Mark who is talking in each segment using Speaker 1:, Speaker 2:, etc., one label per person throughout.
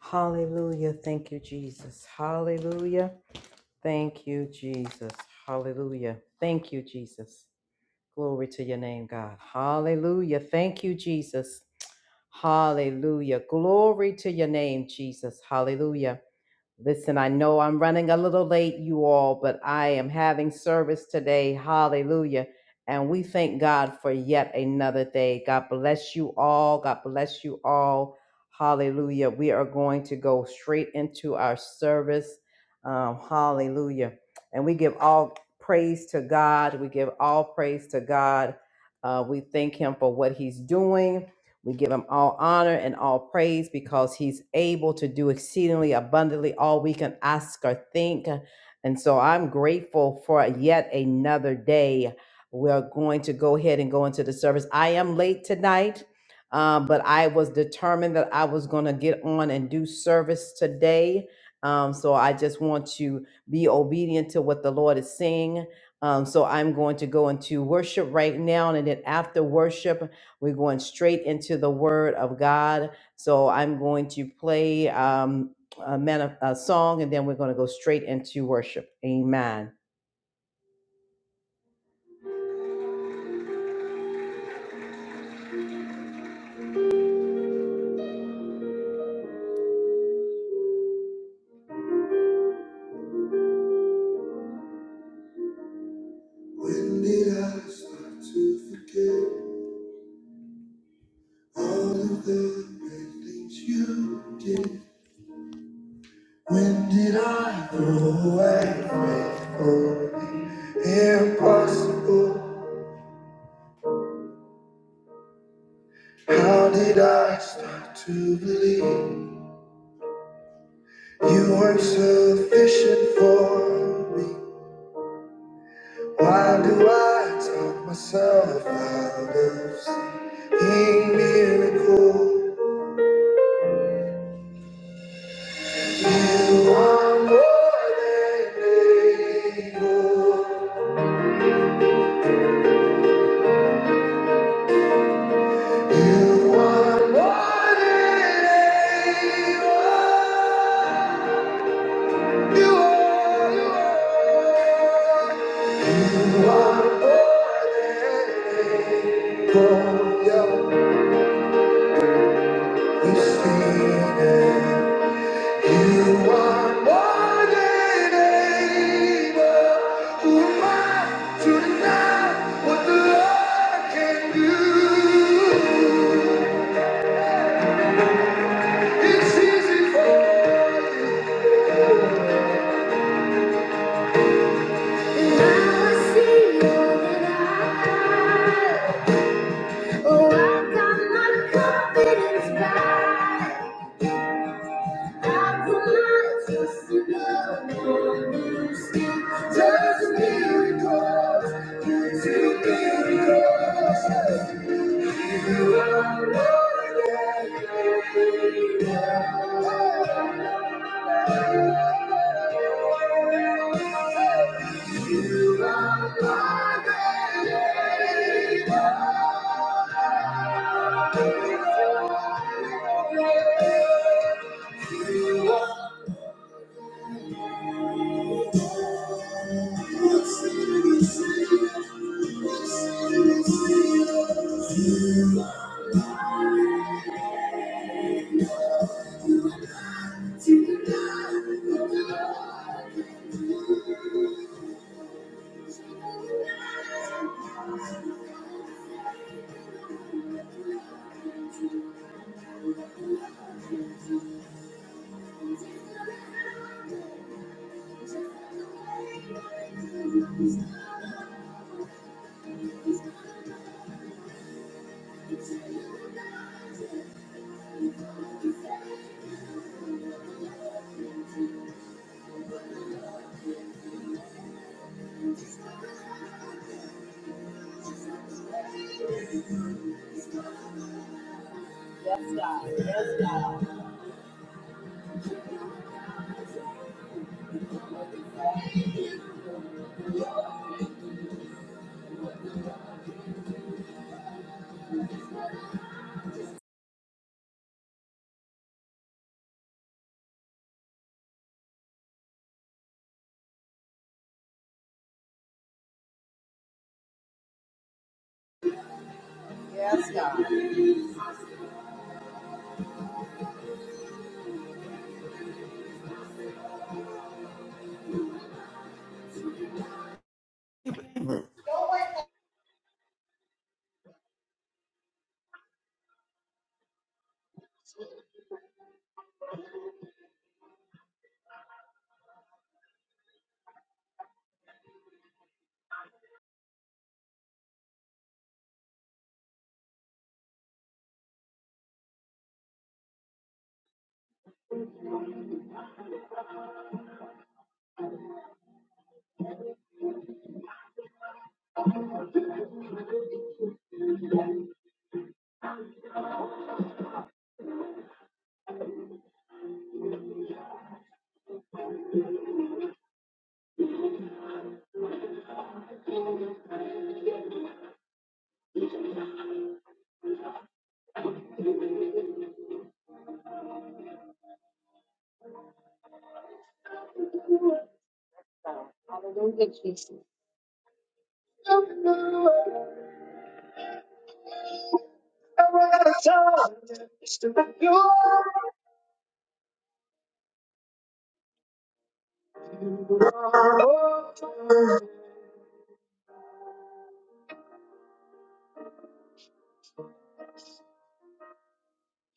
Speaker 1: Hallelujah. Thank you, Jesus. Hallelujah. Thank you, Jesus. Hallelujah. Thank you, Jesus. Glory to your name, God. Hallelujah. Thank you, Jesus. Hallelujah. Glory to your name, Jesus. Hallelujah. Listen, I know I'm running a little late, you all, but I am having service today. Hallelujah. And we thank God for yet another day. God bless you all. God bless you all. Hallelujah. We are going to go straight into our service. Um, hallelujah. And we give all praise to God. We give all praise to God. Uh, we thank Him for what He's doing. We give him all honor and all praise because he's able to do exceedingly abundantly all we can ask or think. And so I'm grateful for yet another day. We're going to go ahead and go into the service. I am late tonight, uh, but I was determined that I was going to get on and do service today. Um, so I just want to be obedient to what the Lord is saying. Um, so I'm going to go into worship right now. And then after worship, we're going straight into the Word of God. So I'm going to play um, a, man a song, and then we're going to go straight into worship. Amen. When did I start to forget all of the great things you did? When did I throw away faith for the impossible? How did I start to believe you weren't sufficient for me? Why do I talk myself out of seeing miracles? You are more than able. You are more than able. You are, you are, you are more than able. Yeah. You've seen You are more than able. Who am I to deny what the Lord can do? It's easy for you. I put my trust in God, Lord, you see. miracles, you do miracles. You are more than Yes, God.
Speaker 2: Amen.
Speaker 1: Hallelujah, Jesus.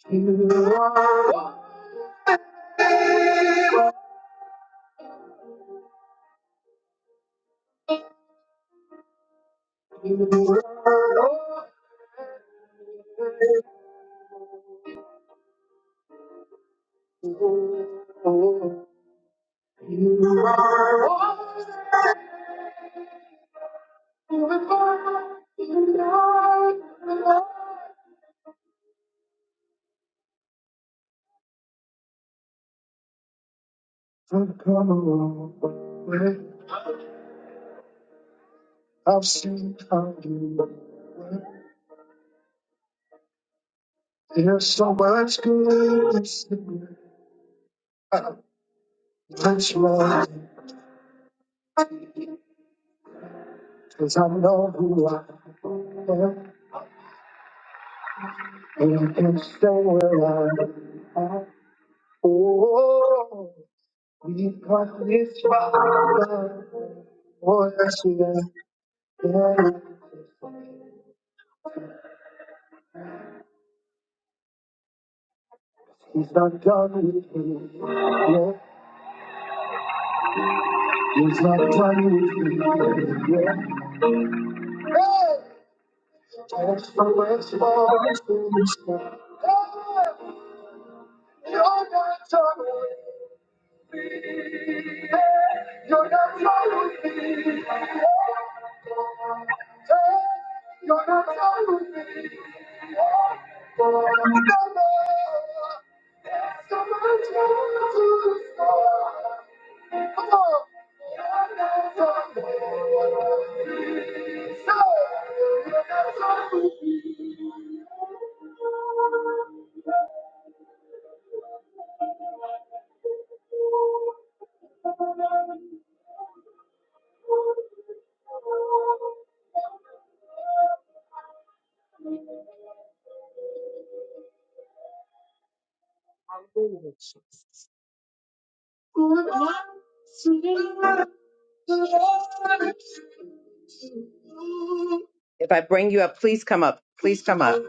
Speaker 1: I've seen how you work. There's so much goodness in you. I'm much more, 'cause I know who I am. We can stay where I am. Oh, we've got this far. Oh, yes, we are. Yeah. He's not done with me. Yeah. He's not done with me. Yeah. Hey! Just for what's more to me. Hey! You're not done with me. You're not sorry. You're not alone. sorry. If I bring you up, please come up. Please come up.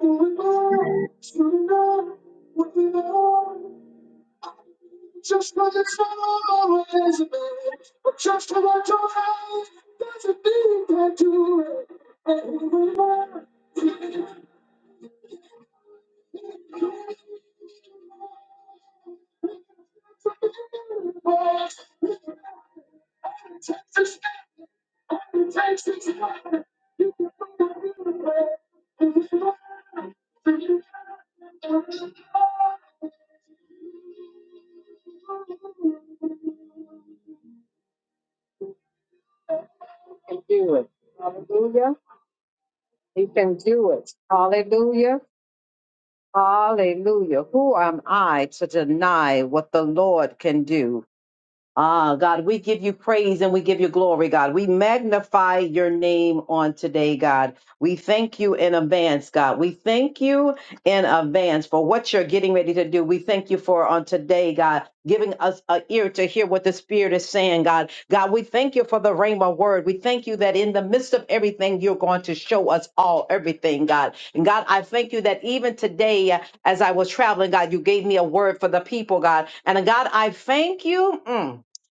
Speaker 1: Just what it's all always been, but just about your eyes, there's a thing that do it. can do it. Yeah. You can do it. Hallelujah. Hallelujah. Who am I to deny what the Lord can do? Ah, God, we give you praise and we give you glory, God. We magnify your name on today, God. We thank you in advance, God. We thank you in advance for what you're getting ready to do. We thank you for on today, God, giving us an ear to hear what the Spirit is saying, God. God, we thank you for the Rhema word. We thank you that in the midst of everything, you're going to show us all everything, God. And God, I thank you that even today, uh, as I was traveling, God, you gave me a word for the people, God. And uh, God, I thank you. mm,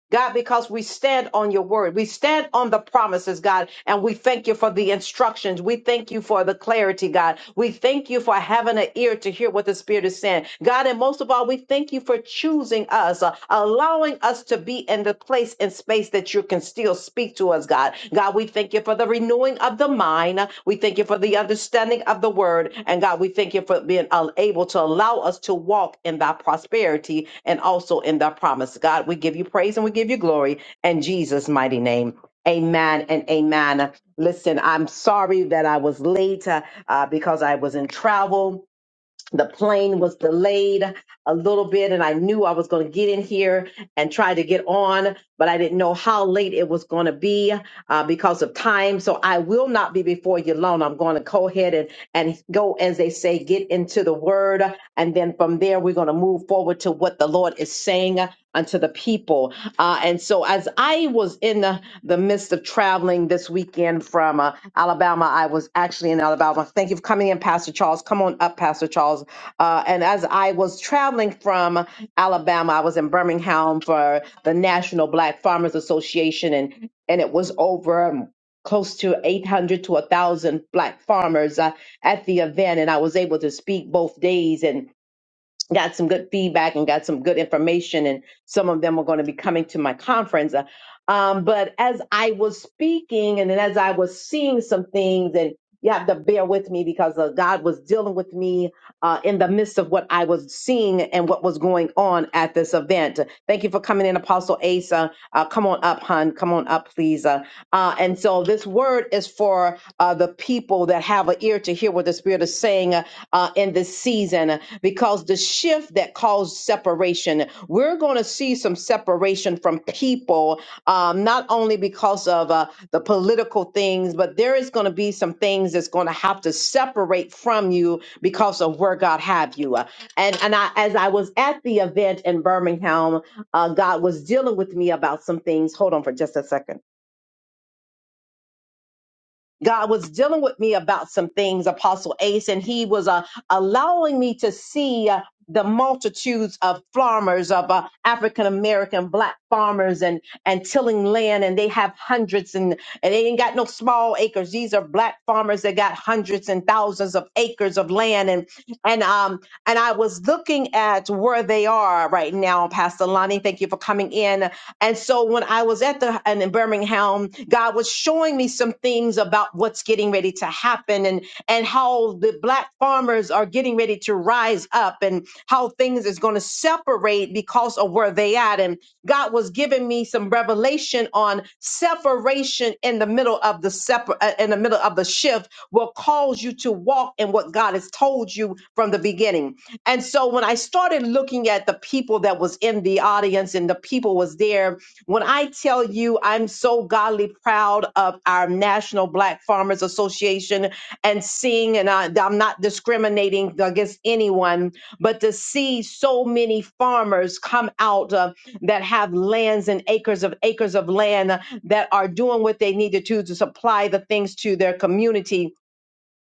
Speaker 1: God, because we stand on your word. We stand on the promises, God, and we thank you for the instructions. We thank you for the clarity, God. We thank you for having an ear to hear what the Spirit is saying. God, and most of all, we thank you for choosing us, uh, allowing us to be in the place and space that that you can still speak to us, God. God, we thank you for the renewing of the mind. We thank you for the understanding of the word. And God, we thank you for being al- able to allow us to walk in thy prosperity and also in thy promise. God, we give you praise and we give you glory in Jesus' mighty name. Amen and amen. Listen, I'm sorry that I was late uh, uh, because I was in travel the plane was delayed a little bit and I knew I was going to get in here and try to get on, but I didn't know how late it was going to be uh, because of time. So I will not be before you long. I'm going to go ahead and, and go, as they say, get into the word. And then from there, we're going to move forward to what the Lord is saying unto the people. Uh, and so as I was in the, the midst of traveling this weekend from uh, Alabama, I was actually in Alabama. Thank you for coming in, Pastor Charles. Come on up, Pastor Charles uh, and as I was traveling from Alabama, I was in Birmingham for the National Black Farmers Association, and and it was over um, close to 800 to 1,000 black farmers uh, at the event, and I was able to speak both days, and got some good feedback and got some good information and some of them are going to be coming to my conference Uh, um, but as i was speaking and then as i was seeing some things and you have to bear with me because uh, god was dealing with me uh, in the midst of what i was seeing and what was going on at this event thank you for coming in apostle asa uh, come on up hun come on up please uh, uh, and so this word is for uh, the people that have an ear to hear what the spirit is saying Uh, uh, in this season because the shift that caused separation, we're going to see some separation from people, um, not only because of uh, the political things, but there is going to be some things that's going to have to separate from you because of where God have you. Uh, And and I, as I was at the event in Birmingham, uh, God was dealing with me about some things. Hold on for just a second. God was dealing with me about some things, Apostle Ace, and he was uh, allowing me to see uh, the multitudes of farmers, of uh, African American black farmers, and and tilling land, and they have hundreds, and and they ain't got no small acres. These are black farmers that got hundreds and thousands of acres of land, and and um and I was looking at where they are right now, Pastor Lonnie. Thank you for coming in. And so when I was at the and in Birmingham, God was showing me some things about what's getting ready to happen and and how the black farmers are getting ready to rise up and how things is going to separate because of where they at. And God was giving me some revelation on separation in the middle of the separ- uh, in the middle of the shift will cause you to walk in what God has told you from the beginning. And so so when I started looking at the people that was in the audience and the people was there, when I tell you I'm so godly proud of our National Black Farmers Association and seeing, and I, I'm not discriminating against anyone, but to see so many farmers come out uh, that have lands and acres of acres of land uh, that are doing what they need to do to supply the things to their community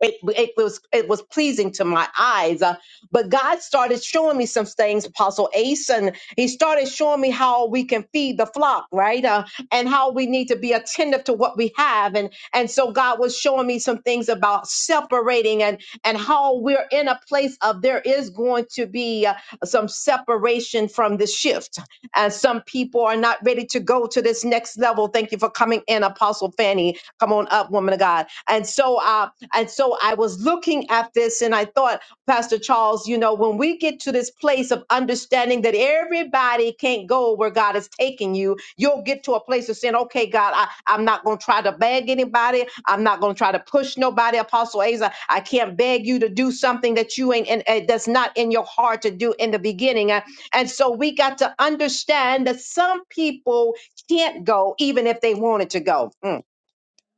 Speaker 1: it, it was it was pleasing to my eyes. Uh, but God started showing me some things, Apostle Ace, and He started showing me how we can feed the flock, right? Uh, and how we need to be attentive to what we have, and and so God was showing me some things about separating and and how we're in a place of there is going to be uh, some separation from the shift, and some people are not ready to go to this next level. Thank you for coming in, Apostle Fanny Come on up, woman of God. And so, uh, and so I was looking at this, and I thought, Pastor Charles, you know, when we get to this place of understanding that everybody can't go where God is taking you, you'll get to a place of saying, okay, God, I, I'm not going to try to beg anybody. I'm not going to try to push nobody. Apostle Asa, I can't beg you to do something that you ain't, and that's not in your heart to do in the beginning. Uh, And so we got to understand that some people can't go even if they wanted to go. Mm.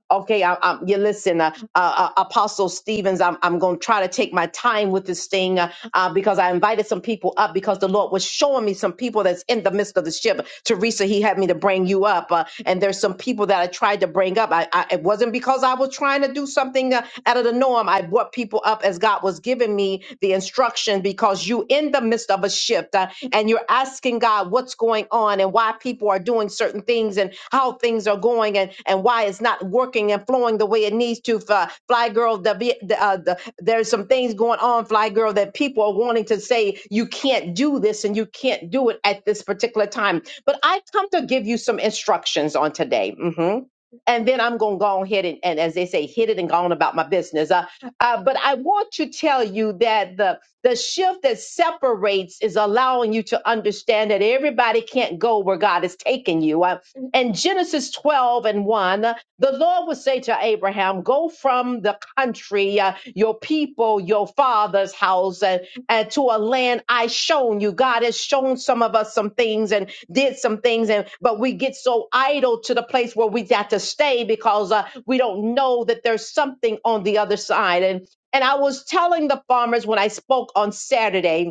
Speaker 1: Okay, I, I'm, you listen, uh, uh, uh, Apostle Stevens. I'm, I'm going to try to take my time with this thing uh, uh, because I invited some people up because the Lord was showing me some people that's in the midst of the ship. Teresa, He had me to bring you up, uh, and there's some people that I tried to bring up. I, I it wasn't because I was trying to do something uh, out of the norm. I brought people up as God was giving me the instruction because you in the midst of a shift. uh, God, and you're asking God what's going on and why people are doing certain things and how things are going and, and why it's not working and flowing the way it needs to. Fly, fly girl, the, be- the, uh, the, there's some things going on, fly girl, that people are wanting to say you can't do this and you can't do it at this particular time. But I come to give you some instructions on today. hmm And then I'm going to go ahead and, and, as they say, hit it and go on about my business. Uh, uh, but I want to tell you that the the shift that separates is allowing you to understand that everybody can't go where God is taking you. Uh, In Genesis 12 and 1, uh, the Lord would say to Abraham, Go from the country, uh, your people, your father's house, and, and to a land I shown you. God has shown some of us some things and did some things, and but we get so idle to the place where we got to stay because uh, we don't know that there's something on the other side. And and I was telling the farmers when I spoke on Saturday,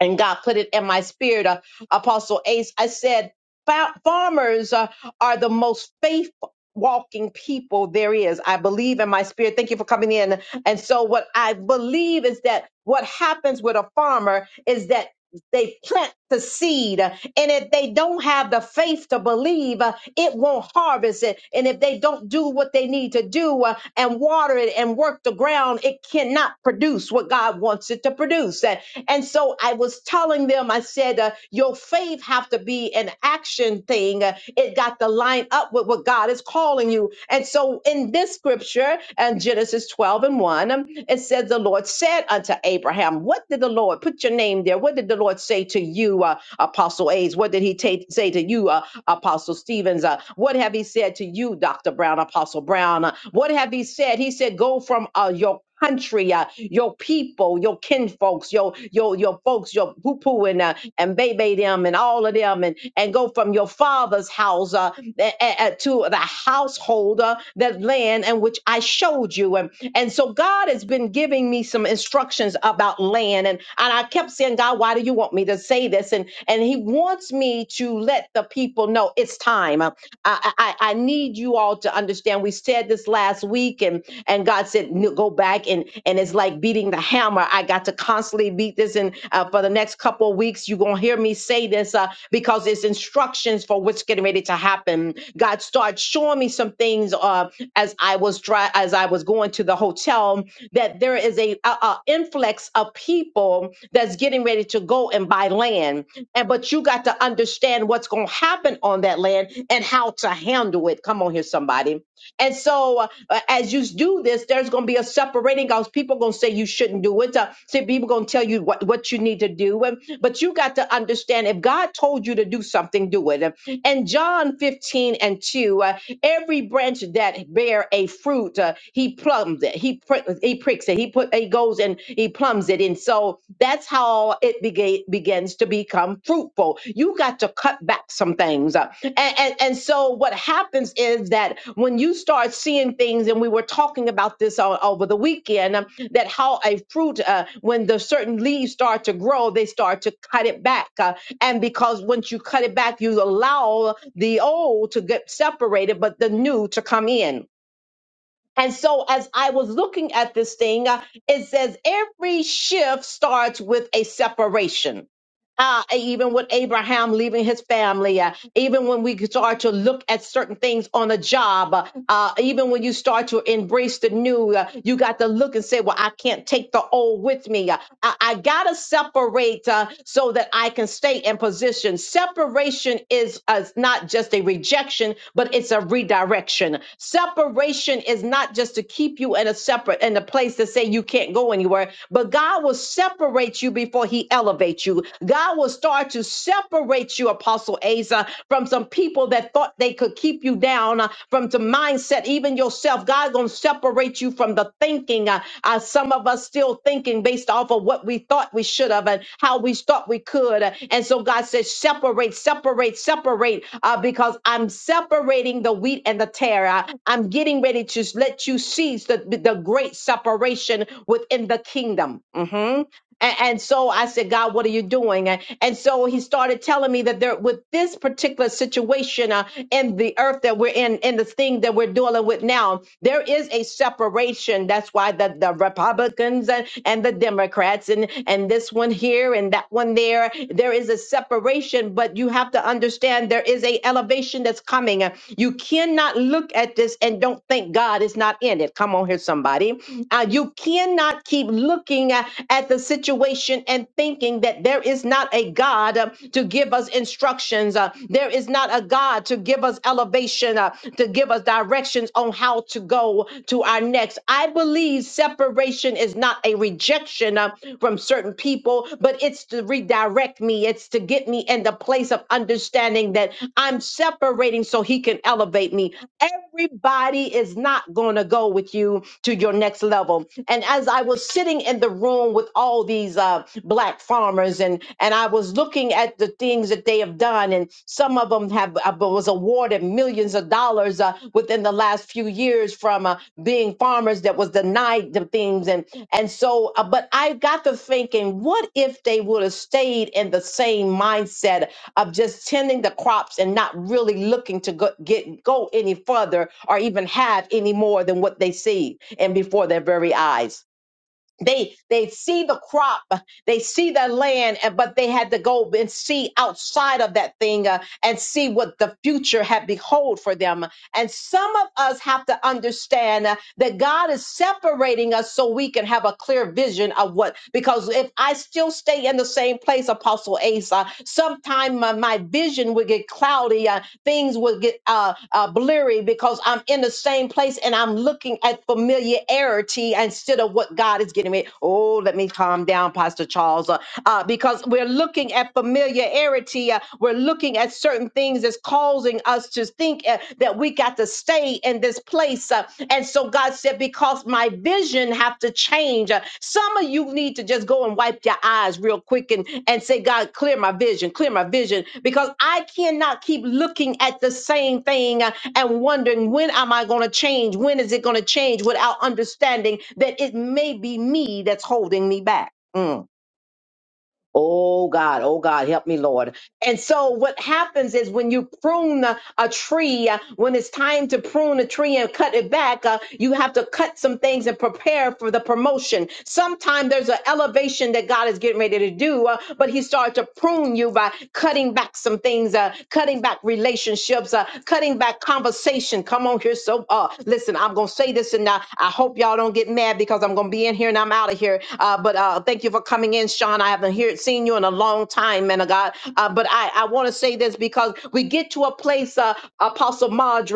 Speaker 1: and God put it in my spirit, uh, Apostle Ace. I said, "Fa- farmers uh, are the most faith walking people there is. I believe in my spirit. Thank you for coming in. And so, what I believe is that what happens with a farmer is that they plant the seed uh, and if they don't have the faith to believe uh, it won't harvest it and if they don't do what they need to do uh, and water it and work the ground it cannot produce what god wants it to produce and so I was telling them, I said, uh, your faith have to be an action thing. Uh, It got to line up with what God is calling you. And so in this scripture, and Genesis 12 and 1, um, it says, the Lord said unto Abraham, what did the Lord, put your name there. What did the Lord say to you, uh, Apostle A's? What did he ta- say to you, uh, Apostle Stevens? Uh, what have he said to you, Dr. Brown, Apostle Brown? Uh, what have he said? He said, go from uh, your country, uh, your people, your kinfolks, your your your folks, your poo-poo and uh, and baby them and all of them, and and go from your father's house uh, a- a- a- to the householder that land and which I showed you, and and so God has been giving me some instructions about land, and and I kept saying, God, why do you want me to say this? And and He wants me to let the people know it's time. Uh, I I, I I need you all to understand. We said this last week, weak, and and God said "No, go back and and it's like beating the hammer. I got to constantly beat this, and uh, for the next couple of weeks, you're gonna hear me say this uh, because it's instructions for what's getting ready to happen. God started showing me some things uh, as I was dry, as I was going to the hotel that there is a, a, a influx of people that's getting ready to go and buy land, and but you got to understand what's gonna happen on that land and how to handle it. Come on here, somebody and so, uh, as you do this, there's going to be a separating out. People going to say you shouldn't do it. Uh, say people going to tell you what, what you need to do. And, but you got to understand if God told you to do something, do it. And John 15 and 2, uh, every branch that bear a fruit, uh, he plumbs it. He, pr- he pricks it. He put, he goes and he plums it. And so that's how it began it begins to become fruitful. You got to cut back some things. Uh, And, and, and so what happens is that when you start seeing things, and we were talking about this all over the weekend, um, that how a fruit, uh, when the certain leaves start to grow, they start to cut it back. Uh, and because once you cut it back, you allow the old to get separated, but the new to come in. And so as I was looking at this thing, uh, it says every shift starts with a separation uh, even with Abraham leaving his family, uh, even when we start to look at certain things on a job, uh, uh, even when you start to embrace the new, uh, you got to look and say, Well, I can't take the old with me. Uh, I, I got to separate uh, so that I can stay in position. Separation is uh, not just a rejection, but it's a redirection. Separation is not just to keep you in a separate, in a place to say you can't go anywhere, but God will separate you before He de elevate you. God will start to separate you, Apostle Asa, from some people that thought they could keep you down, uh, from some mindset, even yourself. God gonna separate you from the thinking. Uh, uh, some of us still thinking based off of what we thought we should have and how we thought we could. Uh, And so God says, separate, separate, separate, uh, because I'm separating the wheat and the tare. Uh, I'm getting ready to let you seize the, the great separation within the kingdom. Mhm. And, and so I said, God, what are you doing? And, and so he started telling me that there, with this particular situation uh, in the earth that we're in, in the thing that we're dealing with now, there is a separation. That's why the, the Republicans and, and the Democrats and, and this one here and that one there, there is a separation, but you have to understand there is a elevation that's coming. You cannot look at this and don't think God is not in it. Come on here, somebody. Uh, you cannot keep looking at, at the situation and thinking that there is not a God uh, to give us instructions. uh, there is not a God to give us elevation, uh, to give us directions on how to go to our next. I believe separation is not a rejection uh, from certain people, but it's to redirect me. It's to get me in the place of understanding that I'm separating so he can elevate elevate me. Everybody is not going to go with you to your next level. And as I was sitting in the room with all these uh, black farmers, and and I was looking at the things that they have done, and some of them have uh, was awarded millions of dollars uh, within the last few years from uh, being farmers that was denied the things, and and so, uh, but I got to thinking, what if they would have stayed in the same mindset of just tending the crops and not really looking to get go any further or even have any more than what they see and before their very eyes. They they s- crop, they see their land, and but they had to go and see outside of that thing uh, and see what the future had behold for them. And some of us have to understand uh, that God for us so we can have a clear vision of what. Because if I still stay in the same place, Apostle Asa, sometime my, my vision will get cloudy. Uh, things will get uh, uh blurry because I'm place and I'm looking at familiarity, what God is getting me. Oh, let me calm down, Pastor Charles, uh, uh, because yeah, we're certain things that's caused us think uh, that we in this place. Uh, and so God said, because my vision have to change. Uh, need to just go and wipe your eyes real quick and, and say, God, clear my vision, clear my vision, because I cannot keep looking at the same thing uh, and wondering when am I going to change? When is it going to change without understanding that it may be me that's holding me back? Mm. Oh God, oh God, help me, Lord. And so what happens is when you prune a, a tree, uh, when it's time to prune a tree and cut it back, uh, you have to cut some things and prepare for the promotion. Sometimes there's an elevation that God is getting ready to do, uh, but he started to prune you by cutting back some things, uh, cutting back relationships, uh, cutting back conversation. Come on here. So uh, listen, I'm going to say this and uh, I hope y'all don't get mad because I'm going to be in here and I'm out of here. Uh, but uh, thank you for coming in, Sean. I haven't heard, seen you in a long time, man of God. Uh, but I, I want to say this because we get our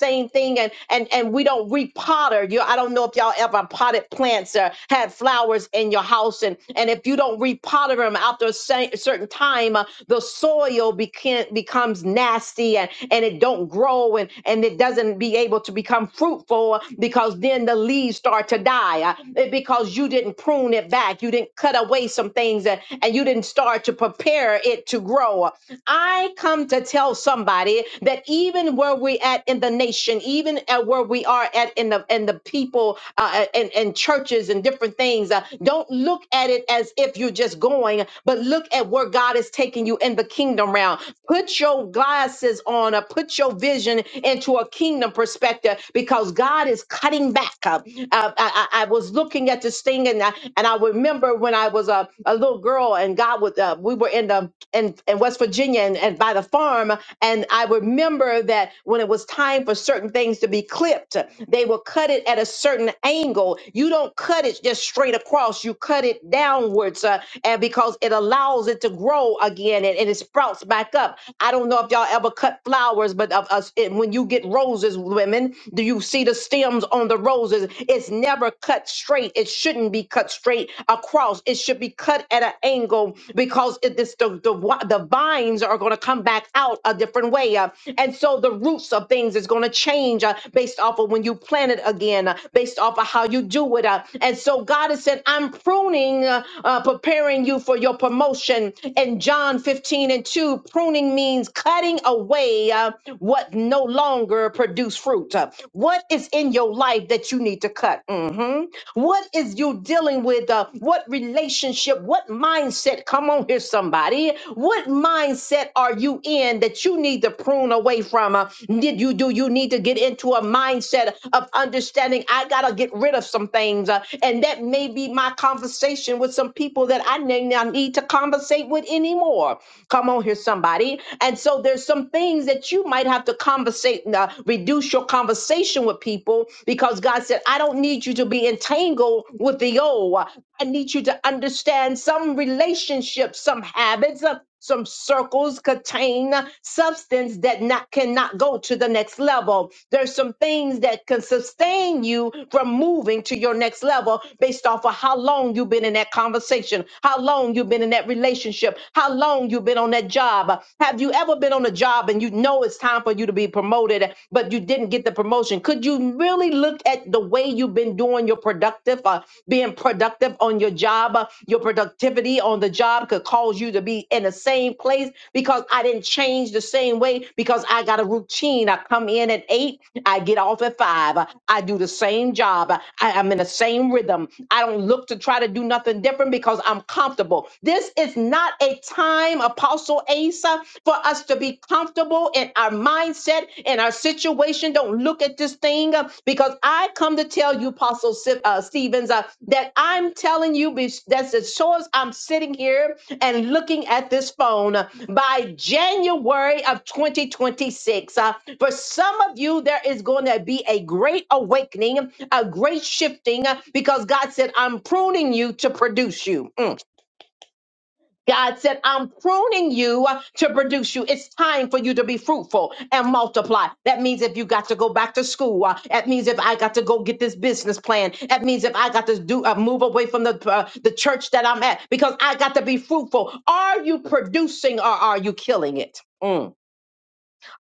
Speaker 1: same thing and and and we don't repotter. You I don't know if y'all ever potted plants or had flowers in your house and and if you don't repotter them after a cer- certain time, uh, the soil became becomes nasty and and it don't grow and and it doesn't be able to become fruitful because then the leaves start to die uh, it- because you didn't prune it back, you didn't cut away some things and and you didn't start to prepare it to grow. I come to tell somebody somebody that even where we're at in the nation, even at where we are at in the in the people uh, and and churches and different things, uh, don't look at it as if you're just going, but look at where God is taking you in the kingdom realm. Put your glasses on, or put your vision into a kingdom perspective, because God is cutting back. Uh, uh, I, I I was looking at this thing, and I, and I remember when I was a, a little girl, and God was uh, we were in the um, in, in West Virginia and, and by the farm. And I remember that when it was time for certain things to be clipped, they will cut it at a certain angle. You don't cut it just straight across, you cut it downwards uh, and because it allows it to grow again and, and it sprouts back up. I don't know if y'all ever cut flowers, but of us, it- when you get roses, women, do you see the stems on the roses? It's never cut straight. It shouldn't be cut straight across. It it should be cut at an angle because it is the, the wi- the vines are going to come back out a different way, uh, and so the roots of things is going to change uh, based off of when you plant it again, uh, based off of how you do it. Uh, and so God has said, "I'm pruning, uh, uh, preparing you for your promotion." In John 15 and 2, pruning means cutting away uh, what no longer produce fruit. Uh, what is in your life that you need to cut? Mhm. What is you dealing with? Uh, what relationship? What mindset? Come on here, somebody. What mindset are you in that you need to prune away from? Uh, did you do you need to get into a mindset of understanding? I gotta get rid of some things, uh, and that may be my conversation with some people that I may not need to conversate with anymore. Come on here, somebody. And so there's some things that you might have to conversate, uh, reduce your conversation dealing with people because God said, I don't need you to be entangled with the old. I need you to understand some relationships, some habits, uh, some circles contain uh, substance that not cannot go to the next level. There's some things that can sustain you from moving to your next level based off of how long you've been in that conversation, how long you've been in that relationship, how long you've been on that job. Have you ever been on a job and you know it's time? it's time for you to be promoted, but you didn't get the promotion. Could you really look at the way you've been doing your productive, uh, being productive on your job? Uh, your productivity on the job could cause you to be in the same place because I didn't change the same way because I got a routine. I come in at eight, I get off at five. Uh, I do the same job. Uh, I, I'm in the same rhythm. I don't look to try to do nothing different because I'm comfortable. This is not a time, Apostle also, Asa, for us to be comfortable in our mindset and our situation. Don't look at this thing uh, because I come to tell you, Apostle Si- uh, Stevens, uh, that I'm telling you be- that's as sure as I'm sitting here and looking at this phone uh, by January of 2026. uh, for some of you, there is going to be a great awakening, a great shifting, uh, because God said, I'm pruning you to produce you. Mm. God said, I'm pruning you uh, to produce you. It's time for you to be fruitful and multiply. That means if you got to go back to school, uh, that means if I got to go get this business plan, that means if I got to do uh, move away from the uh, the church that I'm at because I got to be fruitful. Are you producing or are you killing it? Mm.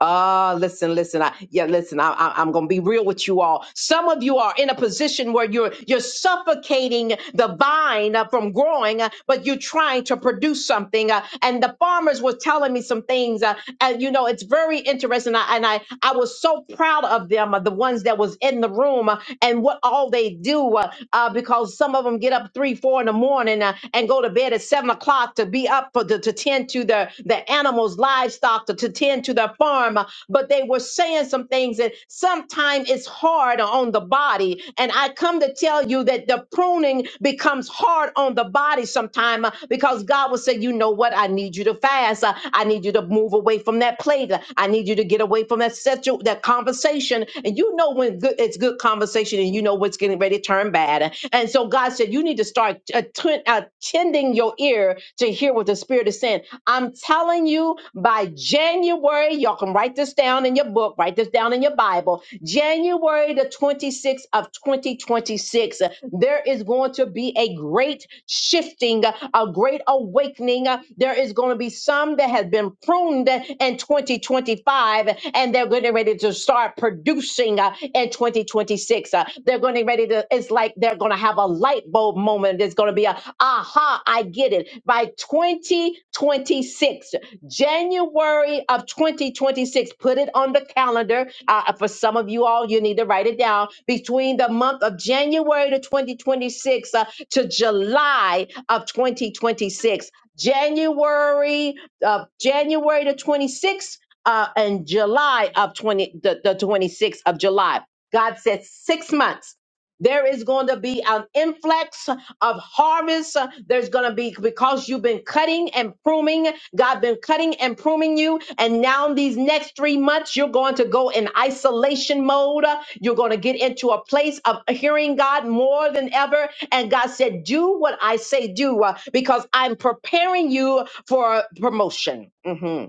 Speaker 1: Ah, listen, listen. I, yeah, listen. I, I, I'm going to be real with you all. Some of you are in a position where you're you're suffocating the vine uh, from growing, uh, but you're trying to produce something. uh, and the farmers were telling me some things, uh, and you know, it's very interesting. I, and I I was so proud of them, uh, the ones that was in the room, uh, and what all they do, uh, uh, because some of them get up three, four in the morning uh, and go to bed at seven o'clock o'clock to be up for the to tend to the the animals, livestock, to, to tend to the farm. uh, But they were saying some things, that sometimes it's hard on the body. And I come to tell you that the pruning becomes hard on the body sometime uh, because God will say, you know what, I need you to fast. Uh, I need you to move away from that plate. Uh, I need you to get away from that situ- that conversation. And you know when good it's good conversation, and you know what's getting ready to turn bad. And so God said, You need to start atten- attending your ear to hear what the Spirit is saying. I'm telling you, by January, y'all can write this down in your book, write this down in your Bible. January the 26th of 2026, there is going to be a great shifting, a great awakening. There is going to be some that has been pruned in 2025 twenty 25 and they're getting ready to start producing uh, in 2026. Uh, they're getting ready to, it's like they're going to have a light bulb moment. It's going to be a, aha, I get it. By 2026, January of 2026, put it on the calendar. Uh, uh, for some of you all, you need to write it down. Between the month of January to 2026 uh, to July of 2026. January of January to 26th uh, in July of 20, the, the 26th of July. God said six months. There is going to be an influx of harvest. There's going to be because you've been cutting and pruning. God been cutting and pruning you, and now these next three months you're going to go in isolation mode. You're going to get into a place of hearing God more than ever. And God said, "Do what I say, do," uh, because I'm preparing you for promotion. Mhm.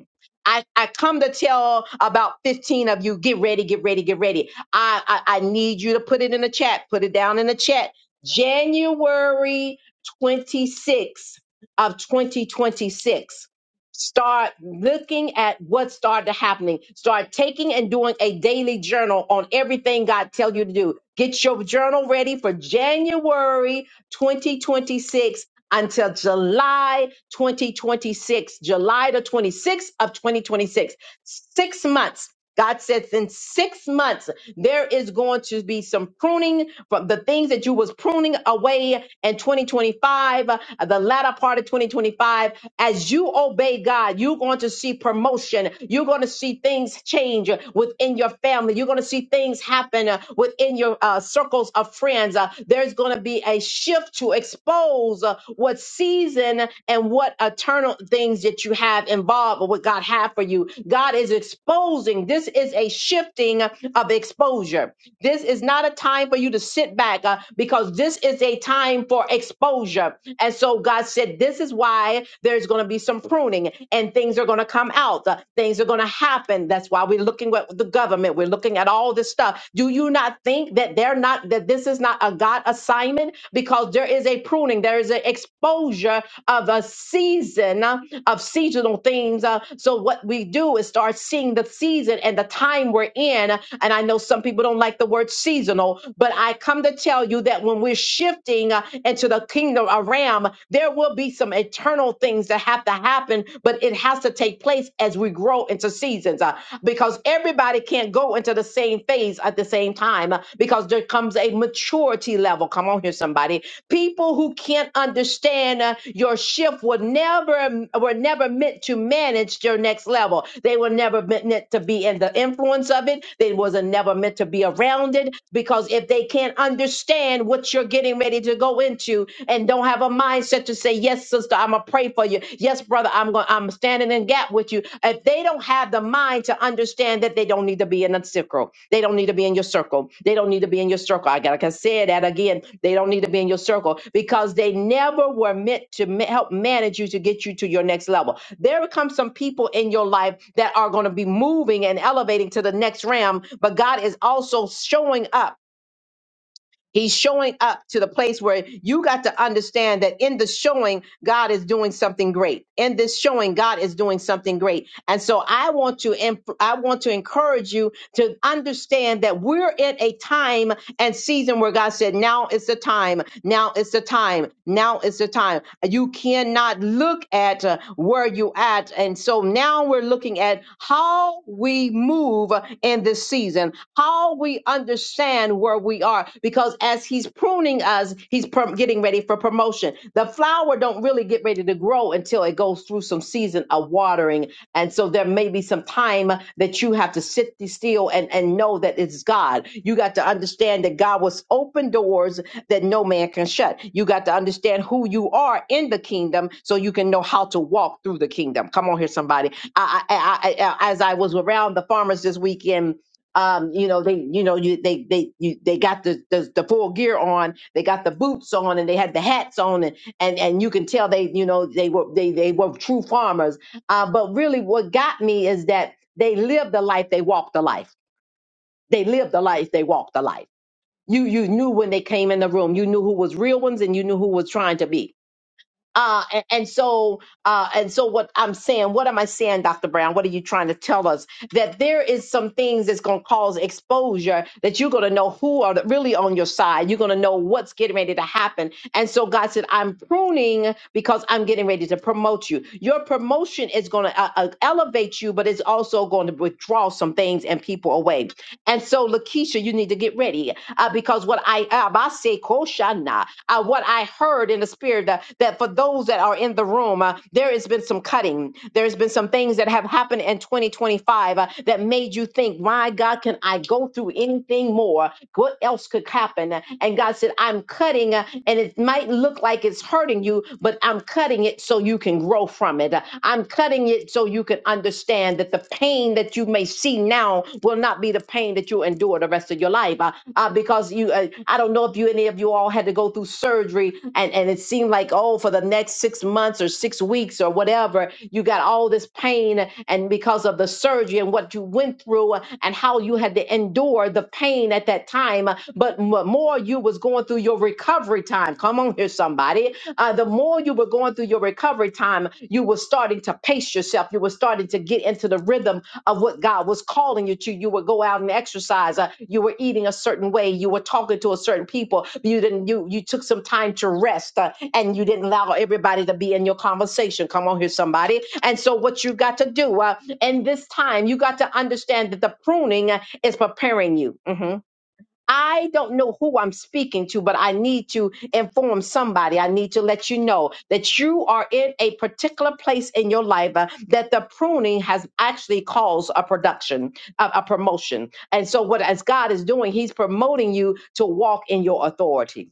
Speaker 1: I, I come to tell about 15 of you, get ready, get ready, get ready. I, I, I need you to put it in the chat, put it down in the chat. January 26th of 2026. Start looking at what started happening. Start taking and doing a daily journal on everything God tells you to do. Get your journal ready for January 2026 until July 2026, July the 26th of 2026. Six months. God says in six months, there is going to be some pruning from the things that you was pruning away in 2025, uh, the latter part of 2025, as you obey God, you're going to see promotion. You're going to see things change uh, within your family. You're going to see things happen uh, within your uh, circles of friends. Uh, there's going to be a shift to expose uh, what season and what eternal things that you have involved or what God have for you. God is exposing. this. This is a shifting of exposure. This is not a time for you to sit back uh, because this is a time for exposure. And so God said, This is why there's going to be some pruning and things are going to come out. Uh, things are going to happen. That's why we're looking at the government. We're looking at all this stuff. Do you not think that they're not, that this is not a God assignment? Because there is a pruning, there is an exposure of a season uh, of seasonal things. Uh, so what we do is start seeing the season and the time we're in. And I know some people don't like the word seasonal, but I come to tell you that when we're shifting uh, into the kingdom of Ram, there will be some eternal things that have to happen, but it has to take place as we grow into seasons. Uh, because everybody can't go into the same phase at the same time uh, because there comes a maturity level. Come on here, somebody People who can't understand uh, your shift were never were never meant to manage your next level. They were never meant meant to be in the influence of it. They wasn't never meant to be around it because if they can't understand what you're getting ready to go into and don't have a mindset to say yes yes, sister, I'm gonna pray for you. Yes, brother, I'm going. I'm standing in gap with you. If they don't have the mind to understand that they don't need to be in a circle, they don't need to be in your circle. They don't need to be in your circle. I gotta can say that again. They don't need to be in your circle because they never were meant to ma- help manage you to get you to your next level. There come some people in your life that are going to be moving and elevating to the next realm, but God is also showing up He's showing up to the place where you got to understand that in the showing, God is doing something great. In this showing, God is doing something great. And so I want to, em- I want to encourage you to understand that we're in a time and season where God said, now is the time, now is the time, now is the time. You cannot look at uh, where you at. And so now we're looking at how we move in this season, how we understand where we are, because as he's pruning us, he's prom- getting ready for promotion. The flower don't really get ready to grow until it goes through some season of watering and so there may be some time that you have to sit still and, and know that it's God. You got to understand that God was open doors that no man can shut. You got to understand who you are in the kingdom so you can know how to walk through the kingdom. Come on here, somebody. I, I, I, I, as I was around the farmers this weekend, um, you know, they, you know, you, they, they, you, they got the, the, the full gear on, they got the boots on and they had the hats on and, and, and you can tell they, you know, they were, they, they were true farmers uh, but really, what got me is that they lived the life, they walked the life. They lived the life, they walked the life. You you knew when they came in the room, you knew who was real ones and you knew who was trying to be. Uh, and, and so, uh, and so, what I'm saying, what am I saying, Dr. Brown? What are you trying to tell us? That there is some things that's going to cause exposure. That you're going to know who are really on your side. You're going to know what's getting ready to happen. And so, God said, I'm pruning because I'm getting ready to promote you. Your promotion is going to uh, uh, elevate you, but it's also going to withdraw some things and people away. And so, Lakeisha, you need to get ready uh, because what I uh, Koshana, uh, what I heard in the spirit uh, that for those that are in the room, uh, there has been some cutting. There's been some things that have happened in 2025 uh, that made you think, my God, can I go through anything more? What else could happen? And God said, I'm cutting, uh, and it might look like it's hurting you, but I'm cutting it so you can grow from it. I'm cutting it so you can understand that the pain that you may see now will not be the pain that you endure the rest of your life. Uh, uh, because you, uh, I don't know if you any of you all had to go through surgery, and and it seemed like oh, for the next six months or six weeks or whatever, you got all this pain, and because of the surgery and what you went through, uh, and how you had to endure the pain at that time. uh, But m- more you was going through your recovery time. Come on here, somebody uh, the more you were going through your recovery time, you were starting to pace yourself. You were starting to get into the rhythm of what God was calling you to. You would go out and exercise. Uh, you were eating a certain way. You were talking to a certain people. You didn't. You you took some time to rest, uh, and you didn't allow everybody to be in your conversation. Come on here, somebody. And so, what you got to do uh, in this time, you got to understand that the pruning uh, is preparing you. Mhm. I don't know who I'm speaking to, but I need to inform somebody. I need to let you know that you are in a particular place in your life uh, that the pruning has actually caused a production, a, a promotion. And so, what as God is doing, He's promoting you to walk in your authority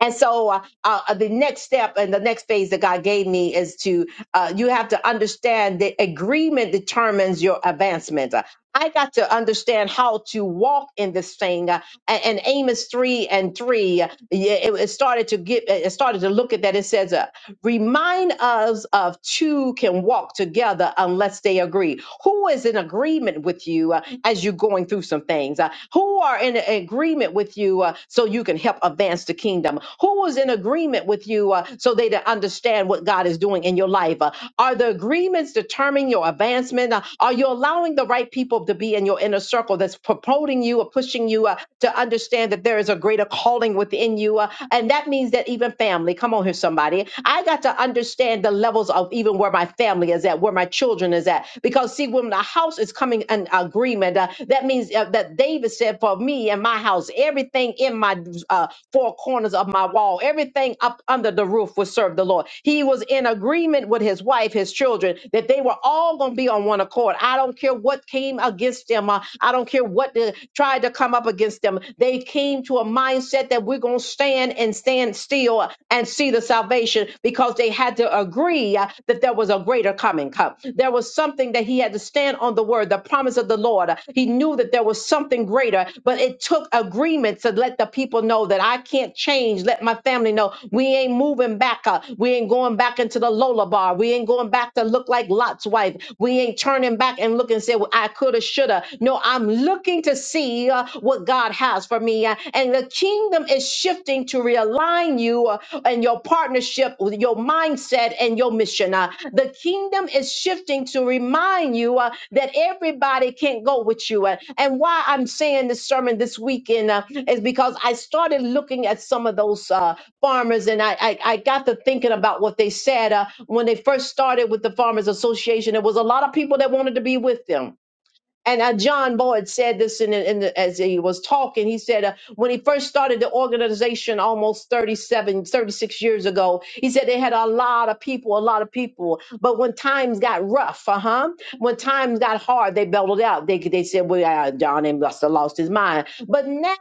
Speaker 1: and so uh, uh, the next step and the next phase that God gave me is to, uh, you have to understand that agreement determines your advancement. Uh, I got to understand how to walk in this thing. Uh, and, and Amos 3 and 3, uh, yeah, it, it started to get, it started to look at that. It says, uh, Remind us of two can walk together unless they agree. Who is in agreement with you uh, as you're going through some things? Uh, who are in a- agreement with you uh, so you can help advance the kingdom? Who is in agreement with you uh, so they to understand what God is doing in your life? Uh, are the agreements determining your advancement? Uh, are you allowing the right people to be in your inner circle that's promoting you or pushing you uh, to understand that there is a greater? greater calling within you. Uh, and that means that even family, come on here, somebody. I got to understand the levels of even where my family is at, where my children is at. Because see, when the house is coming in agreement, uh, that means uh, that David said, for me and my house, everything in my uh, four corners of my wall, everything up under the roof would serve the Lord. He was in agreement with his wife, his children, that they were all going to be on one accord. I don't care what came against against them. Uh, I don't care what the, tried to come up against them. They came to a mindset that we're going to stand and stand still and see the salvation because they had to agree uh, that there was a greater coming. Come. There was something that he had to stand on the word, the promise of the Lord. He knew that there was something greater, but it took agreement to let the people know that I can't change. Let my family know we ain't moving back. uh, We ain't going back into the Lola bar. We ain't going going back to look like Lot's wife. We ain't turning back and look and say, well, I coulda, shoulda. No, I'm looking to see uh, what God has for me. Uh, and the kingdom is shifting to realign you uh, and your partnership with your mindset and your mission. Uh, the kingdom is shifting to remind you uh, that everybody can't go with you. Uh, and why I'm saying this sermon this weekend uh, is because I started looking at some of those. Uh, farmers and I, I i got to thinking about what they said uh, when they first started with the farmers association there was a lot of people that wanted to be with them and uh, John Boyd said this in, in the, as he was talking. He said, uh, when he first started the organization almost 37, 36 years ago, he said they had a lot of people, a lot of people. But when times got rough, uh huh, when times got hard, they belted out. They, they said, well, uh, John and must have lost his mind. But now,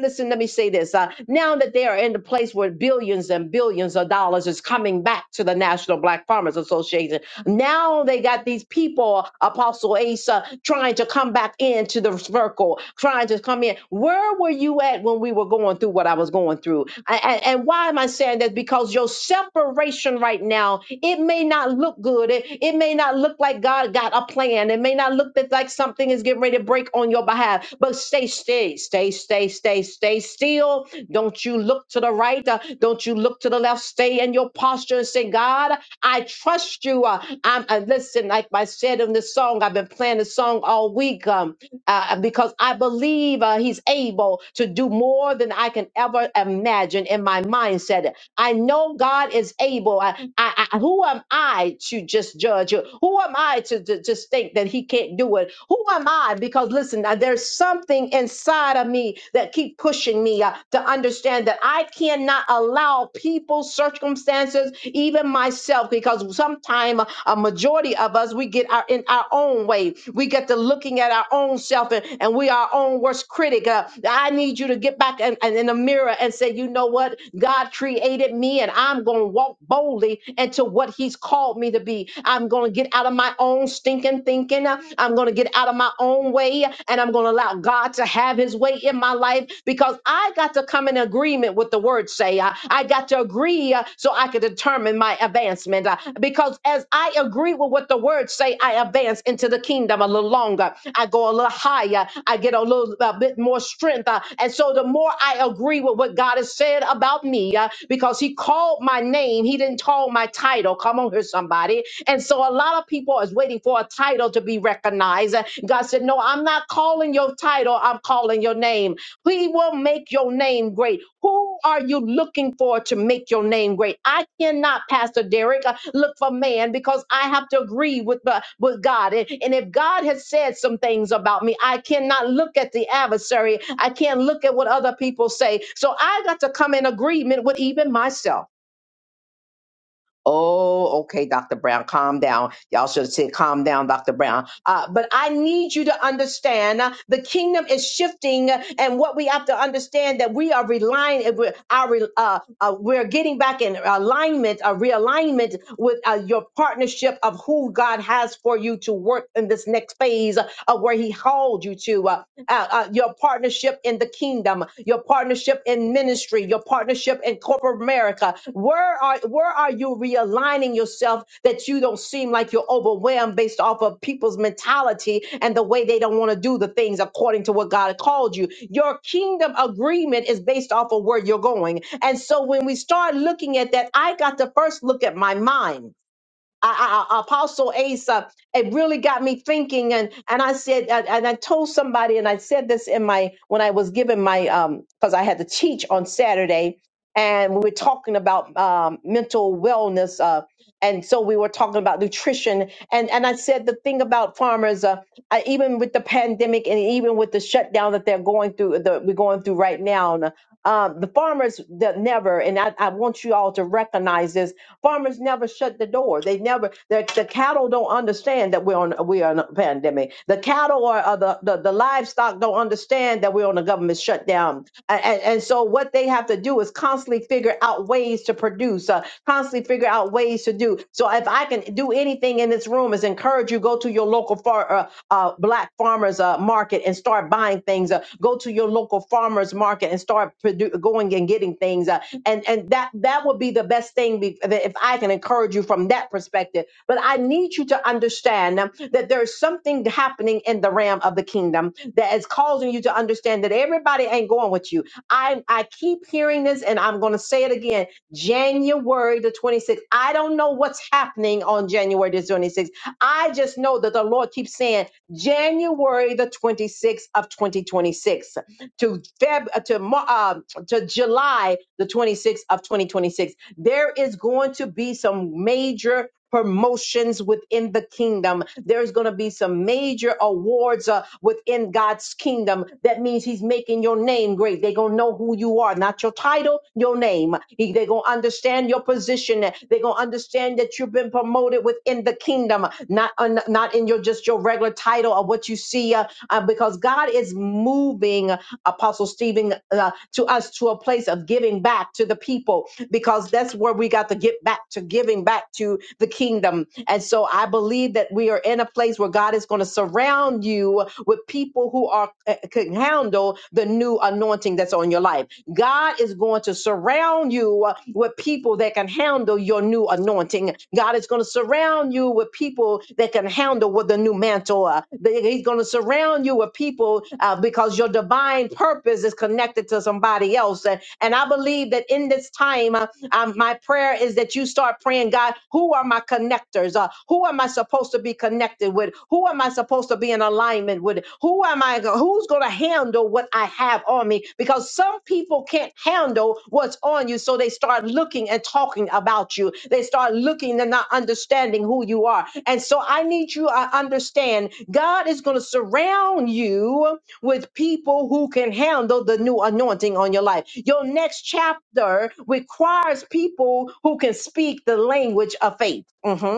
Speaker 1: listen, let me say this. Uh, now that they are in the place where billions and billions of dollars is coming back to the National Black Farmers Association, now they got these people, Apostle Asa, trying to come back into the circle, trying to come in. Where were you at when we were going through what I was going through? And, and, and why am I saying that? Because your separation right now, it may not look good. It, it may not look like God got a plan. It may not look that like something is getting ready to break on your behalf. But stay, stay, stay, stay, stay, stay still. Don't you look to the right. uh, don't you look to the left. Stay in your posture and say, God, I trust you. Uh, I'm uh, listen, like I said in the song, I've been playing the song all week um, uh, uh, because I believe uh, He's able to do more than I can ever imagine in my mindset. I know God is able. I, I, I, who am I to just judge? Who am I to, to just think that He can't do it? Who am I? Because listen, uh, there's something inside of me that keep pushing me uh, to understand that I cannot allow people, circumstances, even myself, because sometimes a majority of us we get our in our own own way. We get to looking at our own self and, and we are our own worst critic. Uh, I need you to get back and, and in the mirror and say, you know what? God created me and I'm going to walk boldly into what he's called me to be. I'm going to get out of my own stinking thinking. Uh, I'm going to get out of my own way and I'm going to allow God to have his way in my life because I got to to come in agreement with the word say. Uh, I got to agree uh, so I can determine my advancement. Uh, because as I agree with what the word say, I advance into the kingdom a little longer. I go a little higher. I get a little a bit more strength. Uh, and so the more I agree with what God has said about me, uh, because he called my name, he didn't call my title. Come on here, somebody. And so a lot of people is waiting for a title to be recognized. Uh, God said, No, I'm not calling your title, I'm calling your name. He will make your name great. Who are you looking for to make your name great? I cannot, Pastor Derek, uh, look for man because I have to agree with, the with God. And, and if God has said some things about me, I cannot look at the adversary. I can't look at what other people say. So I got to come in agreement with even myself. Oh, okay, Dr. Brown, calm down. Y'all should have said, calm down, Dr. Brown. Uh, but I need you to understand uh, the kingdom is shifting, uh, and what we have to understand that we are relying, uh, we're, our, re- uh, uh, we're getting back in alignment, a realignment with uh, your partnership of who God has for you to work in this next phase of where He called you to, uh, uh, uh, your partnership in the kingdom, your partnership in ministry, your partnership in corporate America. Where are where are you realigning yourself that you don't seem like you're overwhelmed based off of people's mentality and the way they don't want to do the things according to what God called you? Your kingdom agreement is based off of where you're going. And so when we start looking at that, I got to first look at my mind. I, I, I- Apostle Asa, it really got me thinking. And and I said, and and I told somebody, and I said this in my when I was giving my um because I had to teach on Saturday, and we were talking about um, mental wellness. Uh, and so we were talking about nutrition, and and I said the thing about farmers, uh, I, even with the pandemic, and even with the shutdown that they're going through, that we're going through right now, and, uh, the farmers that never, and I, I want you all to recognize this Farmers never shut the door. They never the, the cattle don't understand that we're on we are in a pandemic. The cattle or, or the, the the livestock don't understand that we're on a government shutdown. And, and, and so what they have to do is constantly figure out ways to produce, uh, constantly figure out ways to do. So if I can do anything in this room is encourage you go to your local far, uh, uh, black farmers uh, market and start buying things. Uh, go to your local farmers market and start produ- going and getting things. Uh, and and that that would be the best thing be, that if i can encourage you from that perspective but i need you to understand um, that there's something happening in the realm of the kingdom that is causing you to understand that everybody ain't going with you i i keep hearing this and i'm going to say it again january the 26th i don't know what's happening on january the 26th i just know that the lord keeps saying january the 26th of 2026 to feb uh, to March to July the 26th of 2026. There is going to be some major promotions within the kingdom. There's going to be some major awards uh, within God's kingdom. That means he's making your name great. They're going to know who you are, not your title, your name. He, they're going to understand your position. They're going to understand that you've been promoted within the kingdom, not, uh, not in your just your regular title or what you see. uh, uh, because God is moving Apostle Stephen uh, to us to a place of giving back to the people because that's where we got to get back to giving back to the kingdom. And so I believe that we are in a place where God is going to surround you with people who are uh, can handle the new anointing that's on your life. God is going to surround you uh, with people that can handle your new anointing. God is going to surround you with people that can handle with the new mantle. uh, that He's going to surround you with people uh, because your divine purpose is connected to somebody else. And, and I believe that in this time, uh, um, my prayer is that you start praying, God, who are my connectors? connectors? Uh, who am I supposed to be connected with? Who am I supposed to be in alignment with? Who am I? Who's going to handle what I have on me? Because some people can't handle what's on you, so they start looking and talking about you. They start looking and not understanding who you are. And so I need you to understand God is going to surround you with people who can handle the new anointing on your life. Your next chapter requires people who can speak the language of faith. Mhm.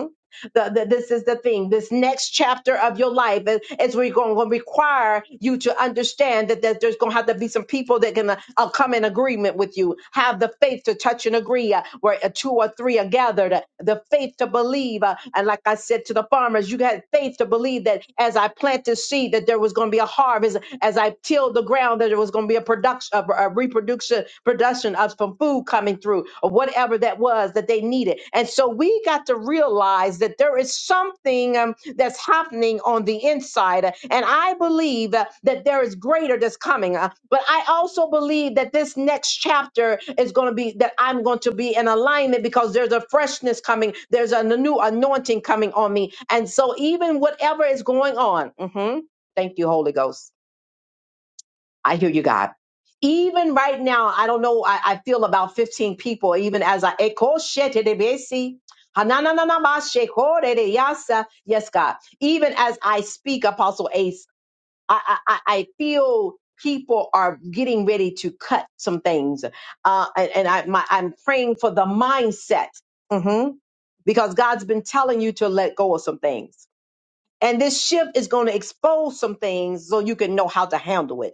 Speaker 1: The, the, this is the thing. This next chapter of your life is, is where you're going to require you to understand that, that there's going to have to be some people that can uh, uh, come in agreement with you. Have the faith to touch and agree uh, where uh, two or three are gathered. uh, The faith to believe. uh, and like I said to the farmers, you had faith to believe that as I planted seed, that there was going to be a harvest. As I tilled the ground, that there was going to be a production, a, a reproduction, discussion of some food coming through or whatever that was that they needed. And so we got to realize that there is something um, that's happening on the inside. And I believe uh, that there is greater that's coming. Uh, but I also believe that this next chapter is going to be that I'm going to be in alignment because there's a freshness coming, there's a new anointing coming on me. And so, even whatever is going on, mhm, thank you, Holy Ghost I hear you, God. Even right now, I don't know. I, I feel about 15 people, even as I echo shetedebesi. Hanananama shekoredeyasa. Yes, God. Even as I speak, Apostle Ace, I, I, I I feel people are getting ready to cut some things. Uh, and and I, my, I'm praying for the mindset Mhm. because God's been telling you to let go of some things. And this shift is going to expose some things so you can know how to handle it.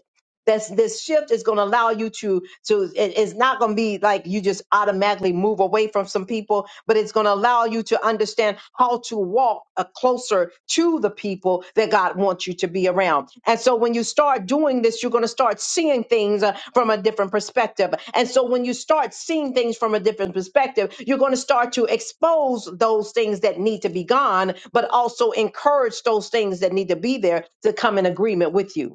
Speaker 1: That's this shift is going to allow you to to it- it's not going to be like you just automatically move away from some people but it's going to allow you to understand how to walk uh, closer to the people that god wants you to be around and so when you start doing this you're going to start seeing things uh, from a different perspective and so when you start seeing things from a different perspective you're going to start to expose those things that need to be gone but also encourage those things that need to be there to come in agreement with you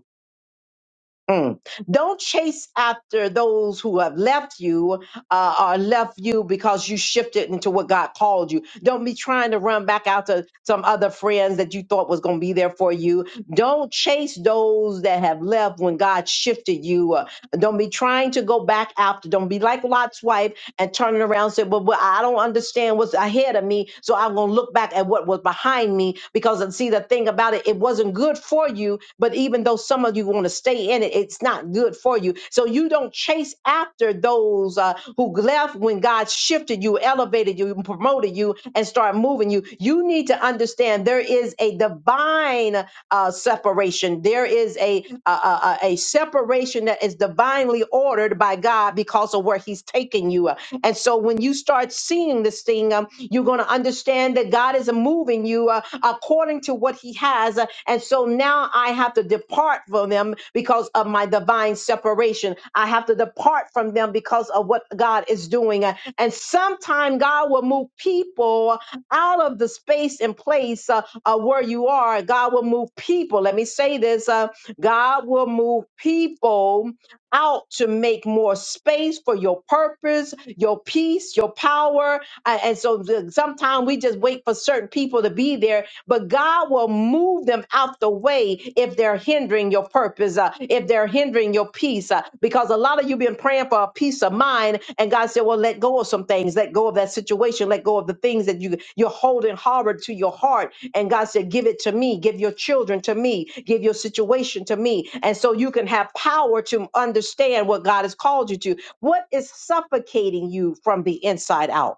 Speaker 1: Mm. Don't chase after those who have left you uh, or left you because you shifted into what God called you. Don't be trying to run back out to some other friends that you thought was going to be there for you. Don't chase those that have left when God shifted you. uh, don't be trying to go back after. Don't be like Lot's wife and turning around and say, well, but I don't understand what's ahead of me. So I'm going to look back at what was behind me because, and see, the thing about it, it wasn't good for you. But even though some of you want to stay in it, it's not good for you. So you don't chase after those uh, who left when God shifted you, elevated you, and promoted you, and start moving you. You need to understand there is a divine uh, separation. There is a, a, a, a separation that is divinely ordered by God because of where He's taking you. And so when you start seeing this thing, um, you're going to understand that God is moving you uh, according to what He has. Uh, And so now I have to depart from them because of my divine separation. I have to depart from them because of what God is doing. Uh, And sometime God will move people out of the space and place uh, uh, where you are. God will move people. Let me say this uh, God will move people out to make more space for your purpose, your peace, your power, uh, and so sometimes we just wait for certain people to be there, but God will move them out the way if they're hindering your purpose, uh, if they're hindering your peace. uh, because a lot of you been praying for a peace of mind, and God said, "Well, let go of some things, let go of that situation, let go of the things that you you're holding hard to your heart." And God said, "Give it to me, give your children to me, give your situation to me," and so you can have power to understand what God has called you to. What is suffocating you from the inside out?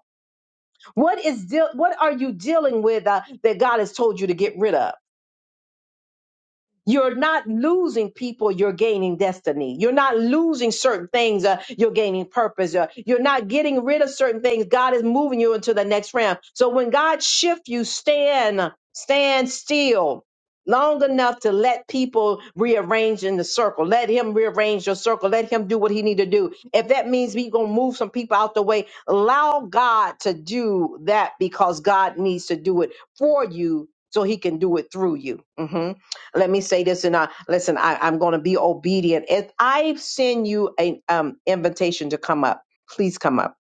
Speaker 1: What is deal? What are you dealing with uh, that God has told you to get rid of? You're not losing people, you're gaining destiny. You're not losing certain things, uh, you're gaining purpose. Uh, you're not getting rid of certain things. God is moving you into the next realm. So when God shifts you, stand, stand still long enough to let people rearrange in the circle. Let him rearrange your circle. Let him do what he need to do. If that means we going to move some people out the way, allow God to do that because God needs to do it for you so he can do it through you. Mhm let me say this and I listen, I, I'm gonna be obedient. If I send you an um invitation to come up, please come up.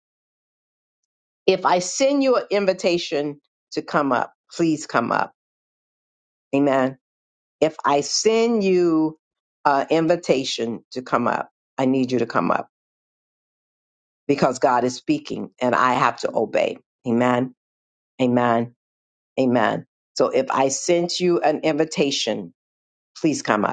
Speaker 1: If I send you an invitation to come up, please come up. Amen. If I send you an invitation to come up, I need you to come up because God is speaking and I have to obey. Amen. Amen. Amen. So if I sent you an invitation, please come up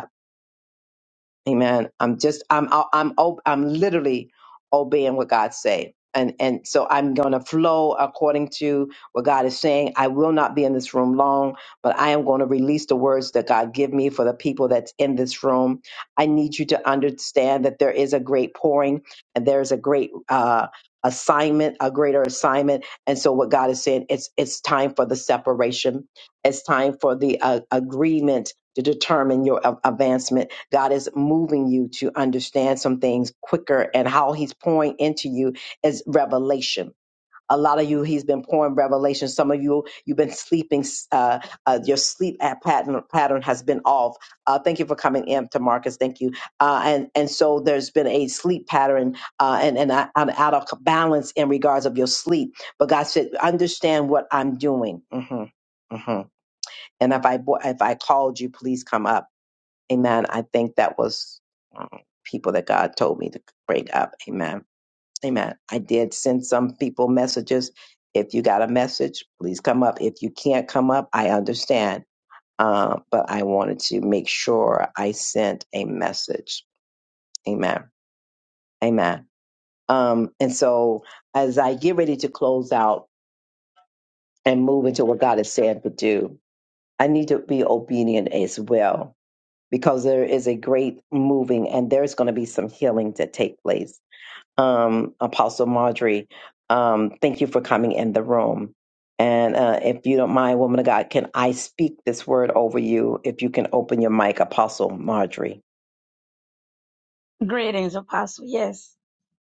Speaker 1: Amen. I'm just I'm I'm ob- I'm literally obeying what God say. And and so I'm going to flow according to what God is saying. I will not be in this room long, but I am going to release the words that God give me for the people that's in this room. I need you to understand that there is a great pouring and there is a great uh assignment, a greater assignment. And so what God is saying, it's it's time for the separation. It's time for the uh, agreement to determine your a- advancement God is moving you to understand some things quicker, and how He's pouring into you is revelation. A lot of you, He's been pouring revelation. Some of you, you've been sleeping. Uh, uh, your sleep at pattern pattern has been off. Uh, thank you for coming in, to Marcus. Thank you. Uh, and and so there's been a sleep pattern, uh, and and I, I'm out of balance in regards of your sleep. But God said, understand what I'm doing. hmm hmm And if I bo- if I called you, please come up Amen. I think that was um, people that God told me to break up. Amen. Amen. I did send some people messages. If you got a message, please come up. If you can't come up, I understand. Uh, but I wanted to make sure I sent a message. Amen. Amen. Um, and so as I get ready to close out and move into what God has said to do, I need to be obedient as well because there is a great moving and there's going to be some healing to take place. Um, Apostle Marjorie, um, thank you for coming in the room. And uh, if you don't mind, woman of God, can I speak this word over you? If you can open your mic, Apostle Marjorie.
Speaker 3: Greetings, Apostle. Yes,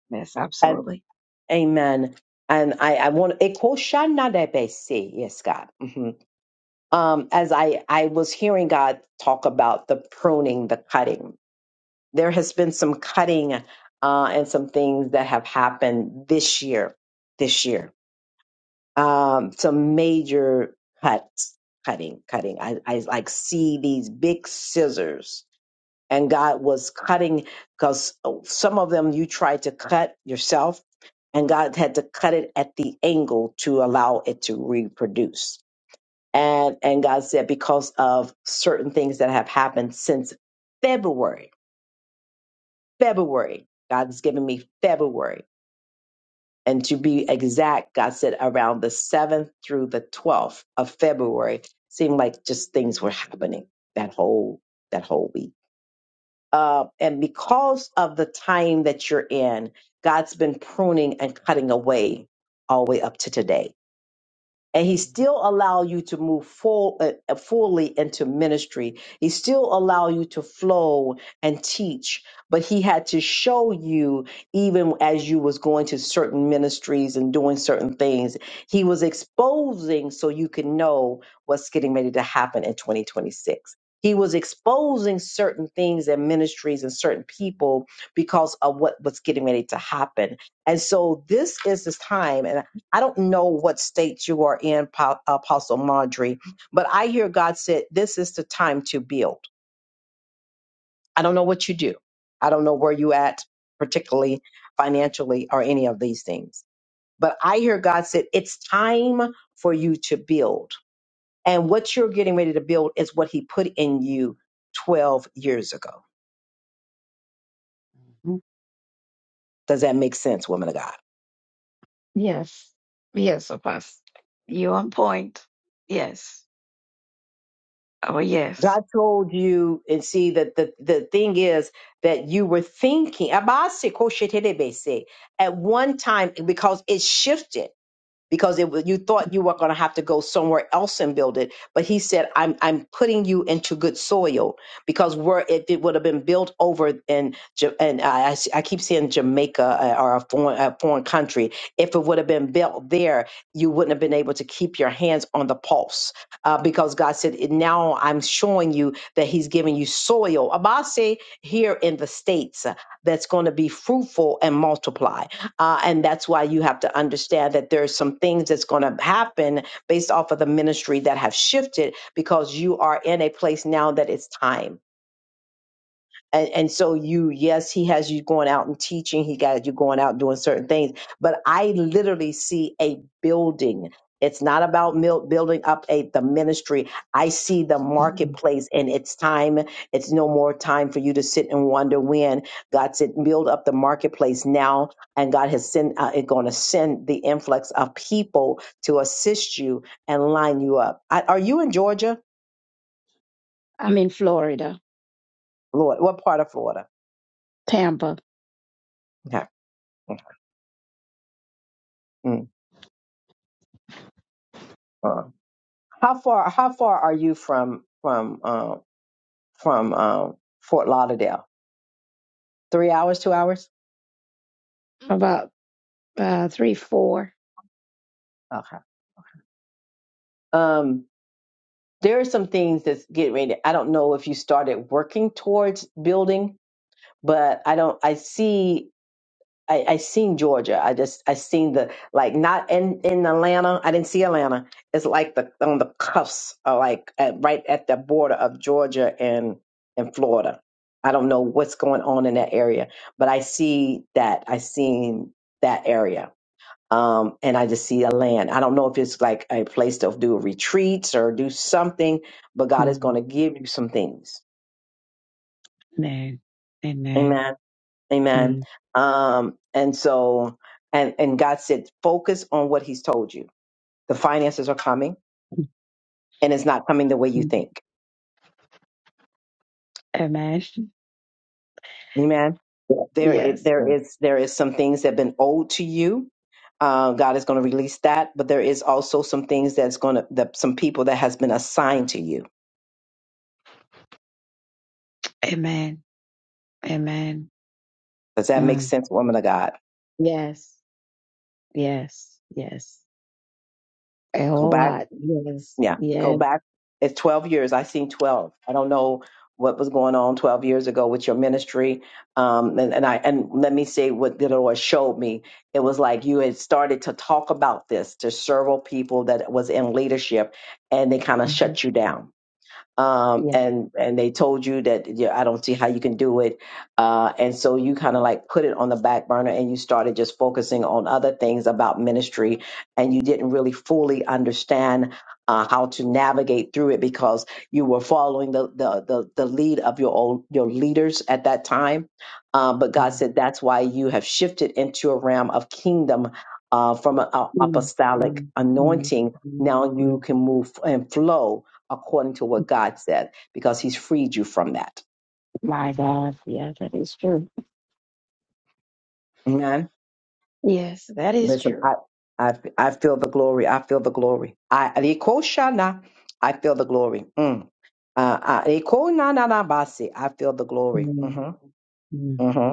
Speaker 3: yes,
Speaker 1: And,
Speaker 3: absolutely.
Speaker 1: amen. And I, I want Ekoshanadebese. yes, God. hmm Um, as I, I was hearing God talk about the pruning, the cutting, there has been some cutting uh, and some things that have happened this year. This year, um, some major cuts, cutting, cutting. I, I like see these big scissors, and God was cutting because some of them you tried to cut yourself, and God had to cut it at the angle to allow it to reproduce. And and God said because of certain things that have happened since February February. God's given me February. And to be exact, God said around the 7th through the 12th of February seemed like just things were happening that whole that whole week. Uh, and because of the time that you're in, God's been pruning and cutting away all the way up to today and he still allow you to move full, uh, uh, fully into ministry he still allow you to flow and teach but he had to show you even as you was going to certain ministries and doing certain things he was exposing so you could know what's getting ready to happen in 2026 he was exposing certain things and ministries and certain people because of what was getting ready to happen. And so this is this time. and. I don't know what state you are in, Po- Apostle Mondry, but I hear God said, This is the time to build. I don't know what you do. I don't know where you at, particularly financially or any of these things. But I hear God said, It's time for you to build. And what you're getting ready to build is what He put in you 12 years ago.
Speaker 3: Mhm.
Speaker 1: Does that make sense, woman of God?
Speaker 3: Yes, yes, Apostle. You on point. Yes. Oh, yes.
Speaker 1: God told you, and see that the, the thing is that you were thinking Abasi koshetelebese, at one time because it shifted because it was, you thought you were going to have to go somewhere else and build it. But he said, I'm, I'm putting you into good soil because where if it would have been built over in, Ja- and I, I I keep saying Jamaica uh, or a foreign, a foreign country, if it would have been built there, you wouldn't have been able to keep your hands on the pulse uh, because God said, now I'm showing you that he's giving you soil. Abase here in the States uh, that's going to be fruitful and multiply uh, and that's why you have to understand that there's some things that's going to happen based off of the ministry that have shifted because you are in a place now that it's time and, and so you yes he has you going out and teaching he got you going out doing certain things but i literally see a building it's not about mil- building up a, the ministry i see the
Speaker 3: Mhm.
Speaker 1: marketplace and it's time it's no more time for you to sit and wonder when god said build up the marketplace now and god has sent uh, it going to send the influx of people to assist you and line you up I, are you in georgia
Speaker 3: I'm in Florida,
Speaker 1: lord what part of florida
Speaker 3: Tampa,
Speaker 1: okay. Mm. uh. How far? How far are you from from uh, from uh, Fort Lauderdale? Three hours? Two hours?
Speaker 3: about uh, three, four.
Speaker 1: Okay. Um, there are some things that's getting ready. I don't know if you started working towards building, but I don't. I see. I, I seen Georgia. I just I seen the like not in in Atlanta. I didn't see Atlanta. It's like the on the cuffs, or like at, right at the border of Georgia and and Florida. I don't know what's going on in that area, but I see that. I seen that area, um, and I just see a land. I don't know if it's like a place to do retreats or do something, but God is going
Speaker 3: Mhm.
Speaker 1: to give you some things.
Speaker 3: Amen. Amen.
Speaker 1: Amen. Amen.
Speaker 3: Mhm.
Speaker 1: Um, and so, and, and God said, focus on what he's told you. The finances are coming and it's not coming the way you
Speaker 3: Mhm.
Speaker 1: think.
Speaker 3: Amen.
Speaker 1: Amen. There, it,
Speaker 3: Yes.
Speaker 1: there is, there is some things that have been owed to you. Uh, God is going to release that, but there is also some things that's going to, that some people that has been assigned to you.
Speaker 3: Amen. Amen.
Speaker 1: Does that make
Speaker 3: Mm.
Speaker 1: sense, woman of God?
Speaker 3: Yes. Yes. Yes. A
Speaker 1: Go
Speaker 3: whole
Speaker 1: back
Speaker 3: lot. Yes.
Speaker 1: Yeah, go
Speaker 3: Yes.
Speaker 1: back. It's 12 years. I seen 12. I don't know what was going on 12 years ago with your ministry. Um, and, and I and let me say what the Lord showed me. It was like you had started to talk about this to several people that was in leadership, and they kind of
Speaker 3: Mhm.
Speaker 1: shut you down um, and and they told you that yeah, I don't see how you can do it, uh, and so you kind of like put it on the back burner and you started just focusing on other things about ministry, and you didn't really fully understand uh, how to navigate through it because you were following the the the, the lead of your old your leaders at that time, uh, but
Speaker 3: Yes.
Speaker 1: God said that's why you have shifted into a realm of kingdom uh, from an
Speaker 3: Mm,
Speaker 1: apostolic
Speaker 3: mm, mm,
Speaker 1: anointing.
Speaker 3: mm,
Speaker 1: Now you
Speaker 3: mm,
Speaker 1: can move and flow according to what God said, because He's freed you from that.
Speaker 3: My God, yeah, that is true.
Speaker 1: Amen.
Speaker 3: Yes, that is
Speaker 1: Listen,
Speaker 3: true.
Speaker 1: I, I, I feel the glory. I feel the glory. I, Alikoshana, I feel the glory. Mm. Uh, uh, Alikonanabasi, I feel the glory.
Speaker 3: Mm,
Speaker 1: hmm
Speaker 3: mm,
Speaker 1: hmm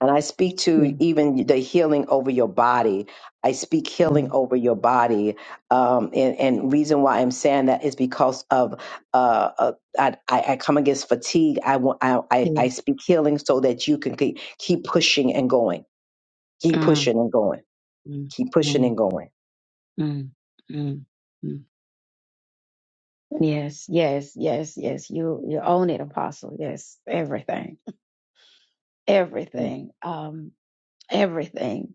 Speaker 1: And I speak to
Speaker 3: mm,
Speaker 1: even the healing over your body. I speak healing
Speaker 3: mm,
Speaker 1: over your body. Um, and, and reason why I'm saying that is because of uh, uh, I, I I come against fatigue. I, want- I, I I
Speaker 3: yes.
Speaker 1: speak healing so that you can keep, keep pushing and going. Keep
Speaker 3: Mm,
Speaker 1: pushing and going.
Speaker 3: mm,
Speaker 1: Keep pushing
Speaker 3: mm,
Speaker 1: and going.
Speaker 3: mm, mm, mm. Yes, yes, yes, yes. You you own it, Apostle. Yes, everything, everything, um, everything.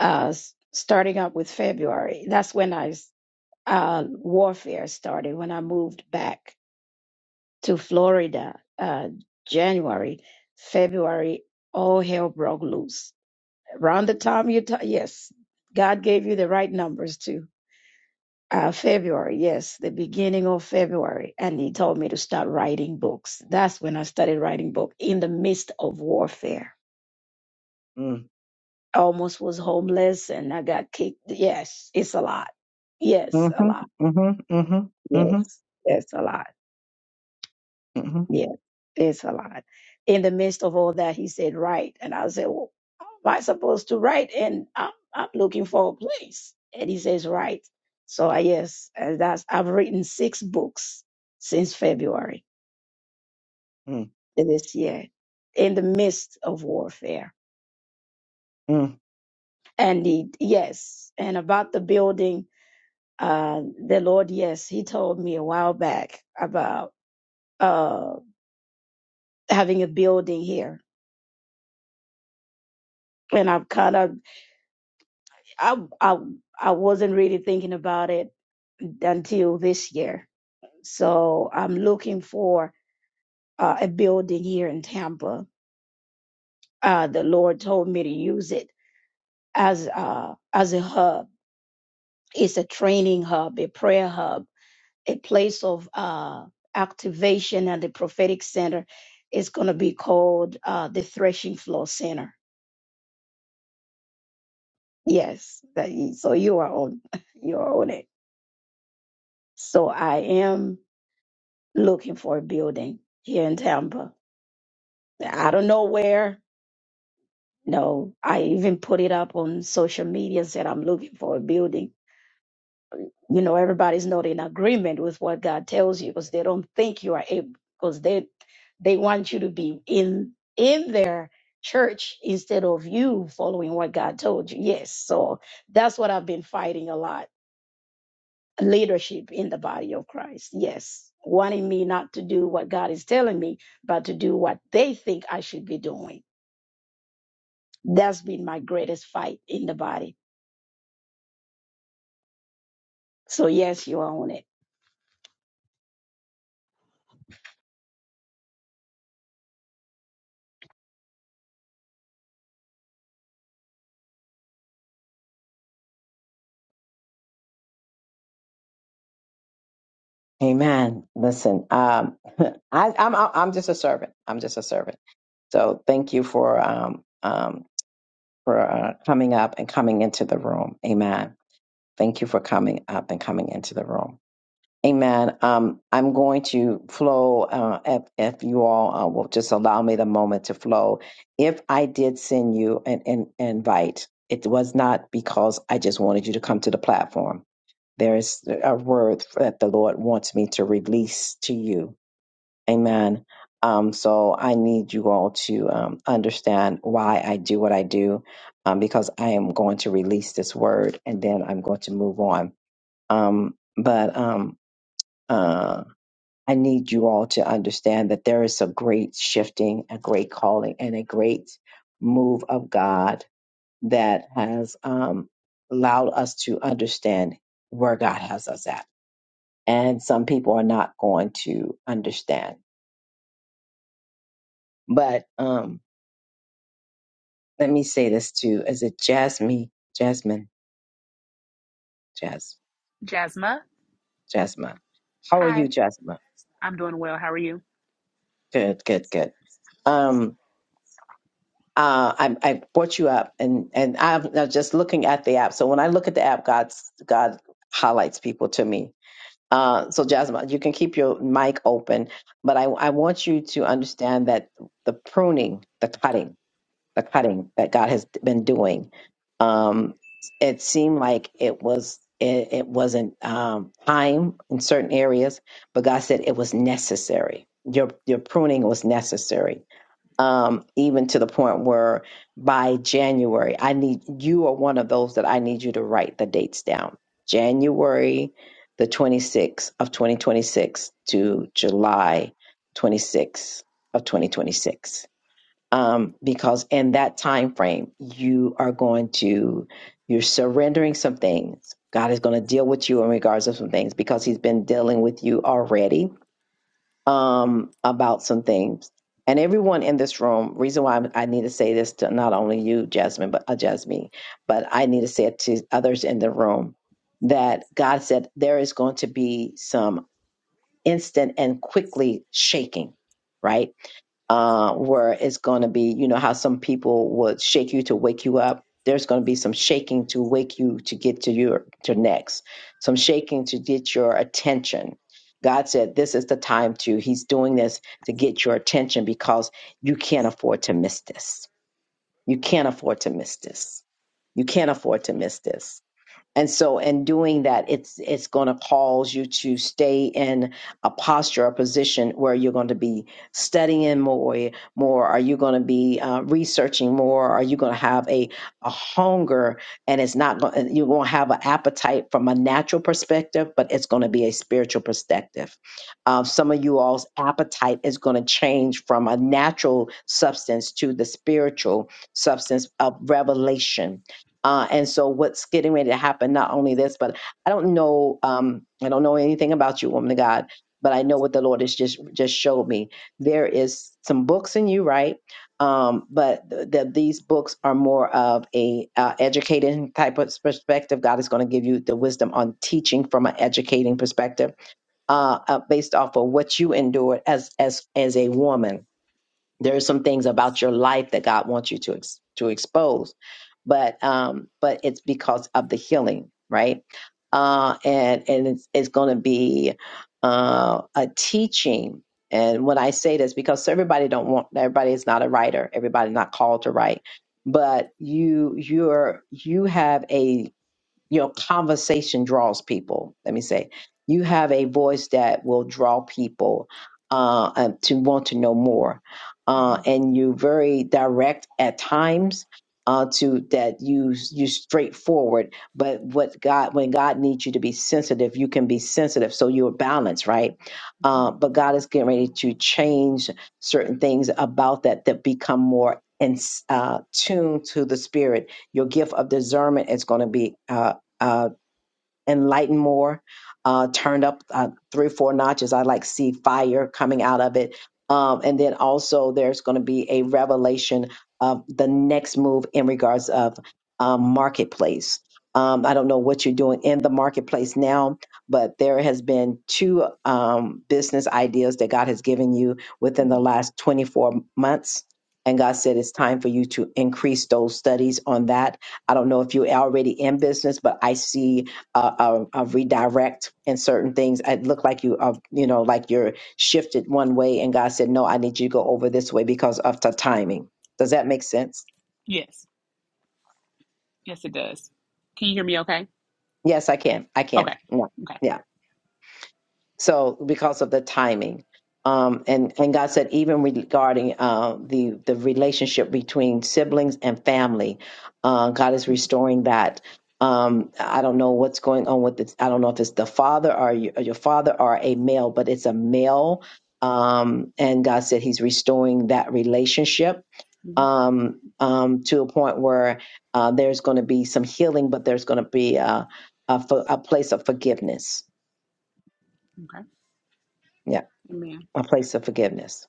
Speaker 3: Uh, s- starting up with February. That's when I s- uh warfare started. When I moved back to Florida, uh, January, February, all hell broke loose. Around the time you, ta yes, God gave you the right numbers too. Uh, February, yes, the beginning of February. And he told me to start writing books. That's when I started writing book in the midst of warfare.
Speaker 1: Mm,
Speaker 3: I almost was homeless and I got kicked. Yes, it's a lot. Yes, a lot.
Speaker 1: mhm,
Speaker 3: Yes, yes, a lot.
Speaker 1: mhm,
Speaker 3: Yeah, it's a lot. In the midst of all that, he said, "Write," and I said, "Well, how am I supposed to write?" And I'm I'm looking for a place, and he says, "Write." So I yes, and that's I've written six books since February
Speaker 1: mm,
Speaker 3: this year, in the midst of warfare.
Speaker 1: mm.
Speaker 3: And he, yes, and about the building, uh, the Lord, yes, He told me a while back about uh having a building here, and I've kind of I I I wasn't really thinking about it until this year. So I'm looking for uh, a building here in Tampa. Uh, the Lord told me to use it as uh, as a hub. It's a training hub, a prayer hub, a place of uh, activation and the prophetic center. It's going to be called uh, the Threshing Floor Center. Yes, that, so you are on you are on it. So I am. looking for a building here in Tampa. I don't know where. No, I even put it up on social media and said I'm looking for a building. You know, everybody's not in agreement with what God tells you because they don't think you are able because they they want you to be in in their church instead of you following what God told you. Yes. So that's what I've been fighting a lot leadership in the body of Christ. Yes, wanting me not to do what God is telling me, but to do what they think I should be doing. That's been my greatest fight in the body. So, yes, you own it.
Speaker 1: Amen. Listen, um, I, I'm I'm I'm just a servant. I'm just a servant. So thank you for um, um, for uh, coming up and coming into the room. Amen. Thank you for coming up and coming into the room. Amen. Um, I'm going to flow uh, if, if you all uh, will just allow me the moment to flow. If I did send you an, an invite, it was not because I just wanted you to come to the platform. There is a word that the Lord wants me to release to you Amen. Um, so I need you all to um, understand why I do what I do, um, because I am going to release this word and then I'm going to move on. Um, but um, uh, I need you all to understand that there is a great shifting, a great calling, and a great move of God that has um, allowed us to understand where God has us at. And some people are not going to understand. But um, let me say this too. Is it Jasmine? Jasmine? Jas?
Speaker 4: Jasma,
Speaker 1: Jasmine? How are you,
Speaker 4: hi.
Speaker 1: Jasmine?
Speaker 4: I'm doing well. How are you?
Speaker 1: Good, good, good. Um, uh, I, I brought you up, and and I'm now just looking at the app. So when I look at the app, God's God highlights people to me. Uh, so Jasmine, you can keep your mic open, but I I want you to understand that the pruning, the cutting. the cutting that God has been doing. Um, it seemed like it was it, it wasn't um, time in certain areas, but God said it was necessary. Your your pruning was necessary, um, even to the point where by January, I need you are one of those that I need you to write the dates down. January the 26th of 2026 to July 26th of
Speaker 4: Okay.
Speaker 1: 2026 um, because in that time frame you are going to you're surrendering some things god is going to deal with you in regards to some things because he's been dealing with you already um, about some things and everyone in this room reason why I'm- i need to say this to not only you jasmine but uh, jasmine but i need to say it to others in the room that god said there is going to be some instant and quickly shaking right uh, where it's going to be, you know, how some people would shake you to wake you up. There's going to be some shaking to wake you to get to your to next, some shaking to get your attention. God said, This is the time to. He's doing this to get your attention because you can't afford to miss this. You can't afford to miss this. You can't afford to miss this. And so in doing that, it's it's going to cause you to stay in a posture, a position where you're going to be studying more, more. Are you going to be uh, researching more? Are you going to have a, a hunger? And it's not going. You're going to have an appetite from a natural perspective, but it's going to be a spiritual perspective. Uh, some of you all's appetite is going to change from a natural substance to the spiritual substance of revelation uh, and so what's getting ready to happen, not only this, but I don't know, um, I don't know anything about you, woman of God, but I know what the Lord has just just showed me. There is some books in you, right? Um, but th- th- these books are more of a uh, educating type of perspective. God is going to give you the wisdom on teaching from an educating perspective, uh, uh, based off of what you endured as as as a woman there are some things about your life that God wants you to ex- to expose, but um, but it's because of the healing, right? Uh, and and it's it's going to be uh, a teaching. And when I say this, because everybody don't want everybody is not a writer, everybody's not called to write, but you you're you have a your conversation draws people. Let me say, you have a voice that will draw people uh, uh, to want to know more, uh,
Speaker 4: Mhm,
Speaker 1: and you're very direct at times. Uh, to that you you straightforward, but what God when God needs you to be sensitive, you can be sensitive, so you're balanced, right?
Speaker 4: mhm,
Speaker 1: Uh, but God is getting ready to change certain things about that that become more in uh, tuned to the Spirit your gift of discernment is going to be uh, uh, enlighten more, uh, turned up uh, three four notches. I like see fire coming out of it. Um, and then also there's going to be a revelation of the next move in regards of um, marketplace. Um, I don't know what you're doing in the marketplace now, but there has been two um, business ideas that God has given you within the
Speaker 4: mhm.
Speaker 1: last 24 months. And God said it's time for you to increase those studies on that. I don't know if you're already in business, but I see a, a, a redirect in certain things. It looked like you, uh, you know, like you're shifted one way, and God said, "No, I need you to go over this way because of the timing." Does that make sense?
Speaker 4: Yes. Yes, it does. Can you hear me okay?
Speaker 1: Yes, I can. I can.
Speaker 4: Okay. Okay.
Speaker 1: Yeah. So because of the timing, um, and and God said even regarding uh, the the relationship between siblings and family, uh, God is restoring that. Um, I don't know what's going on with it. I don't know if it's the father or your, or your father or a male, but it's a male. Um, and God said He's restoring that relationship
Speaker 4: Mhm,
Speaker 1: um, um, to a point where uh, there's going to be some healing, but there's going to be a, a, fo- a place of forgiveness.
Speaker 4: Okay.
Speaker 1: Yeah.
Speaker 4: Amen.
Speaker 1: a place of forgiveness.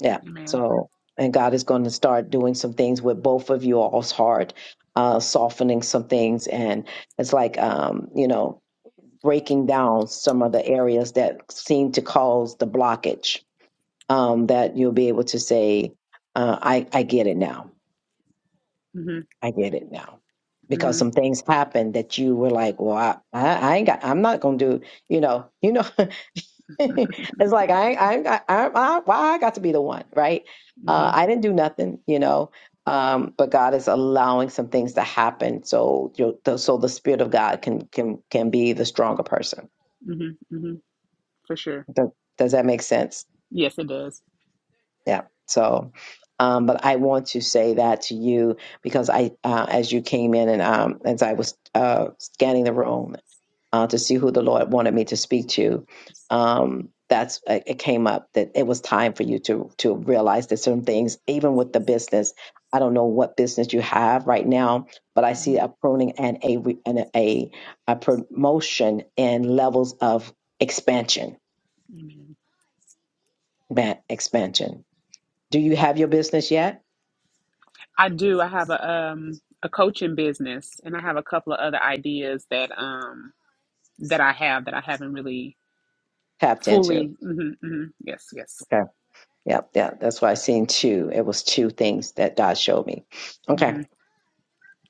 Speaker 1: Yeah.
Speaker 4: Amen.
Speaker 1: So, and God is going to start doing some things with both of you all's heart, uh, softening some things. And it's like, um, you know, breaking down some of the areas that seem to cause the blockage um, that you'll be able to say, uh, I, I get it now.
Speaker 4: hmm
Speaker 1: I get it now. Because
Speaker 4: hmm
Speaker 1: some things happened that you were like, well, I, I, I ain't got, I'm not going to do, you know, you know, it's like I ain't- I I, I why I got to be the one, right? Uh,
Speaker 4: hmm
Speaker 1: I didn't do nothing, you know. Um, but God is allowing some things to happen so you so the spirit of God can can can be the stronger person.
Speaker 4: hmm hmm For sure.
Speaker 1: Does, does that make sense?
Speaker 4: Yes, it does.
Speaker 1: Yeah. So, um, but I want to say that to you because I, uh, as you came in and um, as I was uh, scanning the room uh, to see who the Lord wanted me to speak to, um, that's it it came up that it was time for you to to realize that certain things, even with the business, I don't know what business you have right now, but I see
Speaker 4: Mhm,
Speaker 1: a pruning and a re- and a a promotion and levels of expansion,
Speaker 4: Amen.
Speaker 1: man, expansion do you have your business yet?
Speaker 4: I do. I have a um a coaching business and I have a couple of other ideas that um that I have that I haven't really
Speaker 1: Tapped into.
Speaker 4: fully hmm hmm Yes, yes.
Speaker 1: Okay. Yep. Yeah. That's why I seen two. It was two things that God showed me. Okay.
Speaker 4: hmm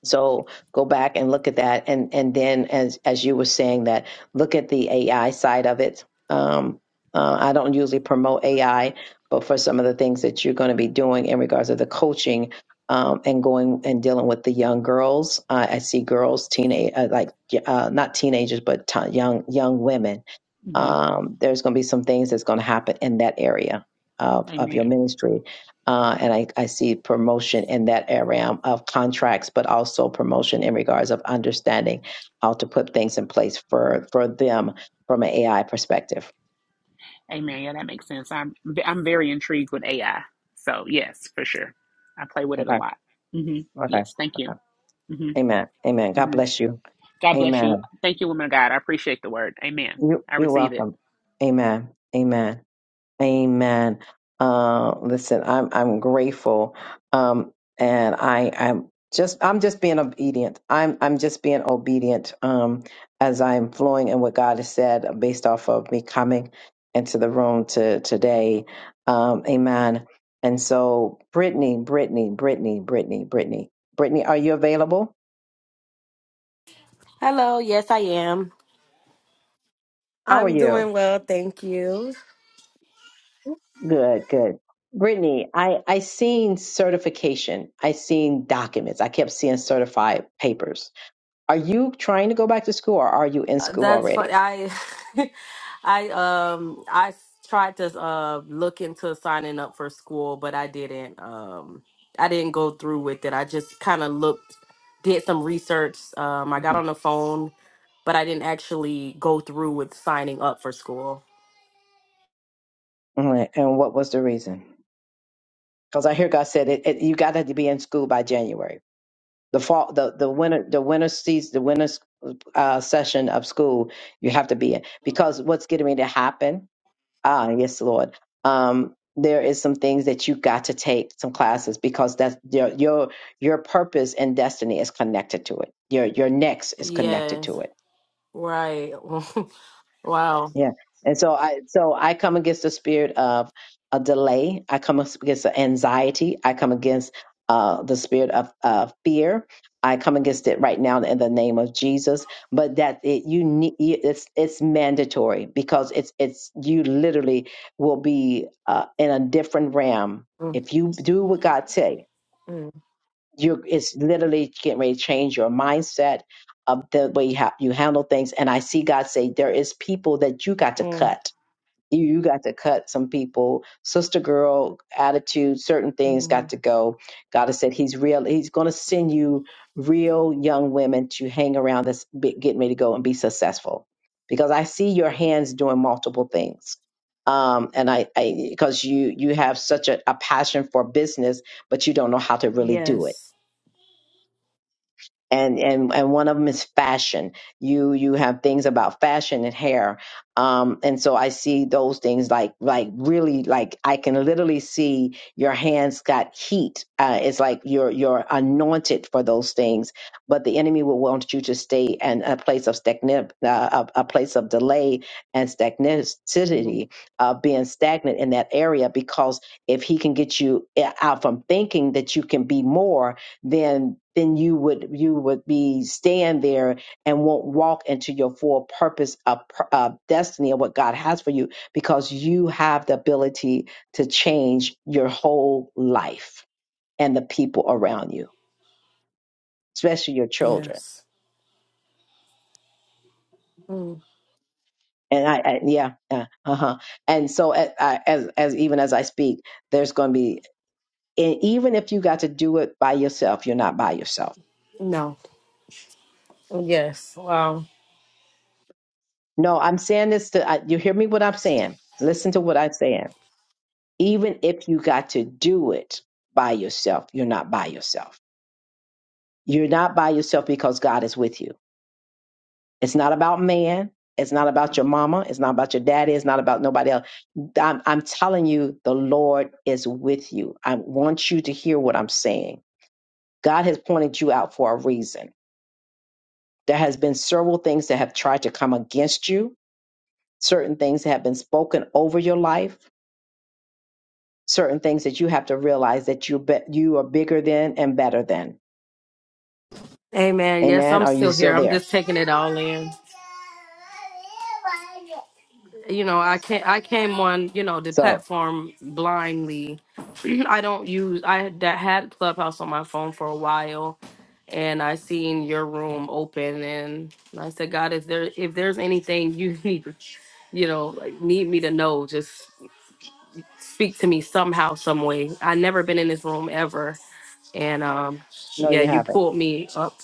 Speaker 1: So go back and look at that, and and then as as you were saying that, look at the AI side of it. Um, uh, I don't usually promote AI, but for some of the things that you're going to be doing in regards to the coaching um, and going and dealing with the young girls, uh, I see girls, teenage, uh, like uh, not teenagers, but ti young young women.
Speaker 4: hmm
Speaker 1: Um, there's going to be some things that's going to happen in that area of of your
Speaker 4: Amen.
Speaker 1: ministry uh, and I, I see promotion in that area of contracts, but also promotion in regards of understanding how to put things in place for, for them from an AI perspective.
Speaker 4: Amen. Yeah, that makes sense. I'm I'm very intrigued with AI. So yes, for sure. I play with it a
Speaker 1: Okay.
Speaker 4: lot. hmm
Speaker 1: Okay.
Speaker 4: Yes. Thank you.
Speaker 1: Okay.
Speaker 4: hmm
Speaker 1: Amen. Amen. God
Speaker 4: hmm
Speaker 1: bless you.
Speaker 4: God bless you.
Speaker 1: Amen.
Speaker 4: Thank you, woman of God. I appreciate the word. Amen.
Speaker 1: You,
Speaker 4: I
Speaker 1: you're
Speaker 4: receive it.
Speaker 1: welcome. Amen. Amen. Amen. Uh, listen, I'm I'm grateful, um, and I I'm just I'm just being obedient. I'm I'm just being obedient um, as I'm flowing in what God has said based off of me coming into the room to today. Um, amen. And so, Brittany, Brittany, Brittany, Brittany, Brittany, Brittany, are you available?
Speaker 5: Hello, yes, I am.
Speaker 1: How are
Speaker 5: I'm
Speaker 1: you?
Speaker 5: doing well, thank you.
Speaker 1: Good, good. Brittany, I, I seen certification. I seen documents. I kept seeing certified papers. Are you trying to go back to school or are you in
Speaker 5: Uh,
Speaker 1: school
Speaker 5: That's funny.
Speaker 1: already?
Speaker 5: I, I, um, I s- tried to uh look into signing up for school, but I didn't. Um, I didn't go through with it. I just kind of looked, did some research. Um, I got
Speaker 1: Mhm.
Speaker 5: on the phone, but I didn't actually go through with signing up for school.
Speaker 1: Alright, And what was the reason? Because I hear God said it, it, you got to be in school by January. The fall, the, the winter, the winter season, the winter uh, session of school, you have to be in because what's getting ready to happen Ah, yes, Lord. Um, there is some things that you got to take some classes because that's your your your purpose and destiny is connected to it. Your your next is connected
Speaker 5: Yes,
Speaker 1: to it
Speaker 5: right. wow.
Speaker 1: yeah. And so I so I come against the spirit of a delay. I come against the anxiety. I come against uh, the spirit of uh, fear. I come against it right now in the name of Jesus. But that it you need it's it's mandatory because it's it's you literally will be uh, in a different realm
Speaker 5: Mm,
Speaker 1: if you do what God say.
Speaker 5: mm,
Speaker 1: You it's literally getting ready to change your mindset of the way you, ha- you handle things. And I see God say there is people that you got to
Speaker 5: mm,
Speaker 1: cut you, you got to cut some people. Sister girl attitude, certain things got
Speaker 5: mm.
Speaker 1: to go. God has said He's real. He's going to send you real young women to hang around that's be- getting ready to go and be successful, because I see your hands doing multiple things. Um, and I, I, because you you have such a, a passion for business, but you don't know how to really do it
Speaker 5: Yes.
Speaker 1: and and and one of them is fashion. You you have things about fashion and hair, um, and so I see those things like like really like I can literally see your hands got heat. Uh, it's like you're you're anointed for those things, but the enemy will want you to stay in a place of stagnant, uh, a, a place of delay and
Speaker 5: Mm,
Speaker 1: stagnicity, uh, being stagnant in that area because if he can get you eh, out from thinking that you can be more then then you would you would be stand there and won't walk into your full purpose of, pur- of destiny of what God has for you because you have the ability to change your whole life and the people around you, especially your children.
Speaker 5: Yes. Mm,
Speaker 1: And I, I yeah, uh huh. And so as, as as even as I speak, there's going to be and even if you got to do it by yourself, you're not by yourself.
Speaker 5: No. Yes. Wow.
Speaker 1: No, I'm saying this to I, you. Hear me? What I'm saying? Listen to what I'm saying even if you got to do it by yourself, you're not by yourself. You're not by yourself because God is with you. It's not about man. It's not about your mama. It's not about your daddy. It's not about nobody else. I'm, I'm telling you, the Lord is with you. I want you to hear what I'm saying. God has pointed you out for a reason. There has been several things that have tried to come against you, certain things that have been spoken over your life, certain things that you have to realize that you be, you are bigger than and better than
Speaker 5: Amen. Yes,
Speaker 1: Amen.
Speaker 5: I'm
Speaker 1: Are you
Speaker 5: still
Speaker 1: still
Speaker 5: here. I'm
Speaker 1: there?
Speaker 5: just taking it all in. You know, I can't. I came on, you know, the
Speaker 1: So,
Speaker 5: platform blindly. I don't use. I that had Clubhouse on my phone for a while, and I seen your room open, and I said, God, if there if there's anything you need, you know, like, need me to know, just speak to me somehow, some way. I never been in this room ever. And um,
Speaker 1: no,
Speaker 5: yeah,
Speaker 1: you
Speaker 5: you
Speaker 1: haven't.
Speaker 5: pulled me up.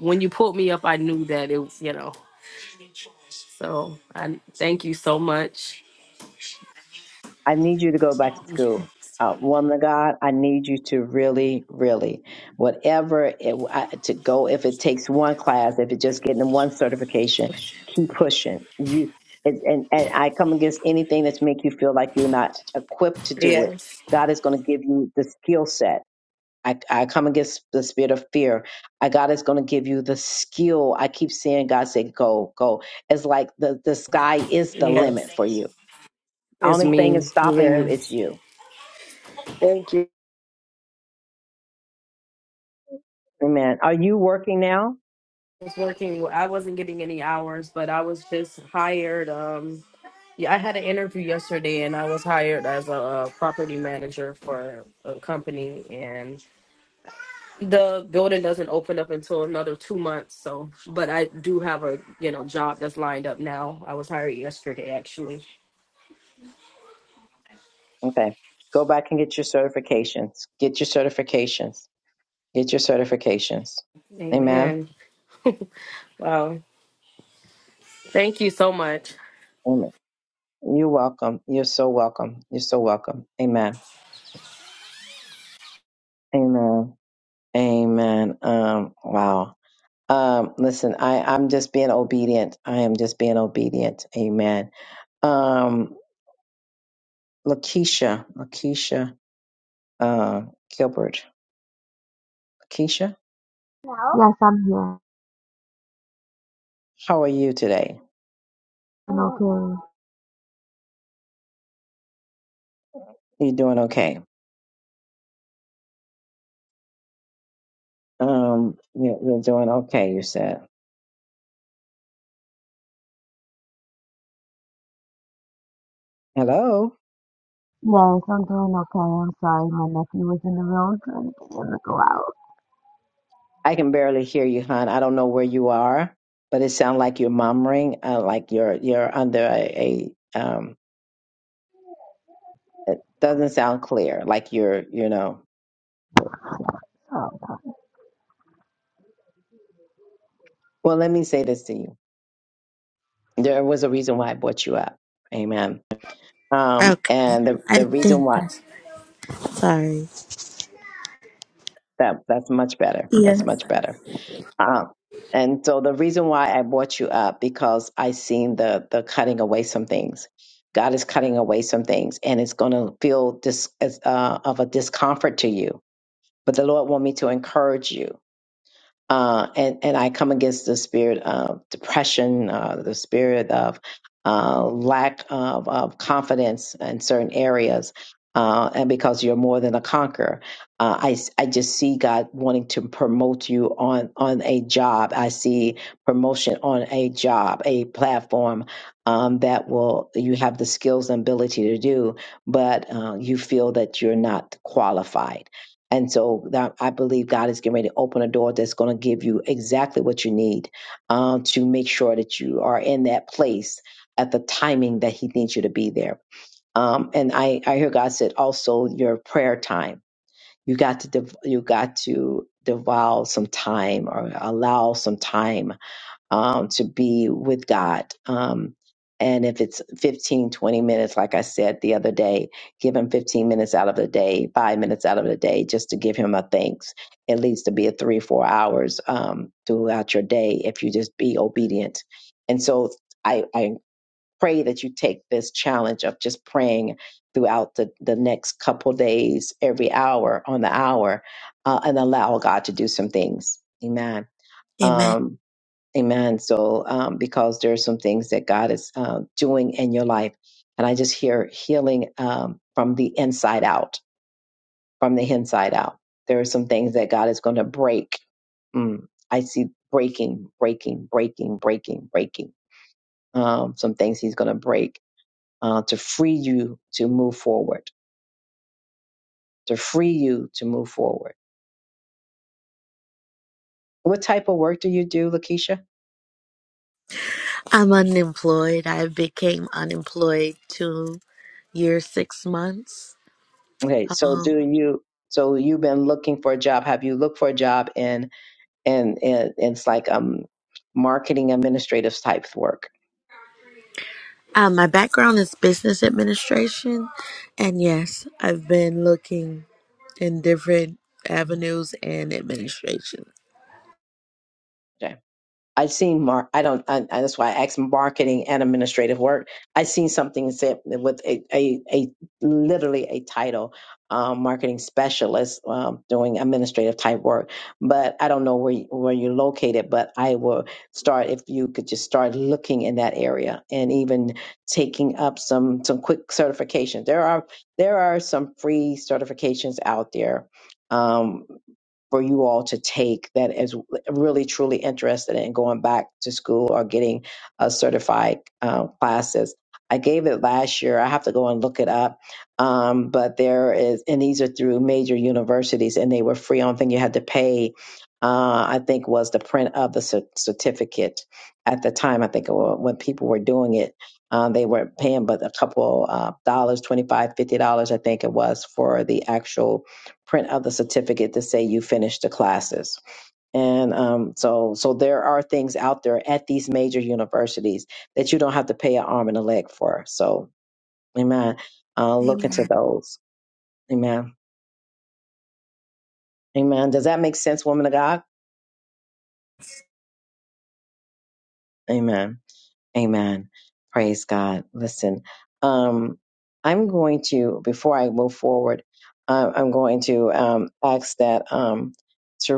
Speaker 5: When you pulled me up, I knew that it was, you know. So I thank you so much.
Speaker 1: I need you to go back to school. Uh, woman of God, I need you to really, really, whatever it, I, to go, if it takes one class, if it's just getting one certification, keep pushing. You it's, and, and I come against anything that's make you feel like you're not equipped to do it.
Speaker 5: Yes.
Speaker 1: God is going to give you the skill set I, I come against the spirit of fear. I God is going to give you the skill. I keep seeing God say, "Go, go." It's like the the sky is the
Speaker 5: Yes.
Speaker 1: limit for you.
Speaker 5: It's
Speaker 1: Only thing is
Speaker 5: me.
Speaker 1: stopping you is
Speaker 5: Yes.
Speaker 1: you.
Speaker 5: Thank you.
Speaker 1: Amen. Are you working now?
Speaker 5: I was working. well, I wasn't getting any hours, but I was just hired. Um, yeah, I had an interview yesterday, and I was hired as a, uh property manager for a company, The building doesn't open up until another two months, so but I do have a you know job that's lined up now. I was hired yesterday actually.
Speaker 1: Okay, go back and get your certifications. Get your certifications. Get your certifications. Amen.
Speaker 5: Amen. Wow. Thank you so much.
Speaker 1: Amen. You're welcome. You're so welcome. You're so welcome. Amen. Amen. Amen. Um. Wow. Um, listen, I, I'm just being obedient. I am just being obedient. Amen. Um, Lakeisha, Lakeisha, uh, Gilbert, Lakeisha,
Speaker 6: Hello? Yes, I'm here.
Speaker 1: how are you today?
Speaker 6: I'm okay.
Speaker 1: You doing okay? Um, you're, you're doing okay. You said. Oh,
Speaker 6: Yes, I'm doing okay. I'm sorry, my nephew was in the room trying to get him to go out.
Speaker 1: I can barely hear you, hon. I don't know where you are, but it sounds like you're murmuring, uh, like you're you're under a, a um. Doesn't know.
Speaker 6: So
Speaker 1: Well, let me say this to you. There was a reason why I brought you up. Amen. Um,
Speaker 6: Okay,
Speaker 1: and the
Speaker 6: I
Speaker 1: the reason
Speaker 6: think
Speaker 1: why
Speaker 6: that's sorry.
Speaker 1: That that's much better. That's much better. Um, and so the reason why I brought you up because I seen the the cutting away some things. God is cutting away some things, and it's going to feel dis, as, uh, of a discomfort to you. But the Lord want me to encourage you uh, and and I come against the spirit of depression, uh, the spirit of uh, lack of, of confidence in certain areas, uh, and because you're more than a conqueror, uh, I s- I just see God wanting to promote you on on a job. I see promotion on a job, a platform. Um, that will you have the skills and ability to do, but uh, you feel that you're not qualified and so that I believe God is getting ready to open a door that's going to give you exactly what you need um, to make sure that you are in that place at the timing that He needs you to be there. Um, and I, I hear God said also your prayer time. You got to dev- you got to devour some time or allow some time um, to be with God. Um, and if it's 15, 20 minutes, like I said the other day, give him 15 minutes out of the day, five minutes out of the day, just to give him a thanks. It leads to be a three, four hours um, throughout your day if you just be obedient. And so I, I pray that you take this challenge of just praying throughout the, the next couple days, every hour on the hour, uh, and allow God to do some things. Amen. Um, Amen. So, um, because there are some things that God is um, doing in your life, and I just hear healing um, from the inside out, from the inside out. There are some things that God is going to break. Mm, I see breaking, breaking, breaking, breaking, breaking. Um, some things He's going to break uh, to free you to move forward, to free you to move forward. What type of work do you do, Lakeisha?
Speaker 6: I'm unemployed. I became unemployed two years, six months.
Speaker 1: Okay, so
Speaker 6: Um,
Speaker 1: do you? So you've been looking for a job. Have you looked for a job in? and, and and it's like um marketing administrative type work.
Speaker 6: uh, my background is business administration, and yes, I've been looking in different avenues and administration.
Speaker 1: I've seen Mark. I don't. I, I- that's why I asked marketing and administrative work. I seen something that said with a a, a literally a title, um, marketing specialist um, doing administrative type work. But I don't know where you, where you're located. But I will start if you could just start looking in that area and even taking up some some quick certifications. There are there are some free certifications out there. Um, for you all to take that is really truly interested in going back to school or getting a certified uh, classes. I gave it last year. I have to go and look it up. Um, but there is, and these are through major universities, and they were free. Only thing you had to pay, uh, I think, was the print of the cer- certificate. At the time, I think it wa- when people were doing it, uh, they were paying but a couple uh, dollars, twenty five, fifty dollars, I think it was, for the actual print of the certificate to say you finished the classes. And um, so, so there are things out there at these major universities that you don't have to pay an arm and a leg for. So, amen. Uh, look
Speaker 6: Amen.
Speaker 1: into those. Amen. Amen. Does that make sense, woman of God? Amen. Amen. Praise God. And um, I'm Lord. Um, ask them,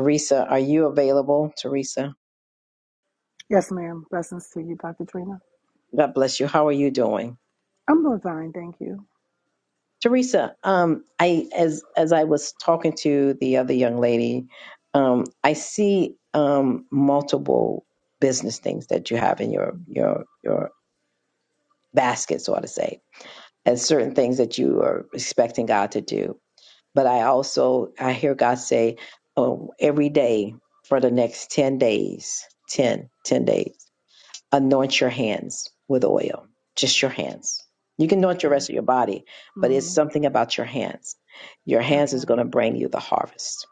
Speaker 1: Risa,
Speaker 7: Yes, ma'am. Blessings to you, Dr. Trina.
Speaker 1: God bless you. How are you doing?
Speaker 7: I'm doing fine, thank you.
Speaker 1: Teresa, um, I as as I was talking to the other young lady, um, I see um, multiple business things that you have in your your your basket, so to say, and certain things that you are expecting God to do. But I also I hear God say, oh, every day for the next ten days, 10 10 days anoint your hands with oil, just your hands. You can anoint your
Speaker 7: Okay.
Speaker 1: rest of your body, but it's
Speaker 7: hmm
Speaker 1: something about your hands. Your hands is
Speaker 7: Okay.
Speaker 1: going to bring you the harvest.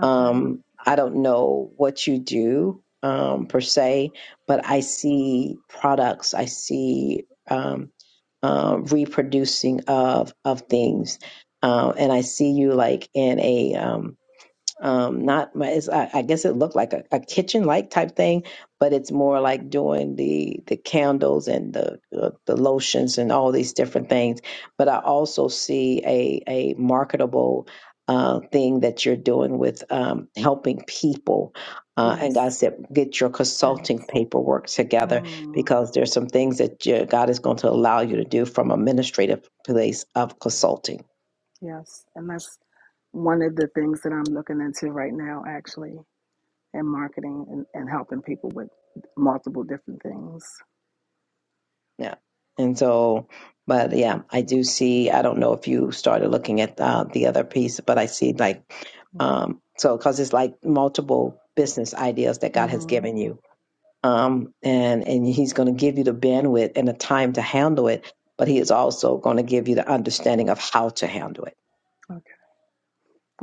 Speaker 7: Okay.
Speaker 1: Um, I don't know what you do um, per se, but I see products. I see um, um, reproducing of of things, um, and I see you like in a um, um not my it's, I, I guess it looked like a, a kitchen like type thing but it's more like doing the the candles and the uh, the lotions and all these different things but i also see a a marketable uh, thing that you're doing with um, helping people uh, and god
Speaker 7: Yes.
Speaker 1: said get your consulting
Speaker 7: Yes.
Speaker 1: paperwork together
Speaker 7: Mm.
Speaker 1: because there's some things that you, god is going to allow you to do from administrative place of consulting
Speaker 7: Yes. And that's one of the things that I'm looking into right now, actually, in marketing and, and helping people with multiple different things.
Speaker 1: Yeah. And so, but yeah, I do see, I don't know if you started looking at uh, the other piece, but I see like, um, so, cause it's like multiple business ideas that God has
Speaker 7: hmm
Speaker 1: given you. Um, and, and he's going to give you the bandwidth and the time to handle it, but he is also going to give you the understanding of how to handle it.
Speaker 7: Okay.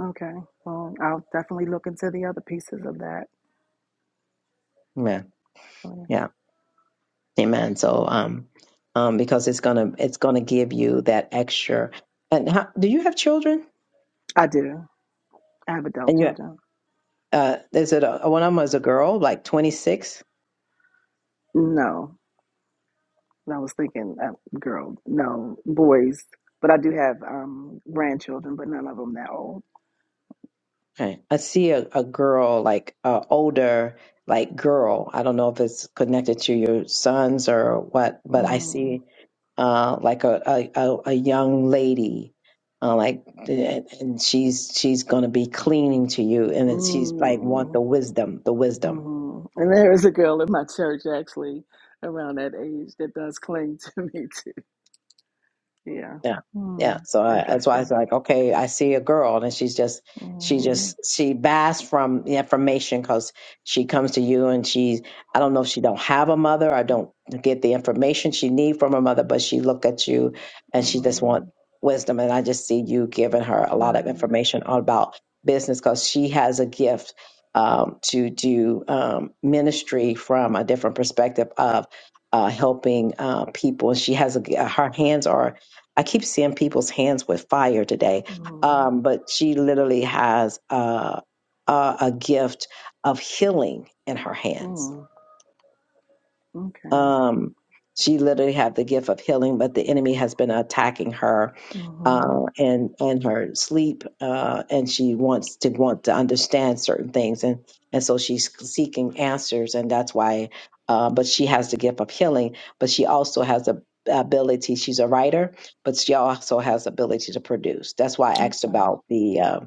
Speaker 7: Okay. Well, I'll definitely look into the other pieces of that.
Speaker 1: Amen. Yeah. Amen. So, um, um, because it's going to, it's going to give you that extra. And how, do you have children?
Speaker 7: I do. I have adult children.
Speaker 1: uh is it a one of them was a girl like 26
Speaker 7: No. I was thinking, uh, girl, no, boys. But I do have um, grandchildren, but none of them that old.
Speaker 1: okay i see a, a girl like uh older like girl i don't know if it's connected to your sons or what but i
Speaker 7: Mm,
Speaker 1: see uh like a a, a, a young lady uh, like and and she's she's gonna be cleaning to you and then she's like want the
Speaker 7: mm,
Speaker 1: wisdom the wisdom
Speaker 7: mm. And there is a girl in my church actually around that age that does cling to me too. Yeah.
Speaker 1: Yeah. Yeah.
Speaker 7: Mm,
Speaker 1: So I, that's why I was
Speaker 7: interesting.
Speaker 1: like, okay, I see a girl and she's just, she
Speaker 7: Mm,
Speaker 1: just, she basks from the information because she comes to you and she, I don't know if she don't have a mother or don't get the information she need from her mother, but she look at you and she just
Speaker 7: mm,
Speaker 1: want wisdom. And I just see you giving her a lot of
Speaker 7: right.
Speaker 1: information all about business because she has a gift um, to do um, ministry from a different perspective of uh, helping uh, people. And She has a, her hands are I keep seeing people's hands with fire today,
Speaker 7: Mm,
Speaker 1: um, but she literally has a, a, a gift of healing in her hands.
Speaker 7: mm, okay.
Speaker 1: Um, she literally had the gift of healing, but the enemy has been attacking her
Speaker 7: hmm
Speaker 1: uh, and and her sleep, uh, and she wants to want to understand certain things, and and so she's seeking answers, and that's why. Uh, but she has the gift of healing, but she also has the ability. She's a writer, but she also has the ability to produce. That's why I asked
Speaker 7: Okay.
Speaker 1: about the uh,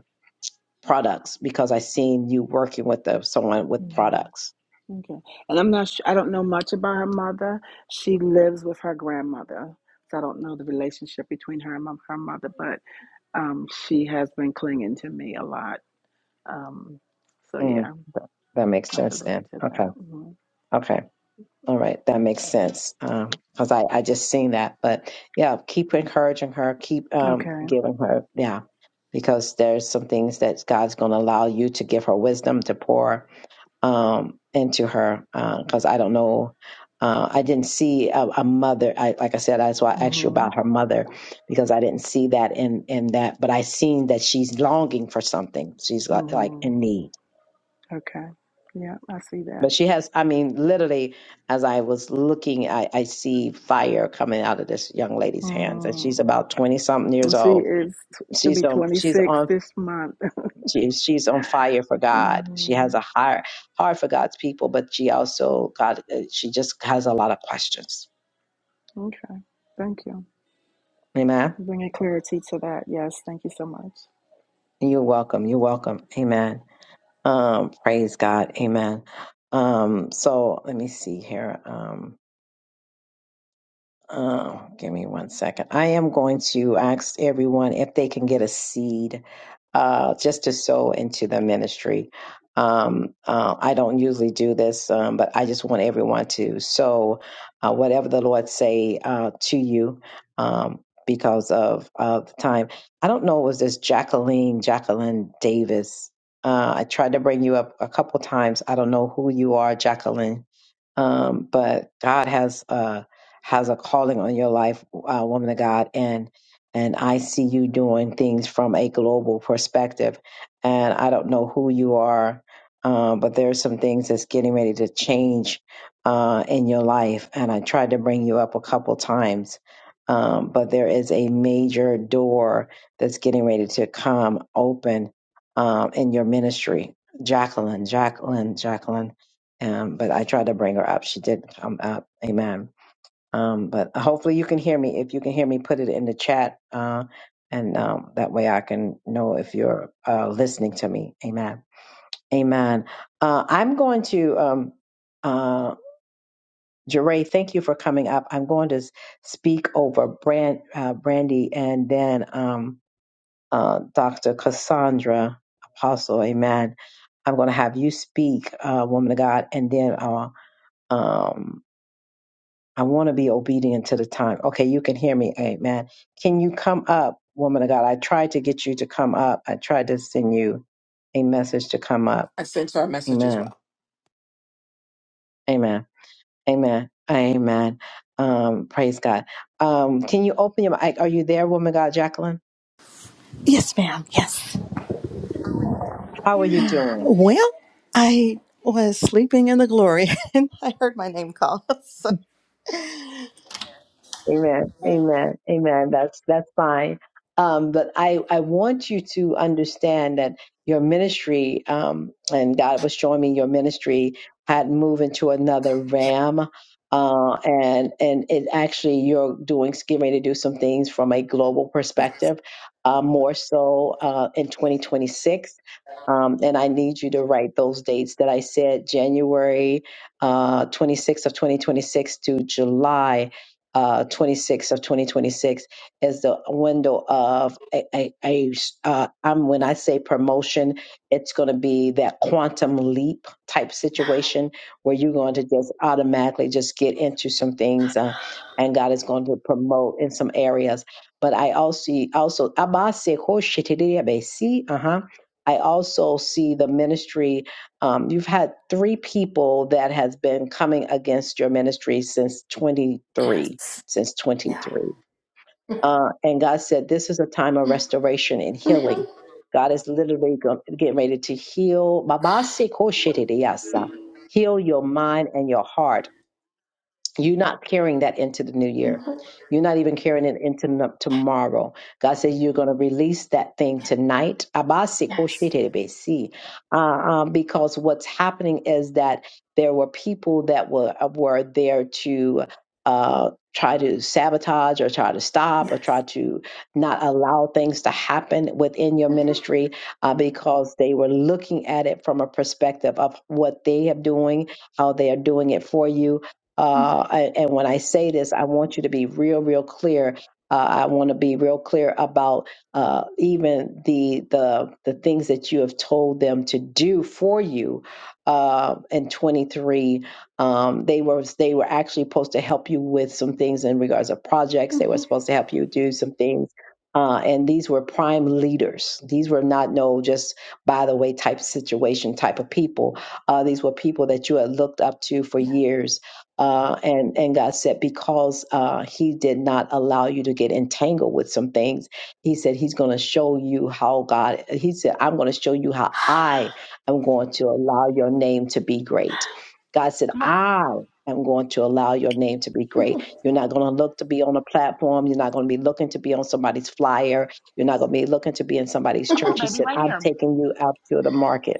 Speaker 1: products because I seen you working with the, someone with
Speaker 7: hmm
Speaker 1: products.
Speaker 7: Okay. And I'm not, su I don't know much about her mother. She lives with her grandmother. So I don't know the relationship between her and mo- her mother, but um, she has been clinging to me a lot. Um, so
Speaker 1: Mm,
Speaker 7: yeah,
Speaker 1: that makes
Speaker 7: I have to
Speaker 1: sense
Speaker 7: look
Speaker 1: then.
Speaker 7: into
Speaker 1: Okay.
Speaker 7: that. hmm
Speaker 1: Okay. All right, that makes sense. because I, I just seen that, but yeah, keep encouraging her, keep um
Speaker 7: Okay.
Speaker 1: giving her, yeah, because there's some things that God's going to allow you to give her wisdom to pour um into her. Because I don't know, uh, I didn't see a, a mother. I like I said, that's why I asked you
Speaker 7: hmm
Speaker 1: about her mother because I didn't see that in in that, but I seen that she's longing for something. She's like, like
Speaker 7: hmm
Speaker 1: in need
Speaker 7: Okay. Yeah, I see that.
Speaker 1: But she has, I mean, literally, as I was looking, I, I see fire coming out of this young lady's hands, and she's
Speaker 7: Mm.
Speaker 1: about twenty something years
Speaker 7: And She
Speaker 1: old.
Speaker 7: is, she'll be
Speaker 1: She's on, she's
Speaker 7: 26
Speaker 1: on,
Speaker 7: this month.
Speaker 1: she, she's on fire for God. She has
Speaker 7: hmm
Speaker 1: a heart, heart for God's people, but she also, God, uh, she just has a lot of questions.
Speaker 7: Okay. Thank you.
Speaker 1: Amen.
Speaker 7: Bringing clarity to that. Yes. Thank you so much.
Speaker 1: You're welcome. You're welcome. Amen. Um, praise God. Amen. Um, so let me see here. Um, Uh, give me one second. I am going to ask everyone if they can get a seed uh, just to sow into the ministry. Um, uh, I don't usually do this, um, but I just want everyone to sow uh, whatever the Lord say uh, to you um, because of, of the time. I don't know, was this Jacqueline, Jacqueline Davis? Uh, I tried to bring you up a couple times. I don't know who you are, Jacqueline um, but God has uh, has a calling on your life, uh, woman of God, and and I see you doing things from a global perspective. And I don't know who you are, um, but there's some things that's getting ready to change uh, in your life. And I tried to bring you up a couple times. Um, but there is a major door that's getting ready to come open um, in your ministry. Jacqueline, Jacqueline, Jacqueline. Um, but I tried to bring her up. She did come up. Amen. Um, but hopefully you can hear me. If you can hear me, put it in the chat. Uh, and um, that way I can know if you're uh, listening to me. Amen. Amen. Uh, I'm going to, um, uh, Jeray, thank you for coming up. I'm going to s- speak over Brand, uh, Brandy and then um, uh, Dr. Cassandra Apostle. Amen. I'm going to have you speak, uh, woman of God, and then uh, um, I want to be obedient to the time. Okay, you can hear me. Amen. Can you come up, woman of God? I tried to get you to come up. I tried to send you a message to come up.
Speaker 8: I sent her a message as
Speaker 1: Amen.
Speaker 8: well.
Speaker 1: Amen. Amen. Amen. Um, praise God. Um, can you open your mic? Are you there, woman of God, Jacqueline?
Speaker 9: Yes, ma'am. Yes.
Speaker 1: How are you doing?
Speaker 9: Well, I was sleeping in the glory and I heard my name call. So
Speaker 1: Amen. Amen. Amen. That's that's fine. Um, but I I want you to understand that your ministry um, and God was showing me your ministry had moved into another ram. Uh, and and it actually you're doing getting ready to do some things from a global perspective, uh, more so uh, in 2026. Um, and I need you to write those dates that I said January uh, 26th of 2026 to July uh, 26 of 2026 is the window of a, a, a uh, I'm when I say promotion, it's going to be that quantum leap type situation where you're going to just automatically just get into some things, uh, and God is going to promote in some areas. But I also see- also abase koshitiriabesi, uh-huh. I also see the ministry. Um, you've had three people that has been coming against your ministry since 23 since 23. Uh, and God said, This is a time of restoration and healing. God is literally go- getting ready to heal. Babasi koshitidiyasa. Heal your mind and your heart you're not carrying that into the new year. You're not even carrying it into no- tomorrow. God says you're going to release that thing tonight. Abasi
Speaker 9: yes,
Speaker 1: koshetelebesi. Uh, um, because what's happening is that there were people that were uh, were there to uh, try to sabotage or try to stop or try
Speaker 9: yes.
Speaker 1: to not allow things to happen within your
Speaker 9: Mhm.
Speaker 1: ministry uh, because they were looking at it from a perspective of what they are doing, how they are doing it for you, uh, I- and when I say this, I want you to be real, real clear. Uh, I want to be real clear about uh, even the the the things that you have told them to do for you. Uh, in 23, um, they were they were actually supposed to help you with some things in regards of projects. They were
Speaker 9: mhm,
Speaker 1: supposed to help you do some things. Uh, and these were prime leaders. These were not no just by the way type situation type of people. Uh, these were people that you had looked up to for years uh, and and God said because uh, He did not allow you to get entangled with some things, He said He's going to show you how God. He said I'm going to show you how I am going to allow your name to be great. God said
Speaker 4: Come on,
Speaker 1: I am going to allow your name to be great. You're not going to look to be on a platform. You're not going to be looking to be on somebody's flyer. You're not going to be looking to be in somebody's
Speaker 4: come on,
Speaker 1: church. He
Speaker 4: baby,
Speaker 1: said
Speaker 4: right
Speaker 1: I'm
Speaker 4: here.
Speaker 1: taking you out to the market.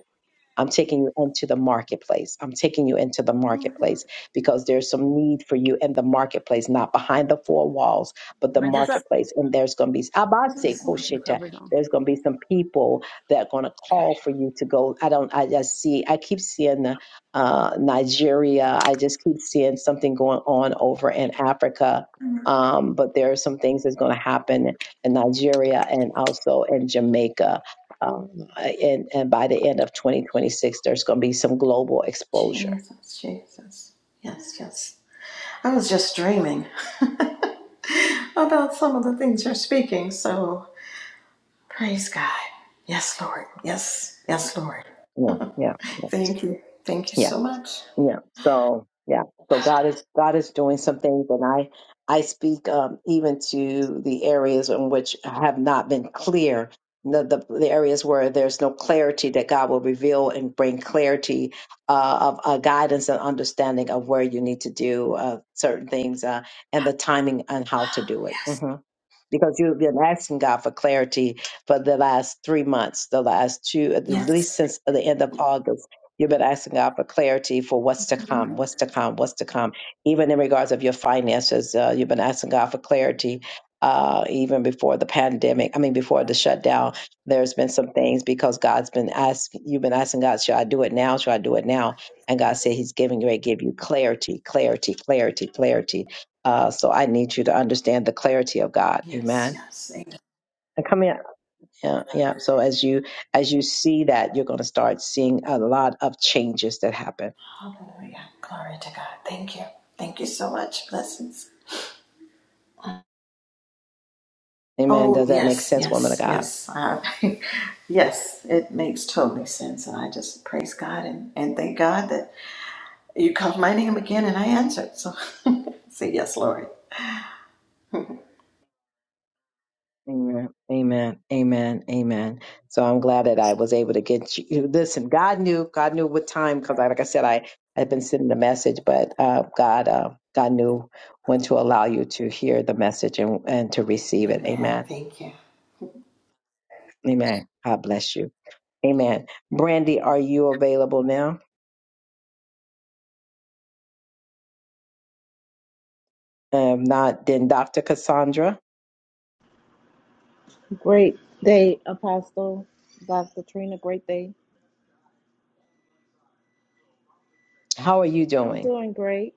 Speaker 1: I'm taking you into the marketplace. I'm taking you into the marketplace because there's some need for you in the marketplace, not behind the four walls, but the
Speaker 4: Raise this up.
Speaker 1: marketplace. And there's going to be, Abase
Speaker 9: Yes,
Speaker 4: Put
Speaker 9: Lord.
Speaker 4: some
Speaker 1: kosheta.
Speaker 4: covers on.
Speaker 1: there's going to be some people that are going to
Speaker 4: Okay.
Speaker 1: call for you to go. I don't, I just see, I keep seeing the, uh, Nigeria. I just keep seeing something going on over in Africa. Um, but there are some things that's going to happen in Nigeria and also in Jamaica um, and, and by the end of 2026, there's going to be some global exposure.
Speaker 9: Jesus, Jesus. Yes, yes. I was just dreaming about some of the things you're speaking. So praise God. Yes, Lord. Yes, yes, Lord.
Speaker 1: Yeah, yeah,
Speaker 9: Thank you. Thank you
Speaker 1: yeah.
Speaker 9: so much.
Speaker 1: Yeah. So yeah. So God is God is doing some things, and I I speak um, even to the areas in which have not been clear. The, the, the areas where there's no clarity that God will reveal and bring clarity uh, of uh, guidance and understanding of where you need to do uh, certain things uh, and the timing and how to do it.
Speaker 9: Yes,
Speaker 1: Mm-hmm because you've been asking God for clarity for the last three months, the last two, at
Speaker 9: yes.
Speaker 1: least since the end of August. You've been asking God for clarity for what's to come, what's to come, what's to come. Even in regards of your finances, uh, you've been asking God for clarity. Uh, even before the pandemic, I mean, before the shutdown, there's been some things because God's been asking, you've been asking God, should I do it now? Should I do it now? And God said He's giving you, give you clarity, clarity, clarity, clarity uh, so I need you to understand the clarity of God.
Speaker 9: Yes,
Speaker 1: Amen.
Speaker 9: yes.
Speaker 1: And come in. Yeah, yeah. So as you as you see that, you're going to start seeing a lot of changes that happen.
Speaker 9: Hallelujah. Glory to God. Thank you. Thank you so much. Blessings.
Speaker 1: Amen.
Speaker 9: Oh,
Speaker 1: Does that make
Speaker 9: yes,
Speaker 1: sense, woman of
Speaker 9: yes,
Speaker 1: God?
Speaker 9: yes. Uh, yes, it makes totally sense. And I just praise God and, and thank God that you called my name again and I answered. So say yes, Lord.
Speaker 1: Amen. Amen. Amen. Amen. So I'm glad that I was able to get you. you- Listen, God knew. God knew what time because, like I said, I had been sending a message, but uh, God, uh, God knew when to allow you to hear the message and and to receive it.
Speaker 9: Amen.
Speaker 1: Amen.
Speaker 9: Thank you.
Speaker 1: Amen. God bless you. Amen. Brandy, are you available now? Um, if not then, Dr. Cassandra.
Speaker 10: Great day, Apostle Dr. Trina. Great day.
Speaker 1: How are you
Speaker 10: I'm
Speaker 1: doing?
Speaker 10: doing great.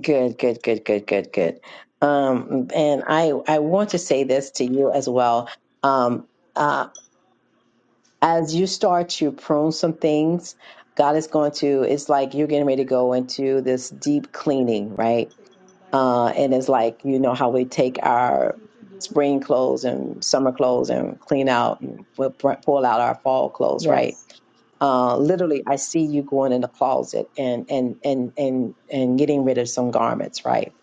Speaker 1: Good. Good. Good. Good. Good. Good. Um, and I I want to say this to you as well. Um, uh, as you start to prune some things, God is going to, it's like you're getting ready to go into this deep cleaning, right? Uh, and it's like, you know, how we take our spring clothes and summer clothes and clean out and pu- pu- pull out our fall clothes, right?
Speaker 10: Yes.
Speaker 1: Uh, literally, I see you going in the closet and and and and and getting rid of some garments, right?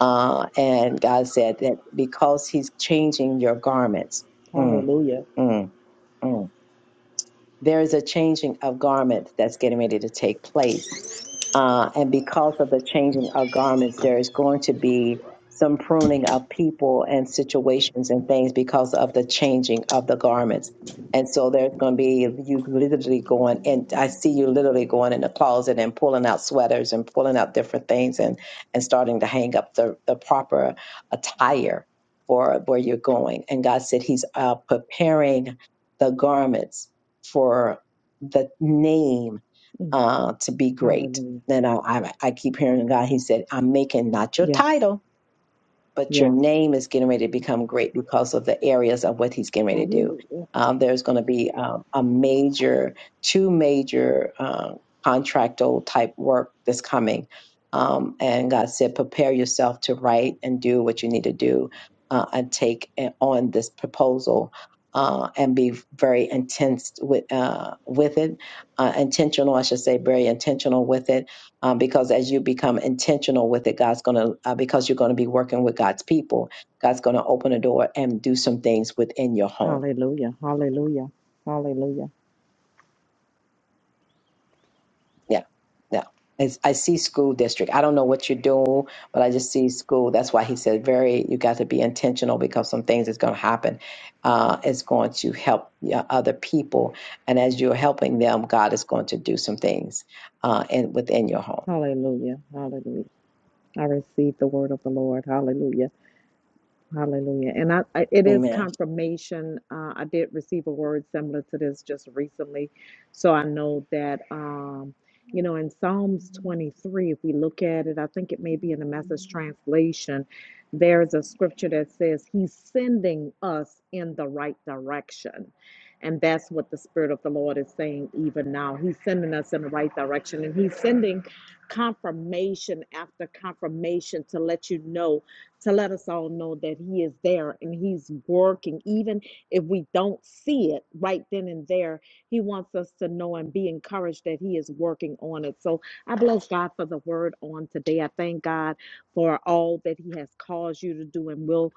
Speaker 1: Uh, and God said that because He's changing your garments, mm,
Speaker 10: Hallelujah.
Speaker 1: mm, mm there is a changing of garments that's getting ready to take place. Uh, and because of the changing of garments, there is going to be some pruning of people and situations and things because of the changing of the garments. And so there's going to be you literally going, and I see you literally going in the closet and pulling out sweaters and pulling out different things and and starting to hang up the the proper attire for where you're going. And God said He's uh, preparing the garments for the name
Speaker 10: Mm,
Speaker 1: uh, to be great.
Speaker 10: Hallelujah.
Speaker 1: And I, I, I keep hearing God. He said, "I'm
Speaker 10: Yes.
Speaker 1: middle, but
Speaker 10: Yes.
Speaker 1: name is getting ready to become great because of the areas of what he's getting ready to do.
Speaker 10: Hallelujah.
Speaker 1: Um, there's going to be um, a major, two major uh, contractual type work that's coming. Um, and God said, prepare yourself to write and do what you need to do uh, and take uh, on this proposal. Uh, and be very intense with uh, with it, uh, intentional, I should say, very intentional with it, um, because as you become intentional with it, God's going to, uh, because you're going to be working with God's people. God's going to open a door and do some things within your home.
Speaker 10: Hallelujah. Hallelujah. Hallelujah.
Speaker 1: Yeah, yeah. It's, I see school district. I don't know what you're doing, but I just see school. That's why he said, very, you got to be intentional because some things is going to happen. Uh, it's going to help yeah, other people. And as you're helping them, God is going to do some things uh, in, within your home.
Speaker 10: Hallelujah. Hallelujah. I receive the word of the Lord. Hallelujah. Hallelujah. And I, I it is
Speaker 1: Amen.
Speaker 10: confirmation. Uh, I did receive a word similar to this just recently. So I know that um, you know, in Psalms 23, if we look at it, I think it may be in the message translation, there's a scripture that says he's sending us in the right direction. And that's what the Spirit of the Lord is saying even now. He's sending us in the right direction. And he's sending confirmation after confirmation to let you know to let us all know that He is there and He's working. Even if we don't see it right then and there, He wants us to know and be encouraged that He is working on it. So I bless God for the word on today. I thank God for all that He has caused you to do and will.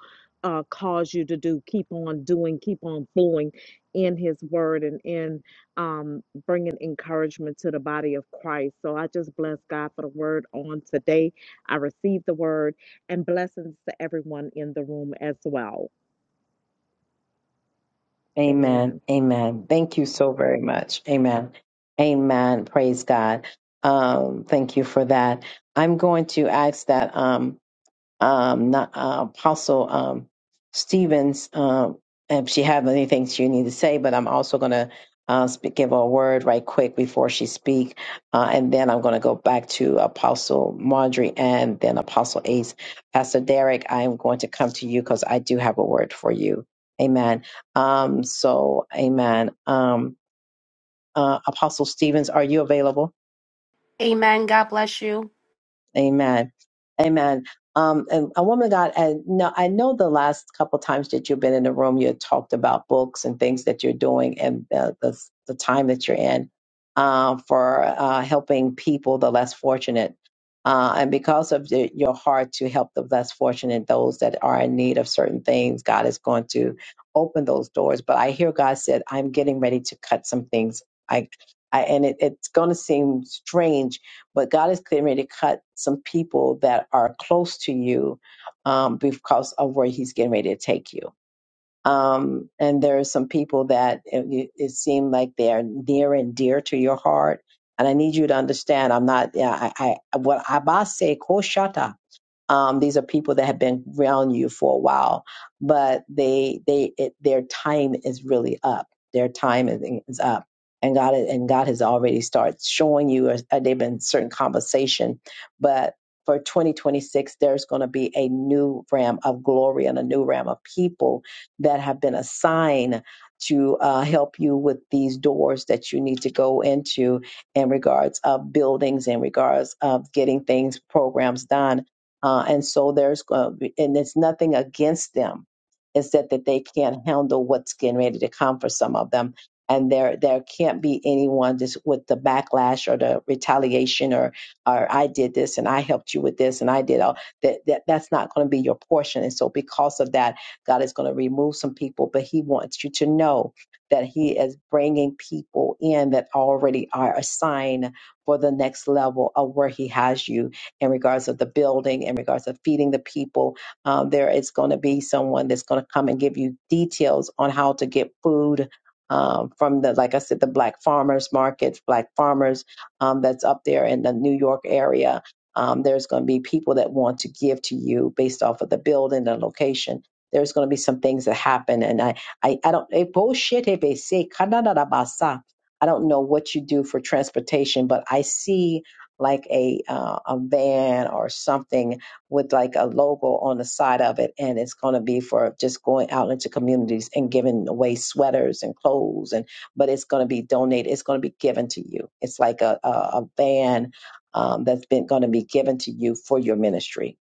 Speaker 10: Uh, cause you to do keep on doing keep on flowing in his word and in um, bringing encouragement to the body of christ so i just bless god for the word on today i received the word and blessings to everyone in the room as well.
Speaker 1: Amen.
Speaker 10: Amen.
Speaker 1: Amen. Thank you so very much. Amen. Amen. Praise God. Um, thank you for that. I'm going to ask that. Um, um, not, uh, Apostle um, Stevens um, if she have anything she need to say. But I'm also going to uh, speak, give her a word right quick before she speak, uh, and then I'm going to go back to Apostle Marjorie and then Apostle Ace. Pastor Derek, I am going to come to you because I do have a word for you. Amen. Um, so, Amen. Um, uh, Apostle Stevens, are you available?
Speaker 11: Amen. God bless you.
Speaker 1: Amen. Amen. Um, and a woman of God, and no, I know the last couple times that you've been in the room, you had talked about books and things that you're doing and the, the, the time that you're in uh, for uh, helping people, the less fortunate. Uh, and because of the, your heart to help the less fortunate, those that are in need of certain things, God is going to open those doors. But I hear God said, I'm getting ready to cut some things. I, I and it, it's going to seem strange but God is ready to cut some people that are close to you um, because of where he's getting ready to take you. Um, and there are some people that it, it seemed like they are near and dear to your heart. And I need you to understand, I'm not, yeah, I, I, what Abba say, Koshata, um, these are people that have been around you for a while, but they they it, their time is really up. Their time is, is up, and God and God has already started showing you. Uh, uh, they've been certain conversation, but for 2026, there's going to be a new ram of glory and a new ram of people that have been assigned to uh, help you with these doors that you need to go into in regards of buildings, in regards of getting things programs done uh, and so there's, uh, and it's nothing against them is that that they can't handle what's getting ready to come for some of them and there there can't be anyone just with the backlash or the retaliation or or I did this and I helped you with this and I did all that, that that's not going to be your portion and so because of that God is going to remove some people but he wants you to know that he is bringing people in that already are assigned for the next level of where he has you in regards of the building in regards of feeding the people uh, there is going to be someone that's going to come and give you details on how to get food um, from the, like I said, the black farmers markets, black farmers um, that's up there in the New York area. Um, there's going to be people that want to give to you based off of the building, the location. There's going to be some things that happen, and I, I, I don't. eh, bullshit, eh, they say, kanadadabasa. I don't know what you do for transportation, but I see like a uh, a van or something with like a logo on the side of it and it's going to be for just going out into communities and giving away sweaters and clothes and but it's going to be donated it's going to be given to you it's like a, a, a van um, that's been going to be given to you for your ministry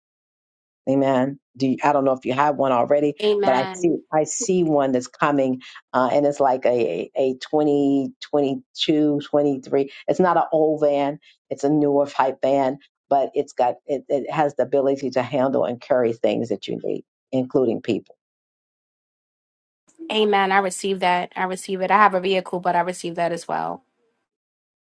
Speaker 1: Amen. Do you, I don't know if you have one already, but I see
Speaker 11: Amen.
Speaker 1: I see one that's coming, uh, and it's like a a 20 22 23. It's not an old van; it's a newer type van, but it's got it, it has the ability to handle and carry things that you need, including people.
Speaker 11: Amen. I receive that. I receive it. I have a vehicle, but I receive that as well.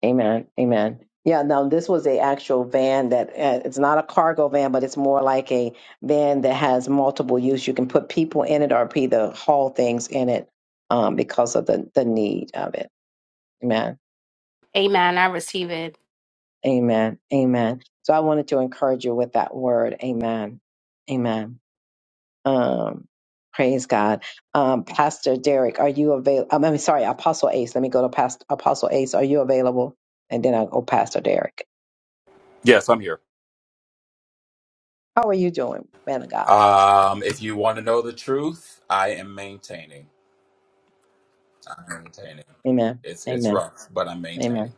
Speaker 1: Amen. Amen. Yeah. Now this was a actual van that uh, it's not a cargo van, but it's more like a van that has multiple use. You can put people in it or either haul things in it um, because of the the need of it. Amen.
Speaker 11: Amen. I receive it.
Speaker 1: Amen. Amen. So I wanted to encourage you with that word. Amen. Amen. Um, praise God. Um, Pastor Derek, are you available? I mean, sorry, Apostle Ace. Let me go to Pastor Apostle Ace. Are you available? And then I'll go Pastor Derek.
Speaker 12: Yes, I'm here.
Speaker 1: How are you doing, man of God?
Speaker 12: Um, if you want to know the truth, I am maintaining. I'm maintaining.
Speaker 1: Amen.
Speaker 12: It's it's
Speaker 1: Amen.
Speaker 12: rough, but I'm maintaining.
Speaker 1: Amen.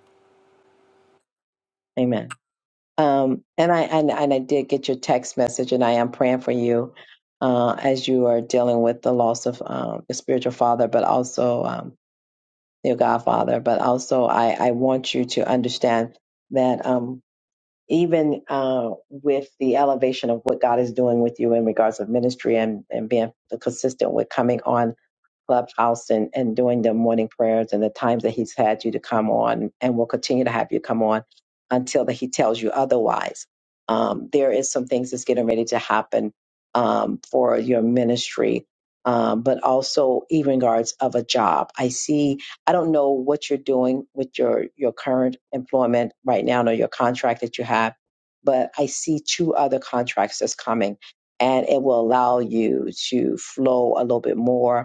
Speaker 1: Amen. Um, and I and, and I did get your text message, and I am praying for you uh, as you are dealing with the loss of um, your spiritual father, but also um, your godfather. But also, I I want you to understand that um, even uh, with the elevation of what God is doing with you in regards of ministry and and being consistent with coming on Clubhouse and, and doing the morning prayers and the times that He's had you to come on and will continue to have you come on until that He tells you otherwise. Um, there is some things that's getting ready to happen um, for your ministry, um, but also even regards of a job. I see. I don't know what you're doing with your your current employment right now, or your contract that you have, but I see two other contracts that's coming, and it will allow you to flow a little bit more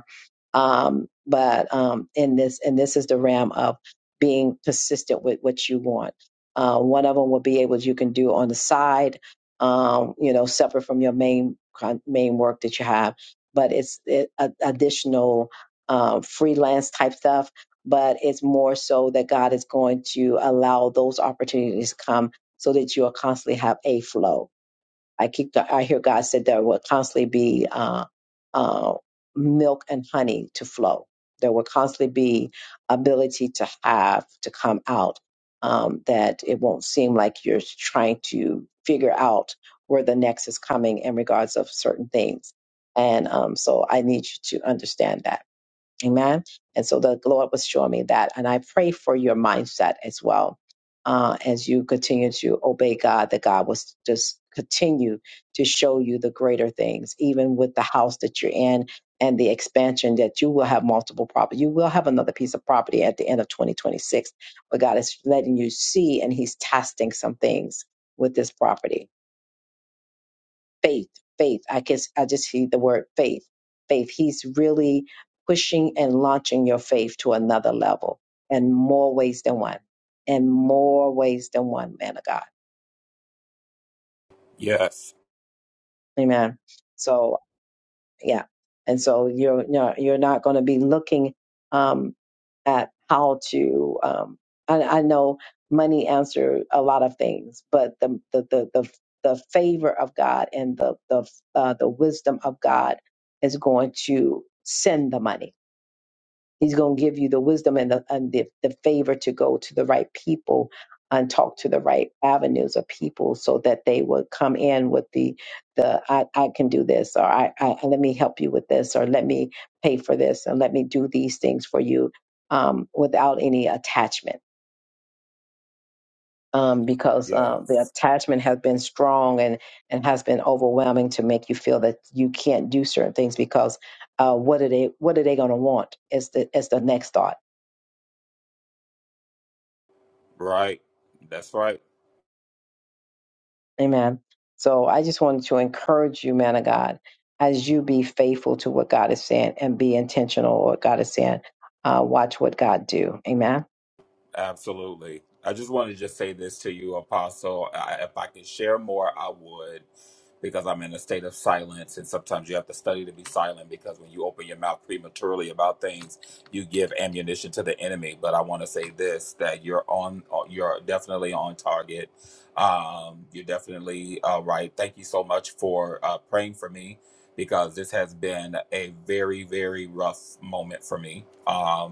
Speaker 1: um, but um, in this and this is the realm of being persistent with what you want uh, one of them will be able you can do on the side um, you know separate from your main con- main work that you have but it's it, a, additional uh, freelance type stuff but it's more so that god is going to allow those opportunities to come so that you'll constantly have a flow i keep the, i hear god said there will constantly be Um, uh, milk and honey to flow. There will constantly be ability to have to come out um, that it won't seem like you're trying to figure out where the next is coming in regards of certain things. And um, so I need you to understand that. Amen. And so the Lord was showing me that. And I pray for your mindset as well uh, as you continue to obey God, that God will s- just continue to show you the greater things, even with the house that you're in and the expansion that you will have multiple property. You will have another piece of property at the end of 2026, but God is letting you see and He's testing some things with this property faith, faith. I guess I just see the word faith, faith. He's really pushing and launching your faith to another level in more ways than one, in more ways than one, man of God.
Speaker 12: Yes.
Speaker 1: Amen. So, yeah. And so you're, you're, you're not going to be looking, um, at how to um I, I know money answers a lot of things but the the the the, the favor of god and the the uh, the wisdom of god is going to send the money He's going to give you the wisdom and, the, and the, the favor to go to the right people and talk to the right avenues of people so that they would come in with the, the I, I can do this, or I, I, let me help you with this, or let me pay for this, and let me do these things for you um, without any attachment um, because uh, the
Speaker 12: Yes.
Speaker 1: attachment has been strong and, and has been overwhelming to make you feel that you can't do certain things because uh, what are they what are they going to want is the is the next thought.
Speaker 12: Right. That's right.
Speaker 1: Amen. So I just wanted to encourage you, man of God, as you be faithful to what God is saying and be intentional with what God is saying uh, watch what God do. Amen.
Speaker 12: Absolutely. I just wanted to just say this to you, Apostle. I, if I could share more, I would, because I'm in a state of silence, and sometimes you have to study to be silent because when you open your mouth prematurely about things, you give ammunition to the enemy. But I want to say this: that you're on, uh, you're definitely on target. Um, you're definitely uh, right. Thank you so much for uh, praying for me because this has been a very, very rough moment for me. Um,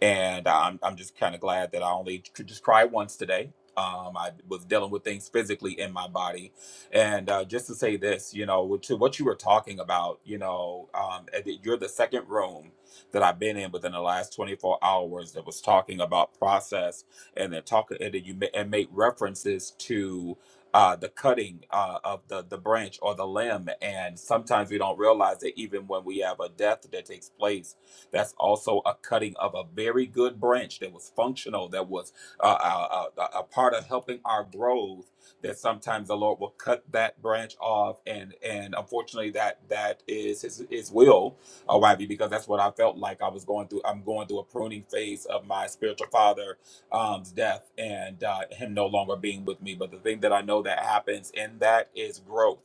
Speaker 12: and I'm I'm just kind of glad that I only could just cry once today. Um, I was dealing with things physically in my body, and uh, just to say this, you know, to what you were talking about, you know, um, and that you're the second room that I've been in within the last 24 hours that was talking about process, and then talking and then you ma- and make references to. Uh, the cutting uh, of the, the branch or the limb. And sometimes we don't realize that even when we have a death that takes place, that's also a cutting of a very good branch that was functional, that was uh, uh, uh, a part of helping our growth. That sometimes the Lord will cut that branch off, and and unfortunately, that that is His His will, uh, YB, because that's what I felt like I was going through. I'm going through a pruning phase of my spiritual father um, death and uh, him no longer being with me. But the thing that I know that happens in that is growth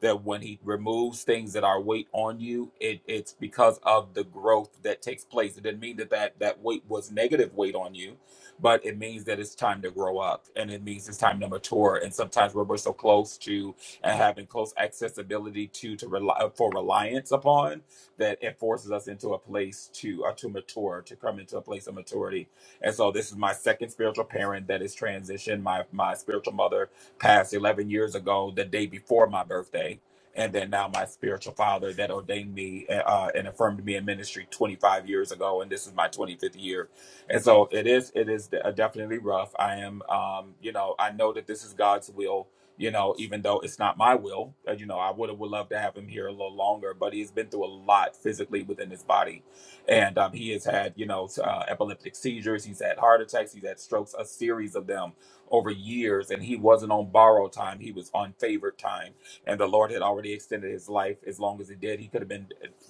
Speaker 12: that when he removes things that are weight on you, it, it's because of the growth that takes place. It didn't mean that, that that weight was negative weight on you, but it means that it's time to grow up and it means it's time to mature. And sometimes we're, we're so close to and having close accessibility to to rely for reliance upon that it forces us into a place to uh, to mature, to come into a place of maturity. And so this is my second spiritual parent that is transitioned, my my spiritual mother passed 11 years ago, the day before my birthday. And then now my spiritual father that ordained me uh, uh, and affirmed me in ministry 25 years ago, and this is my 25th year. And so it is, it is definitely rough. I am, um, you know, I know that this is God's will. You know, even though it's not my will, uh, you know, I would have would love to have him here a little longer, but he's been through a lot physically within his body and um, he has had you know uh, epileptic seizures he's had heart attacks he's had strokes a series of them over years, and he wasn't on borrowed time. He was on favored time, and the Lord had already extended his life as long as he did. He could have been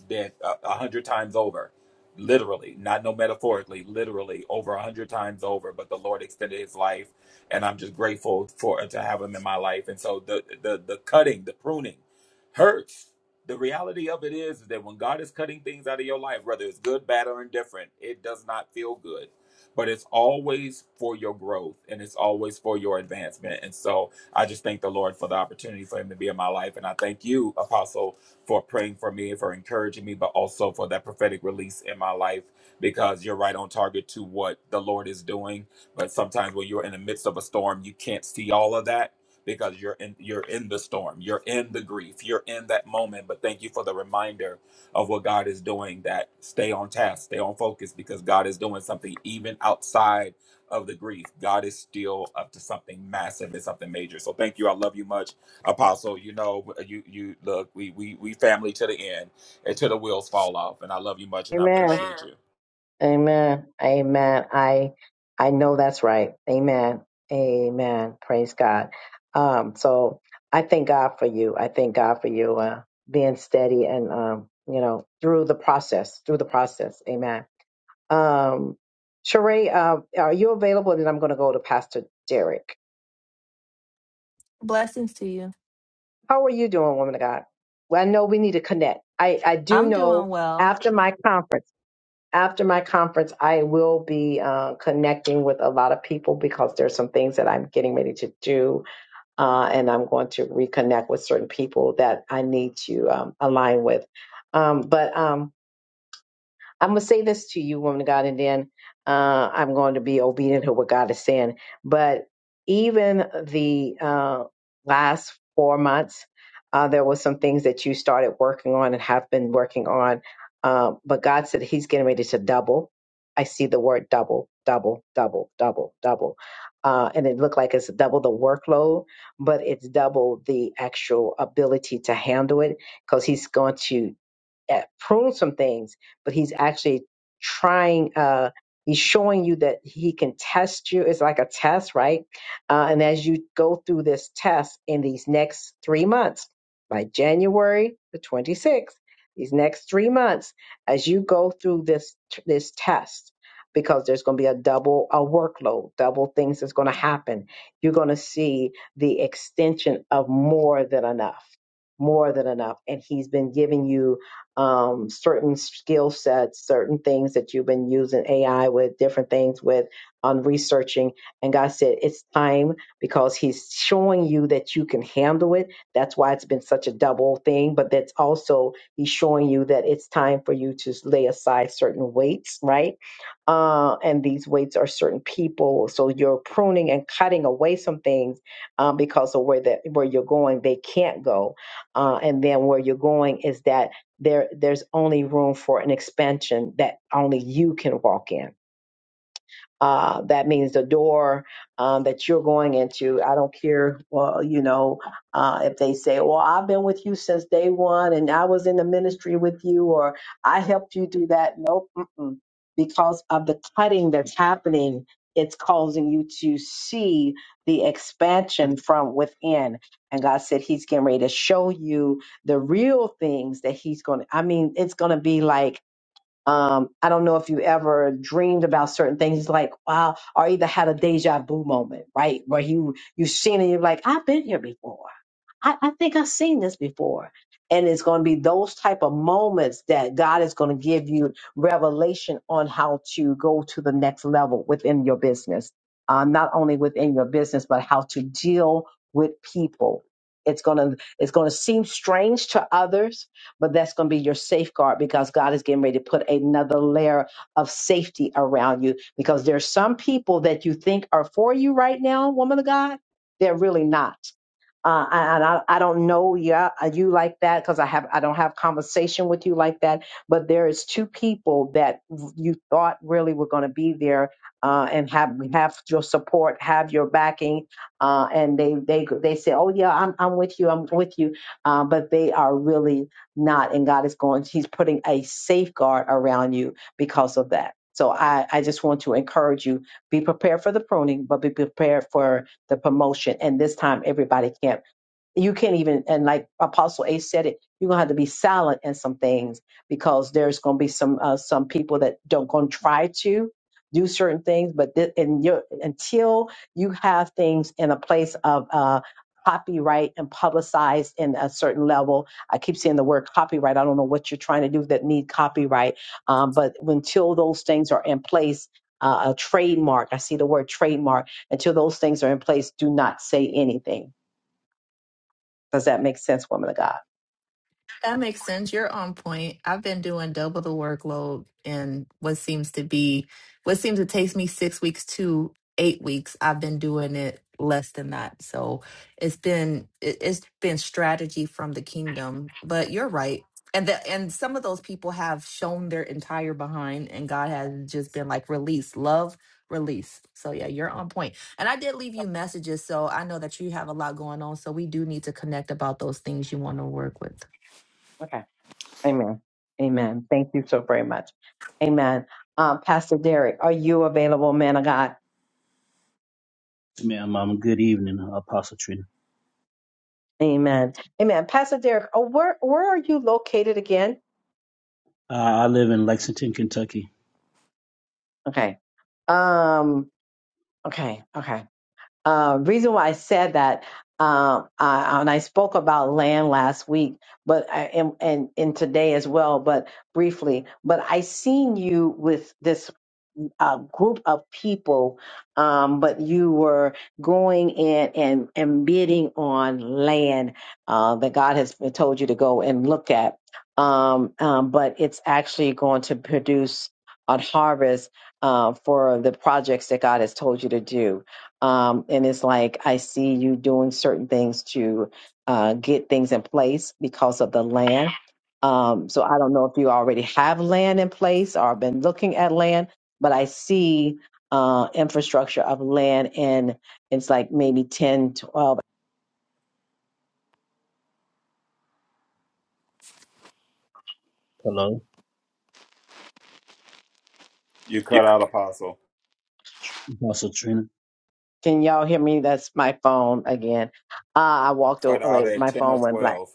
Speaker 12: dead a a hundred times over, literally, not no metaphorically, literally over a hundred times over. But the Lord extended his life, and I'm just grateful for to have him in my life. And so the the the cutting, the pruning, hurts. The reality of it is that when God is cutting things out of your life, whether it's good, bad, or indifferent, it does not feel good but it's always for your growth and it's always for your advancement. And so I just thank the Lord for the opportunity for him to be in my life. And I thank you, Apostle, for praying for me, for encouraging me, but also for that prophetic release in my life because you're right on target to what the Lord is doing. But sometimes when you're in the midst of a storm, you can't see all of that because you're in you're in the storm you're in the grief you're in that moment but thank you for the reminder of what God is doing that stay on task, stay on focus because God is doing something even outside of the grief. God is still up to something massive and something major. So thank you. I love you much, Apostle. You know, you you look, we we we family to the end and to the wheels fall off. And I love you much and I appreciate
Speaker 1: Amen.
Speaker 12: Amen. you.
Speaker 1: Amen. Amen. I I know that's right. Amen. Amen. Praise God. Um, so I thank God for you. I thank God for you uh, being steady and um, you know through the process, through the process. Amen. Um, Sheree, uh, are you available? And then I'm going to go to Pastor Derek.
Speaker 13: Blessings to you.
Speaker 1: How are you doing, woman of God? Well, I know we need to connect. I, I do
Speaker 13: I'm
Speaker 1: know
Speaker 13: doing well.
Speaker 1: after my conference, after my conference, I will be uh, connecting with a lot of people because there's some things that I'm getting ready to do. Uh, and I'm going to reconnect with certain people that I need to um, align with. Um, but um, I'm going to say this to you, woman of God, and then uh, I'm going to be obedient to what God is saying. But even the uh, last four months, uh, there was some things that you started working on and have been working on. Uh, but God said He's getting ready to double. I see the word double, double, double, double, double. Uh, and it looked like it's double the workload, but it's double the actual ability to handle it because he's going to uh, prune some things, but he's actually trying. Uh, he's showing you that he can test you. It's like a test, right? Uh, and as you go through this test in these next three months, by January the 26th, these next three months, as you go through this this test. Because there's going to be a double a workload, double things that's going to happen. You're going to see the extension of more than enough, more than enough, and he's been giving you um, certain skill sets, certain things that you've been using AI with, different things with on researching. And God said, it's time because He's showing you that you can handle it. That's why it's been such a double thing. But that's also He's showing you that it's time for you to lay aside certain weights, right? Uh, and these weights are certain people. So you're pruning and cutting away some things um, because of where that where you're going, they can't go. Uh, and then where you're going is that there there's only room for an expansion that only you can walk in uh, that means the door um, that you're going into. I don't care, well, you know, uh, if they say, well, I've been with you since day one and I was in the ministry with you or I helped you do that. Nope. Mm-mm. Because of the cutting that's happening, it's causing you to see the expansion from within. And God said He's getting ready to show you the real things that He's going to, I mean, it's going to be like, um, I don't know if you ever dreamed about certain things. It's like, wow, or either had a deja vu moment, right? Where you, you've seen it, you're like, I've been here before. I, I think I've seen this before. And it's going to be those type of moments that God is going to give you revelation on how to go to the next level within your business. Uh, not only within your business, but how to deal with people. It's gonna it's gonna seem strange to others, but that's gonna be your safeguard because God is getting ready to put another layer of safety around you. Because there's some people that you think are for you right now, woman of God, they're really not uh, and I, I don't know you, you like that because I have I don't have conversation with you like that. But there is two people that you thought really were going to be there uh, and have have your support, have your backing, uh, and they they they say, "Oh yeah, I'm I'm with you, I'm with you," uh, but they are really not. And God is going; He's putting a safeguard around you because of that. So I, I just want to encourage you: be prepared for the pruning, but be prepared for the promotion. And this time, everybody can't you can't even and like apostle A said it you're gonna have to be silent in some things because there's gonna be some uh, some people that don't gonna try to do certain things but th- and you until you have things in a place of uh copyright and publicized in a certain level i keep saying the word copyright i don't know what you're trying to do that need copyright um, but until those things are in place uh, a trademark i see the word trademark until those things are in place do not say anything does that make sense, woman of God?
Speaker 13: That makes sense. You're on point. I've been doing double the workload in what seems to be what seems to take me six weeks to eight weeks. I've been doing it less than that. So it's been it- it's been strategy from the kingdom. But you're right. And the, and some of those people have shown their entire behind and God has just been like release, love, release. So yeah, you're on point. And I did leave you messages, so I know that you have a lot going on. So we do need to connect about those things you want to work with.
Speaker 1: Okay. Amen. Amen. Thank you so very much. Amen. Um, Pastor Derek, are you available, man of God?
Speaker 14: Ma'am, um, good evening, Apostle Trina.
Speaker 1: Amen. Amen. Pastor Derek, oh, where where are you located again?
Speaker 14: Uh, I live in Lexington, Kentucky.
Speaker 1: Okay. Um. Okay. Okay. uh, reason why I said that, um, I, and I spoke about land last week, but I, and, and and today as well, but briefly. But I seen you with this a group of people, um, but you were going in and, and bidding on land uh, that God has told you to go and look at. Um, um, but it's actually going to produce a harvest uh, for the projects that God has told you to do. Um, and it's like I see you doing certain things to uh, get things in place because of the land um, so I don't know if you already have land in place or have been looking at land, but I see uh, infrastructure of land and it's like maybe 10, 12.
Speaker 14: Hello,
Speaker 12: You
Speaker 8: You,
Speaker 12: cut out Apostle.
Speaker 14: Apostle Trina.
Speaker 1: Can y'all hear me? That's my phone again. Uh, I walked
Speaker 12: Cut out
Speaker 1: away.
Speaker 12: at
Speaker 1: My
Speaker 12: ten or
Speaker 1: phone went black.
Speaker 12: twelve.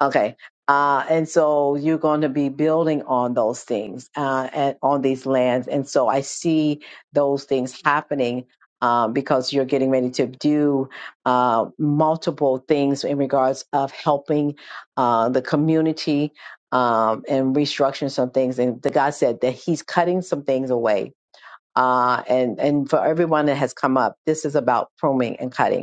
Speaker 1: Okay. Uh, and so you're going to be building on those things uh, and on these lands. And so I see those things happening um, because you're getting ready to do uh, multiple things in regards of helping uh, the community um, and restructuring some things. And the God said that He's cutting some things away. Uh, and and for everyone that has come up, this is about pruning and cutting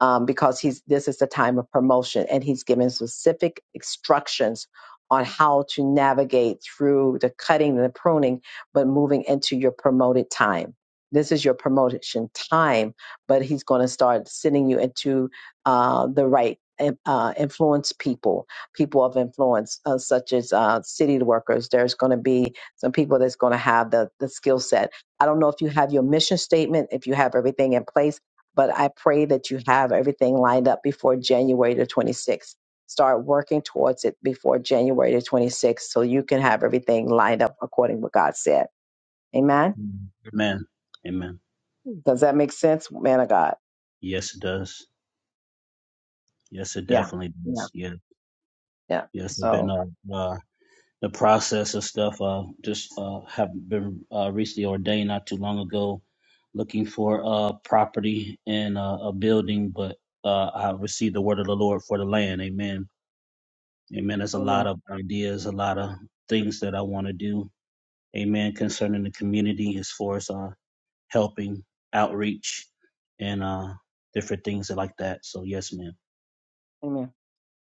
Speaker 1: um, because he's this is the time of promotion and he's given specific instructions on how to navigate through the cutting and the pruning but moving into your promoted time this is your promotion time but he's going to start sending you into uh, the right eh, uh, influence people people of influence uh, such as uh, city workers there's going to be some people that's going to have the, the skill set i don't know if you have your mission statement if you have everything in place but I pray that you have everything lined up before January the 26th. Start working towards it before January the 26th so you can have everything lined up according to what God said. Amen.
Speaker 14: Amen. Amen.
Speaker 1: Does that make sense, man of God?
Speaker 14: Yes, it does. Yes, it
Speaker 1: Yeah.
Speaker 14: definitely
Speaker 1: Yeah.
Speaker 14: does. Yeah.
Speaker 1: Yeah.
Speaker 14: Yes, I've been
Speaker 1: So,
Speaker 14: uh, uh the process of stuff. Uh, just uh have been uh recently ordained not too long ago, looking for uh property and uh, a building, but uh I received the word of the Lord for the land. Amen. Amen. There's a lot
Speaker 1: amen.
Speaker 14: of ideas, a lot of things that I want to do amen, concerning the community as far as uh, helping, outreach, and uh, different things like that. So, yes, ma'am.
Speaker 1: Amen.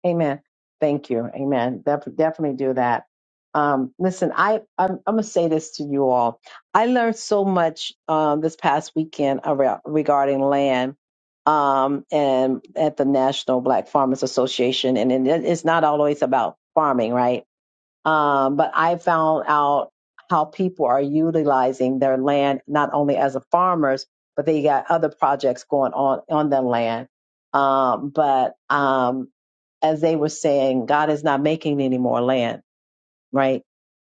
Speaker 1: Amen. Thank you. Amen. Def- definitely do that. Um, listen, I, I'm, I'm going to say this to you all. I learned so much um, this past weekend around, regarding land um, and at the National Black Farmers Association. And it, it's not always about farming, right? Um, but I found out how people are utilizing their land not only as a farmers, but they got other projects going on on their land. Um, but um, as they were saying, God is not making any more land, right?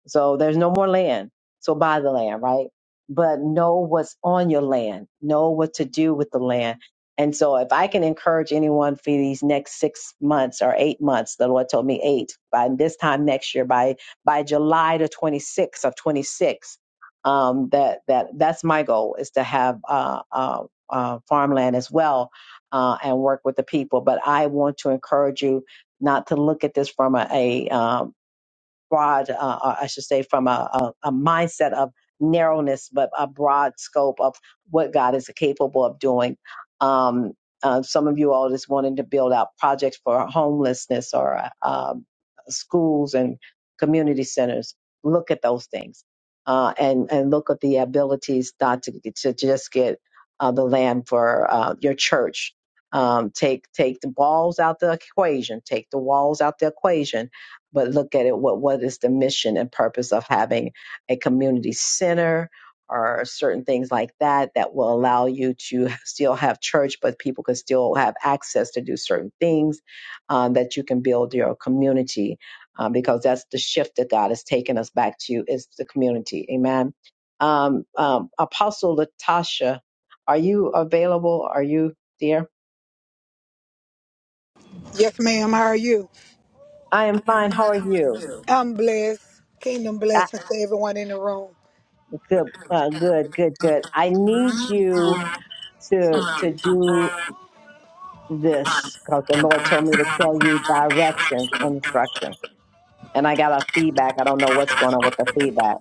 Speaker 1: So there's no more land. So buy the land, right? But know what's on your land, know what to do with the land. And so if I can encourage anyone for these next months or eight months, the Lord told me eight, by this time next year, by by July the 26th of 26, um, that that that's my goal is to have uh, uh, uh, farmland as well uh, and work with the people. But I want to encourage you not to look at this from a, a, um, broad, uh, uh, I should say, from a, a, a mindset of narrowness, but a broad scope of what God is capable of doing. Um, uh, some of you all just wanting to build out projects for homelessness or uh, um, schools and community centers. Look at those things uh, and and look at the abilities not to to just get uh, the land for uh, your church. Um, take take the walls out the equation. Take the walls out the equation but look at it what what is the mission and purpose of having a community center or certain things like that that will allow you to still have church but people can still have access to do certain things um, that you can build your community um, because that's the shift that god has taken us back to is the community amen um, um, apostle latasha are you available are you there
Speaker 15: Yes, ma'am. How are you?
Speaker 1: i am fine how are you
Speaker 15: I'm blessed. Kingdom
Speaker 1: Ah,
Speaker 15: blessings to everyone in the room.
Speaker 1: good uh, good good good i need you to to do this because the Lord told me to tell you directions, and instruction, and I got a feedback. I don't know what's going on with the feedback.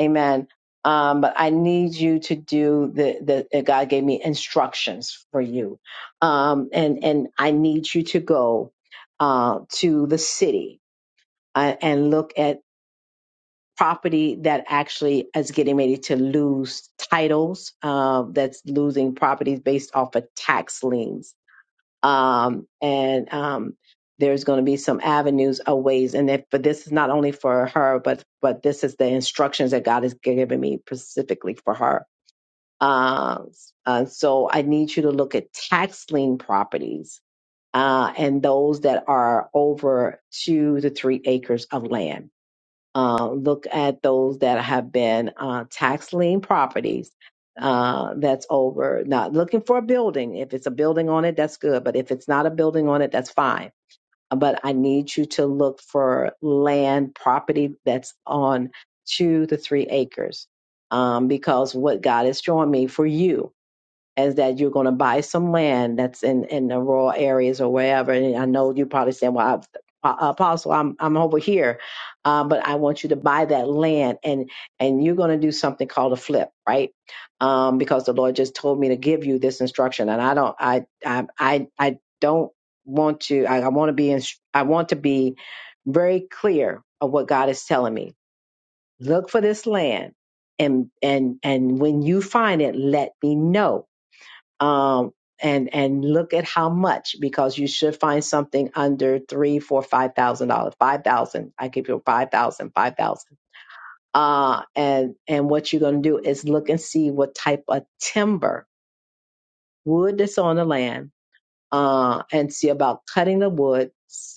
Speaker 1: Amen. Um, but I need you to do the the God gave me instructions for you, um, and and I need you to go uh, to the city uh, and look at property that actually is getting ready to lose titles uh, that's losing properties based off of tax liens um, and um, there's going to be some avenues of ways and if but this is not only for her but but this is the instructions that god has given me specifically for her um, uh, so i need you to look at tax lien properties uh, and those that are over two to three acres of land uh, look at those that have been uh, tax lien properties uh, that's over, not looking for a building. If it's a building on it, that's good. But if it's not a building on it, that's fine. But I need you to look for land property that's on two to three acres. Um, because what God is showing me for you is that you're going to buy some land that's in in the rural areas or wherever. And I know you are probably saying, "Well, i Apostle, I'm I'm over here," uh, but I want you to buy that land, and and you're going to do something called a flip, right? Um, because the Lord just told me to give you this instruction, and I don't, I I I, I don't want to. I, I want to be, in, I want to be very clear of what God is telling me. Look for this land. And and and when you find it, let me know um, and and look at how much because you should find something under three, four, five thousand dollars, five thousand. I give you five thousand, five thousand. Uh, and and what you're going to do is look and see what type of timber wood that's on the land, uh, and see about cutting the wood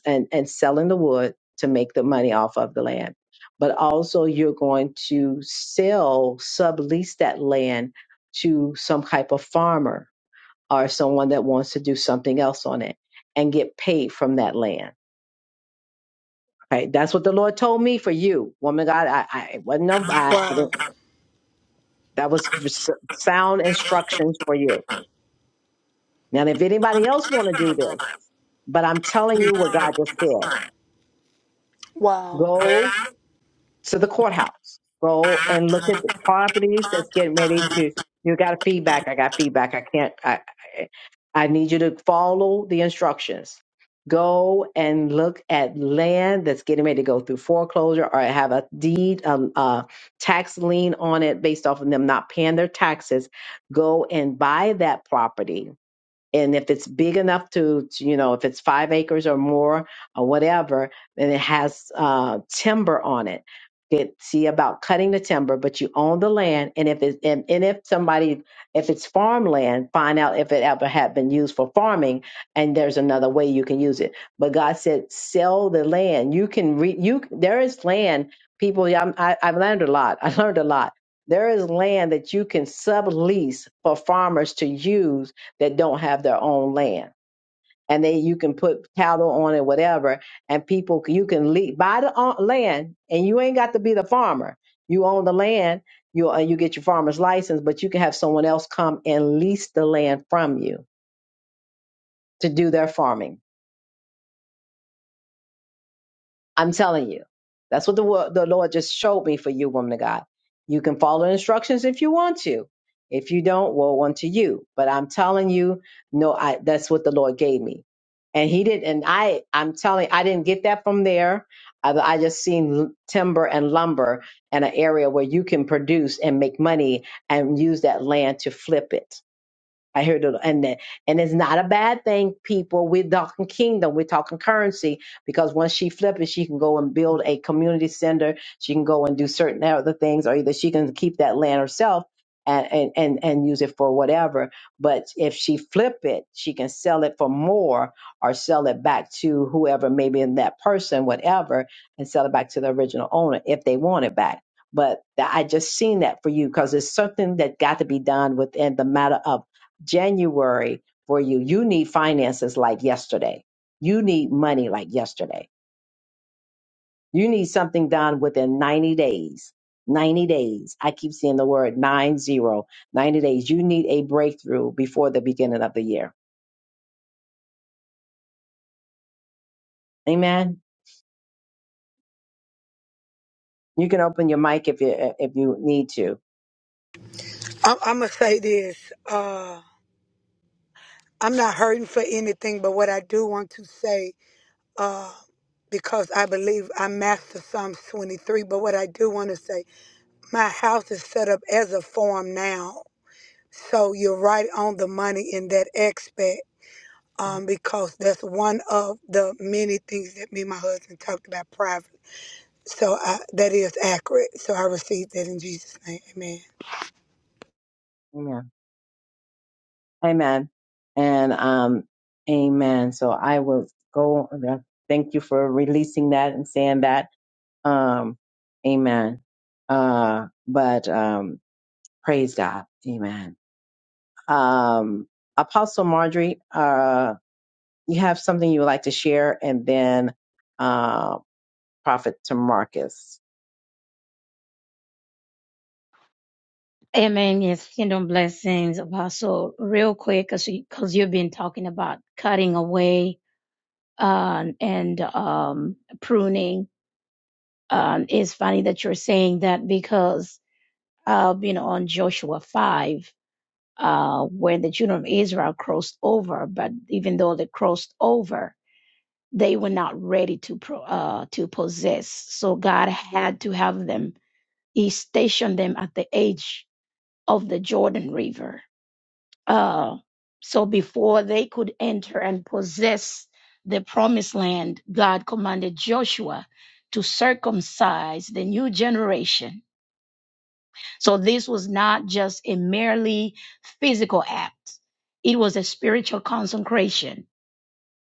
Speaker 1: and and selling the wood to make the money off of the land. But also you're going to sell, sublease that land to some type of farmer or someone that wants to do something else on it and get paid from that land. Right? That's what the Lord told me for you, woman. God, I, I it wasn't. no- I, I
Speaker 15: Wow.
Speaker 1: didn't, that was s- sound instructions for you. Now, if anybody else want to do this, but I'm telling you what God just said.
Speaker 15: Wow.
Speaker 1: Go to the courthouse. Go and look at the properties that's getting ready to. You got a feedback. I got feedback. I can't. I, I I need you to follow the instructions. Go and look at land that's getting ready to go through foreclosure or have a deed, um, uh, tax lien on it based off of them not paying their taxes. Go and buy that property and if it's big enough to, to, you know if it's five acres or more or whatever and it has uh, timber on it get see about cutting the timber but you own the land and if it and, and if somebody if it's farmland find out if it ever had been used for farming and there's another way you can use it but god said sell the land you can re you there is land people yeah, I'm, I, i've learned a lot i learned a lot there is land that you can sublease for farmers to use that don't have their own land. And then you can put cattle on it, whatever, and people, you can leave, buy the o- land and you ain't got to be the farmer. You own the land, you, uh, you get your farmer's license, but you can have someone else come and lease the land from you to do their farming. I'm telling you, that's what the, wo- the Lord just showed me for you, woman of God. You can follow the instructions if you want to. If you don't, woe unto you. But I'm telling you, no, I, that's what the Lord gave me and he didn't and i i'm telling i didn't get that from there i, I just seen l- timber and lumber and an area where you can produce and make money and use that land to flip it I heard it, and then, and it's not a bad thing, people. We're talking kingdom, we're talking currency, because once she flips it, she can go and build a community center. She can go and do certain other things, or either she can keep that land herself and and and, and use it for whatever. But if she flip it, she can sell it for more, or sell it back to whoever, maybe in that person, whatever, and sell it back to the original owner if they want it back. But I just seen that for you because it's something that got to be done within the matter of January for you. You need finances like yesterday. You need money like yesterday. You need something done within 90 days. 90 days. I keep seeing the word nine zero. 90 days. You need a breakthrough before the beginning of the year. Amen. You can open your mic if you if you need to.
Speaker 15: I'm, I'm going to say this. Uh, I'm not hurting for anything, but what I do want to say, uh, because I believe I master Psalms 23, but what I do want to say, my house is set up as a farm now. So you're right on the money in that aspect. Um, because that's one of the many things that me and my husband talked about privately So I, that is accurate. So I received that in Jesus' name. Amen.
Speaker 1: Amen. Amen. And um amen. So I will go thank you for releasing that and saying that Um, amen. Uh, but um, praise God. Amen. Um, Apostle Marjorie, uh, you have something you would like to share, and then uh, Prophet to Marcus.
Speaker 3: Amen. Yes, kingdom blessings, Apostle. Real quick, because you, 'cause you've been talking about cutting away uh, and um, pruning. Um, it's funny that you're saying that because, uh, you know, on Joshua 5. uh, when the children of Israel crossed over. But even though they crossed over, they were not ready to pro, uh, to possess. So God had to have them. He stationed them at the edge of the Jordan River. Uh, so before they could enter and possess the promised land, God commanded Joshua to circumcise the new generation so this was not just a merely physical act, it was a spiritual consecration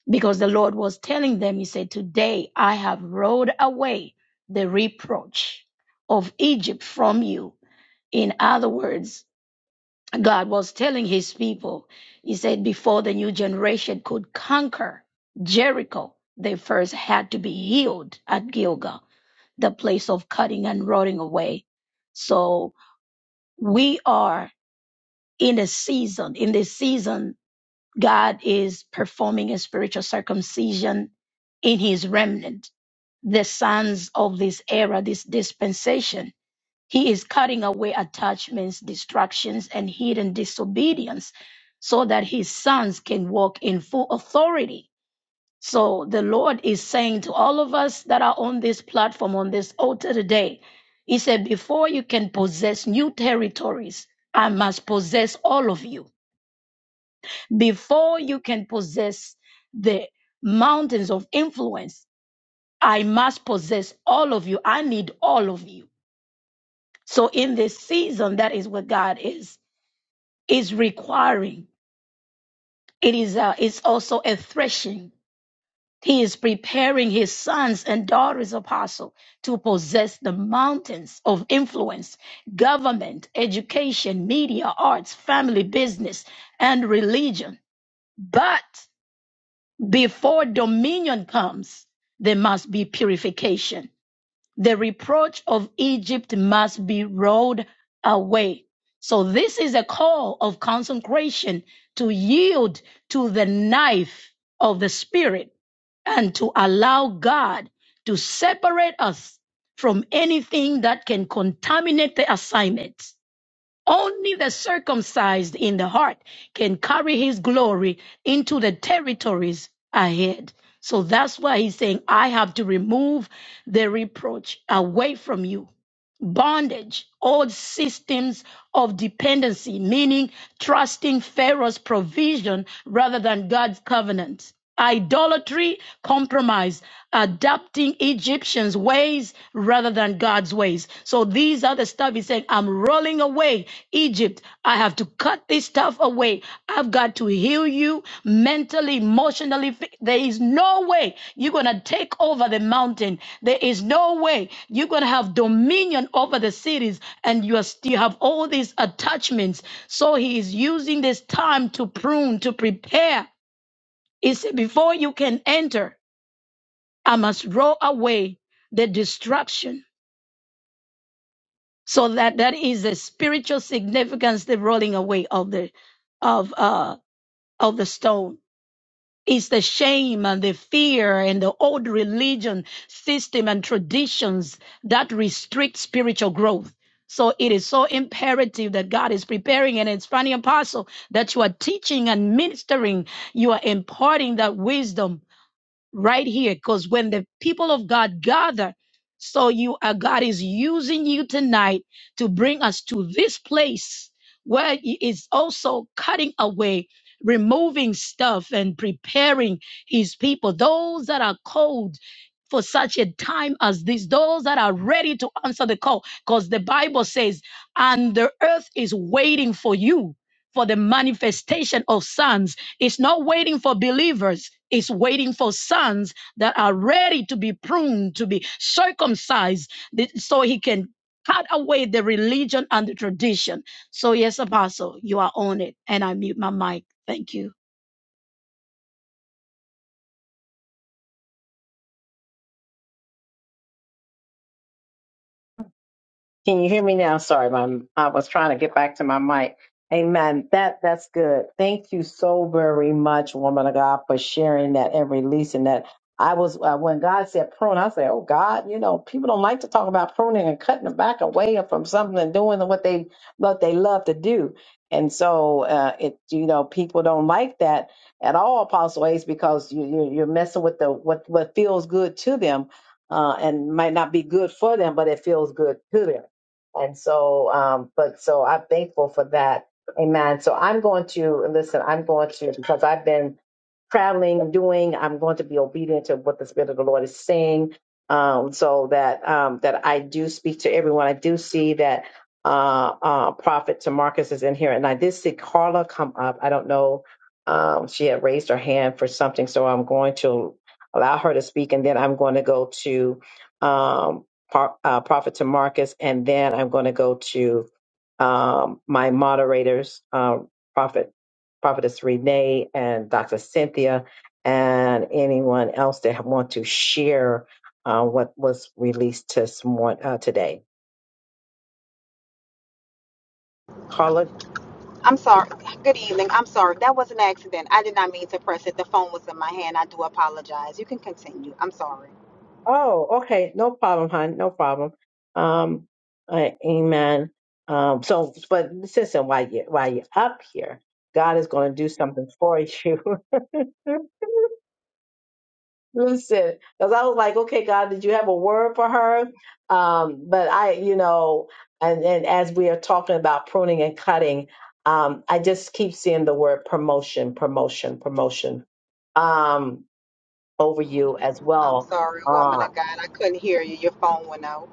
Speaker 3: because the Lord was telling them, He said, Today I have rolled away the reproach of Egypt from you. In other words, God was telling His people, He said, before the new generation could conquer Jericho, they first had to be healed at Gilgal, the place of cutting and rotting away. So we are in the season, in this season, God is performing a spiritual circumcision in his remnant, the sons of this era, this dispensation. He is cutting away attachments, distractions, and hidden disobedience so that his sons can walk in full authority. So the Lord is saying to all of us that are on this platform, on this altar today, He said, Before you can possess new territories, I must possess all of you. Before you can possess the mountains of influence, I must possess all of you. I need all of you. So in this season, that is what God is is requiring. It is a, it's also a threshing. He is preparing his sons and daughters apostle to possess the mountains of influence, government, education, media, arts, family, business, and religion. But Before dominion comes, there must be purification. The reproach of Egypt must be rolled away. So, this is a call of consecration to yield to the knife of the Spirit and to allow God to separate us from anything that can contaminate the assignment. Only the circumcised in the heart can carry his glory into the territories ahead. So that's why he's saying, I have to remove the reproach away from you. Bondage, old systems of dependency, meaning trusting Pharaoh's provision rather than God's covenant. Idolatry, compromise, adapting Egyptians' ways rather than God's ways. So these are the stuff he's saying, I'm rolling away. Egypt, I have to cut this stuff away. I've got to heal you mentally, emotionally. Fi- There is no way you're going to take over the mountain. There is no way you're going to have dominion over the cities and you are still have all these attachments. So he is using this time to prune, to prepare. He said, before you can enter, I must roll away the destruction So that that is the spiritual significance, the rolling away of the of uh of the stone. It's the shame and the fear and the old religion system and traditions that restrict spiritual growth. So it is so imperative that God is preparing and expanding apostle that you are teaching and ministering, you are imparting that wisdom right here because when the people of God gather, so you uh, God is using you tonight to bring us to this place where He is also cutting away, removing stuff, and preparing His people, those that are called For such a time as this, those that are ready to answer the call, because the Bible says, and the earth is waiting for you for the manifestation of sons it's not waiting for believers. It's waiting for sons that are ready to be pruned, to be circumcised, so he can cut away the religion and the tradition. So, yes, Apostle, you are on it. And I mute my mic. Thank you.
Speaker 1: Can you hear me now? Sorry, my I was trying to get back to my mic. Amen. That that's good. Thank you so very much, woman of God, for sharing that and releasing that. I was uh, when God said prune, I said, "Oh God, you know people don't like to talk about pruning and cutting them back away from something and doing what they what they love to do." And so uh, it you know people don't like that at all, Apostle Ace, because you, you you're messing with the what what feels good to them uh, and might not be good for them, but it feels good to them. And so, um, but so I'm thankful for that. Amen. So I'm going to listen. I'm going to because I've been traveling, I'm doing. I'm going to be obedient to what the Spirit of the Lord is saying, um, so that um, that I do speak to everyone. I do see that uh, uh, Prophet Tamarcus is in here, and I did see Carla come up. I don't know. Um, she had raised her hand for something, so I'm going to allow her to speak, and then I'm going to go to um, Par- uh, Prophet Tamarcus, and then I'm going to go to um, my moderators, uh, Prophet, Prophetess Renee and Dr. Cynthia, and anyone else that want to share uh, what was released this morning, uh, today. Carla,
Speaker 16: I'm sorry. Good evening. I'm sorry. That was an accident. I did not mean to press it. The phone was in my hand. I do apologize. You can continue. I'm sorry.
Speaker 1: oh, okay, no problem, hon, no problem. Um, uh, amen. Um, so, but listen, so while you while you're up here, God is going to do something for you. Listen, because I was like, okay, God, did you have a word for her? Um, but I, you know, and, and as we are talking about pruning and cutting, um, I just keep seeing the word promotion, promotion, promotion um, over you as
Speaker 16: I'm
Speaker 1: well.
Speaker 16: sorry,
Speaker 1: Um,
Speaker 16: woman of God. I couldn't hear you. Your phone went out.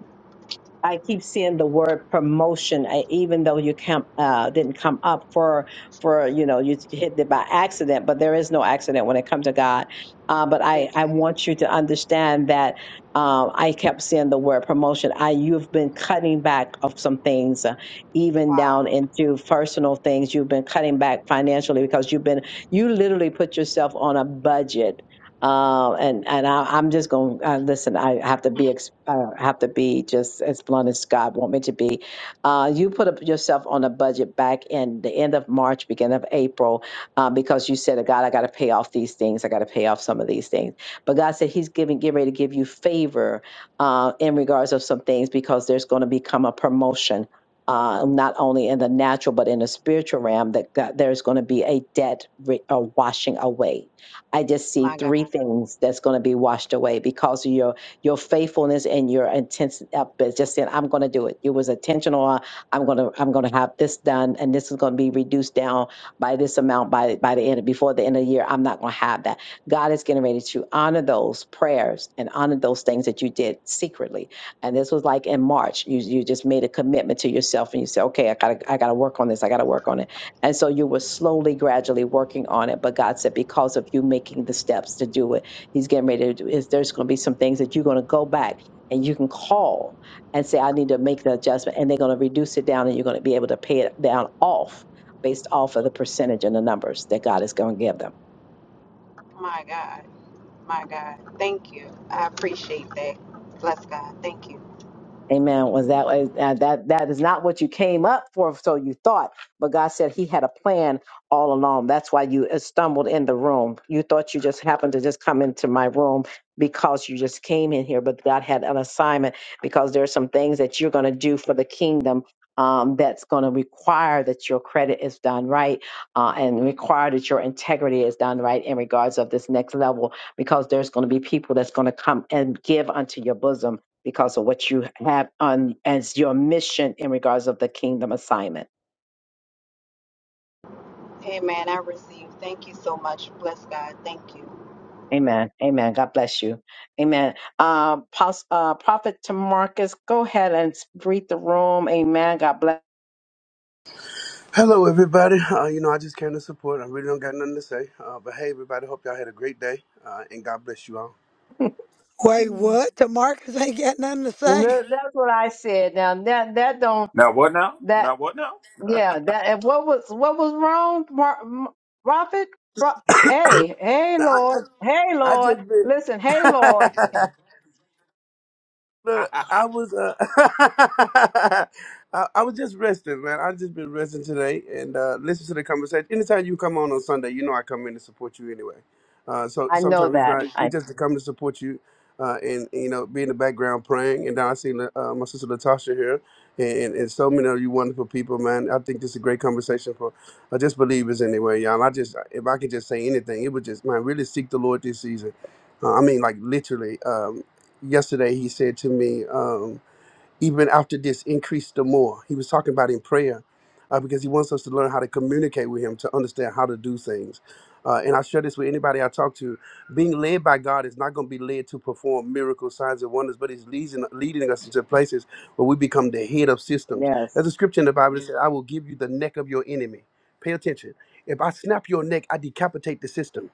Speaker 1: I keep seeing the word promotion, I, even though you come uh, didn't come up for for you know you hit it by accident, but there is no accident when it comes to God. Uh, but I
Speaker 16: Amen.
Speaker 1: I want you to understand that um, I kept seeing the word promotion. I you've been cutting back of some things, uh, even down
Speaker 16: Wow.
Speaker 1: into personal things. You've been cutting back financially because you've been you literally put yourself on a budget uh, and and I, I'm just going to uh, listen. I have to be ex- uh, have to be just as blunt as God want me to be. Uh, you put up yourself on a budget back in the end of March, beginning of April, uh, because you said, "God, I got to pay off these things. I got to pay off some of these things." But God said He's giving, getting ready to give you favor uh, in regards of some things because there's going to become a promotion. Uh, not only in the natural but in the spiritual realm that God, there's going to be a debt re- a washing away I just see
Speaker 16: My God.
Speaker 1: three things that's going to be washed away because of your your faithfulness and your intense uh, but just saying I'm going to do it. It was intentional. uh, I'm going to I'm going to have this done and this is going to be reduced down by this amount by by the end before the end of the year. I'm not going to have that. God is getting ready to honor those prayers and honor those things that you did secretly. And this was like in March. You you just made a commitment to yourself and you said, "Okay, I got to I got to work on this. I got to work on it." And so you were slowly, gradually working on it. But God said, because of you making the steps to do it, He's getting ready to do is there's going to be some things that you're going to go back and you can call and say, I need to make the adjustment. And they're going to reduce it down and you're going to be able to pay it down off based off of the percentage and the numbers that God is going to give them.
Speaker 16: My God. My God. Thank you. I appreciate that. Bless God. Thank you.
Speaker 1: Amen. Was that uh, that that is not what you came up for? So you thought, but God said He had a plan all along. That's why you uh, stumbled in the room. You thought you just happened to just come into my room because you just came in here, but God had an assignment because there are some things that you're going to do for the kingdom. Um, that's going to require that your credit is done right uh, and require that your integrity is done right in regards of this next level because there's going to be people that's going to come and give unto your bosom because of what you have on as your mission in regards of the kingdom assignment.
Speaker 16: Amen. I receive. Thank you so much. Bless God. Thank you.
Speaker 1: Amen. Amen. God bless you. Amen. Uh, Pos- uh, Prophet Tamarcus, go ahead and greet the room. Amen. God bless.
Speaker 17: Hello, everybody. Uh, you know, I just came to support. I really don't got nothing to say. Uh, but hey, everybody, hope y'all had a great day, uh, and God bless you all.
Speaker 15: Wait,
Speaker 1: Mm.
Speaker 15: what? Demarcus ain't got nothing to say?
Speaker 1: No, That's what I said. Now that that don't
Speaker 12: Now what now?
Speaker 1: that
Speaker 12: Now what now?
Speaker 1: yeah that and what was what was wrong, Mar- M- Prophet? Pro- hey, hey,
Speaker 17: Now,
Speaker 1: Lord.
Speaker 17: I,
Speaker 1: Hey,
Speaker 17: I, I
Speaker 1: Lord.
Speaker 17: just
Speaker 1: Listen, hey, Lord.
Speaker 17: been. Look, I was uh, I, I was just resting, man. I just been resting today and uh, listen to the conversation. Anytime you come on on Sunday, you know I come in to support you anyway. Uh, so
Speaker 1: I know
Speaker 17: sometimes it's
Speaker 1: that.
Speaker 17: not
Speaker 1: I
Speaker 17: it's just to come to support you uh, and you know be in the background praying. And now I seen uh, uh, my sister Latasha here and, and so many of you wonderful people, man. I think this is a great conversation for uh, just believers anyway, y'all. I just if I could just say anything, it would just man really seek the Lord this season. Uh, I mean, like literally. um, yesterday he said to me, um, even after this, increase the more. He was talking about in prayer uh, because he wants us to learn how to communicate with him to understand how to do things. Uh, and I share this with anybody I talk to. Being led by God is not going to be led to perform miracles, signs, and wonders, but He's leading, leading us into places where we become the head of systems.
Speaker 1: yes,
Speaker 17: There's a scripture in the Bible that says, I will give you the neck of your enemy. Pay attention. If I snap your neck, I decapitate the system.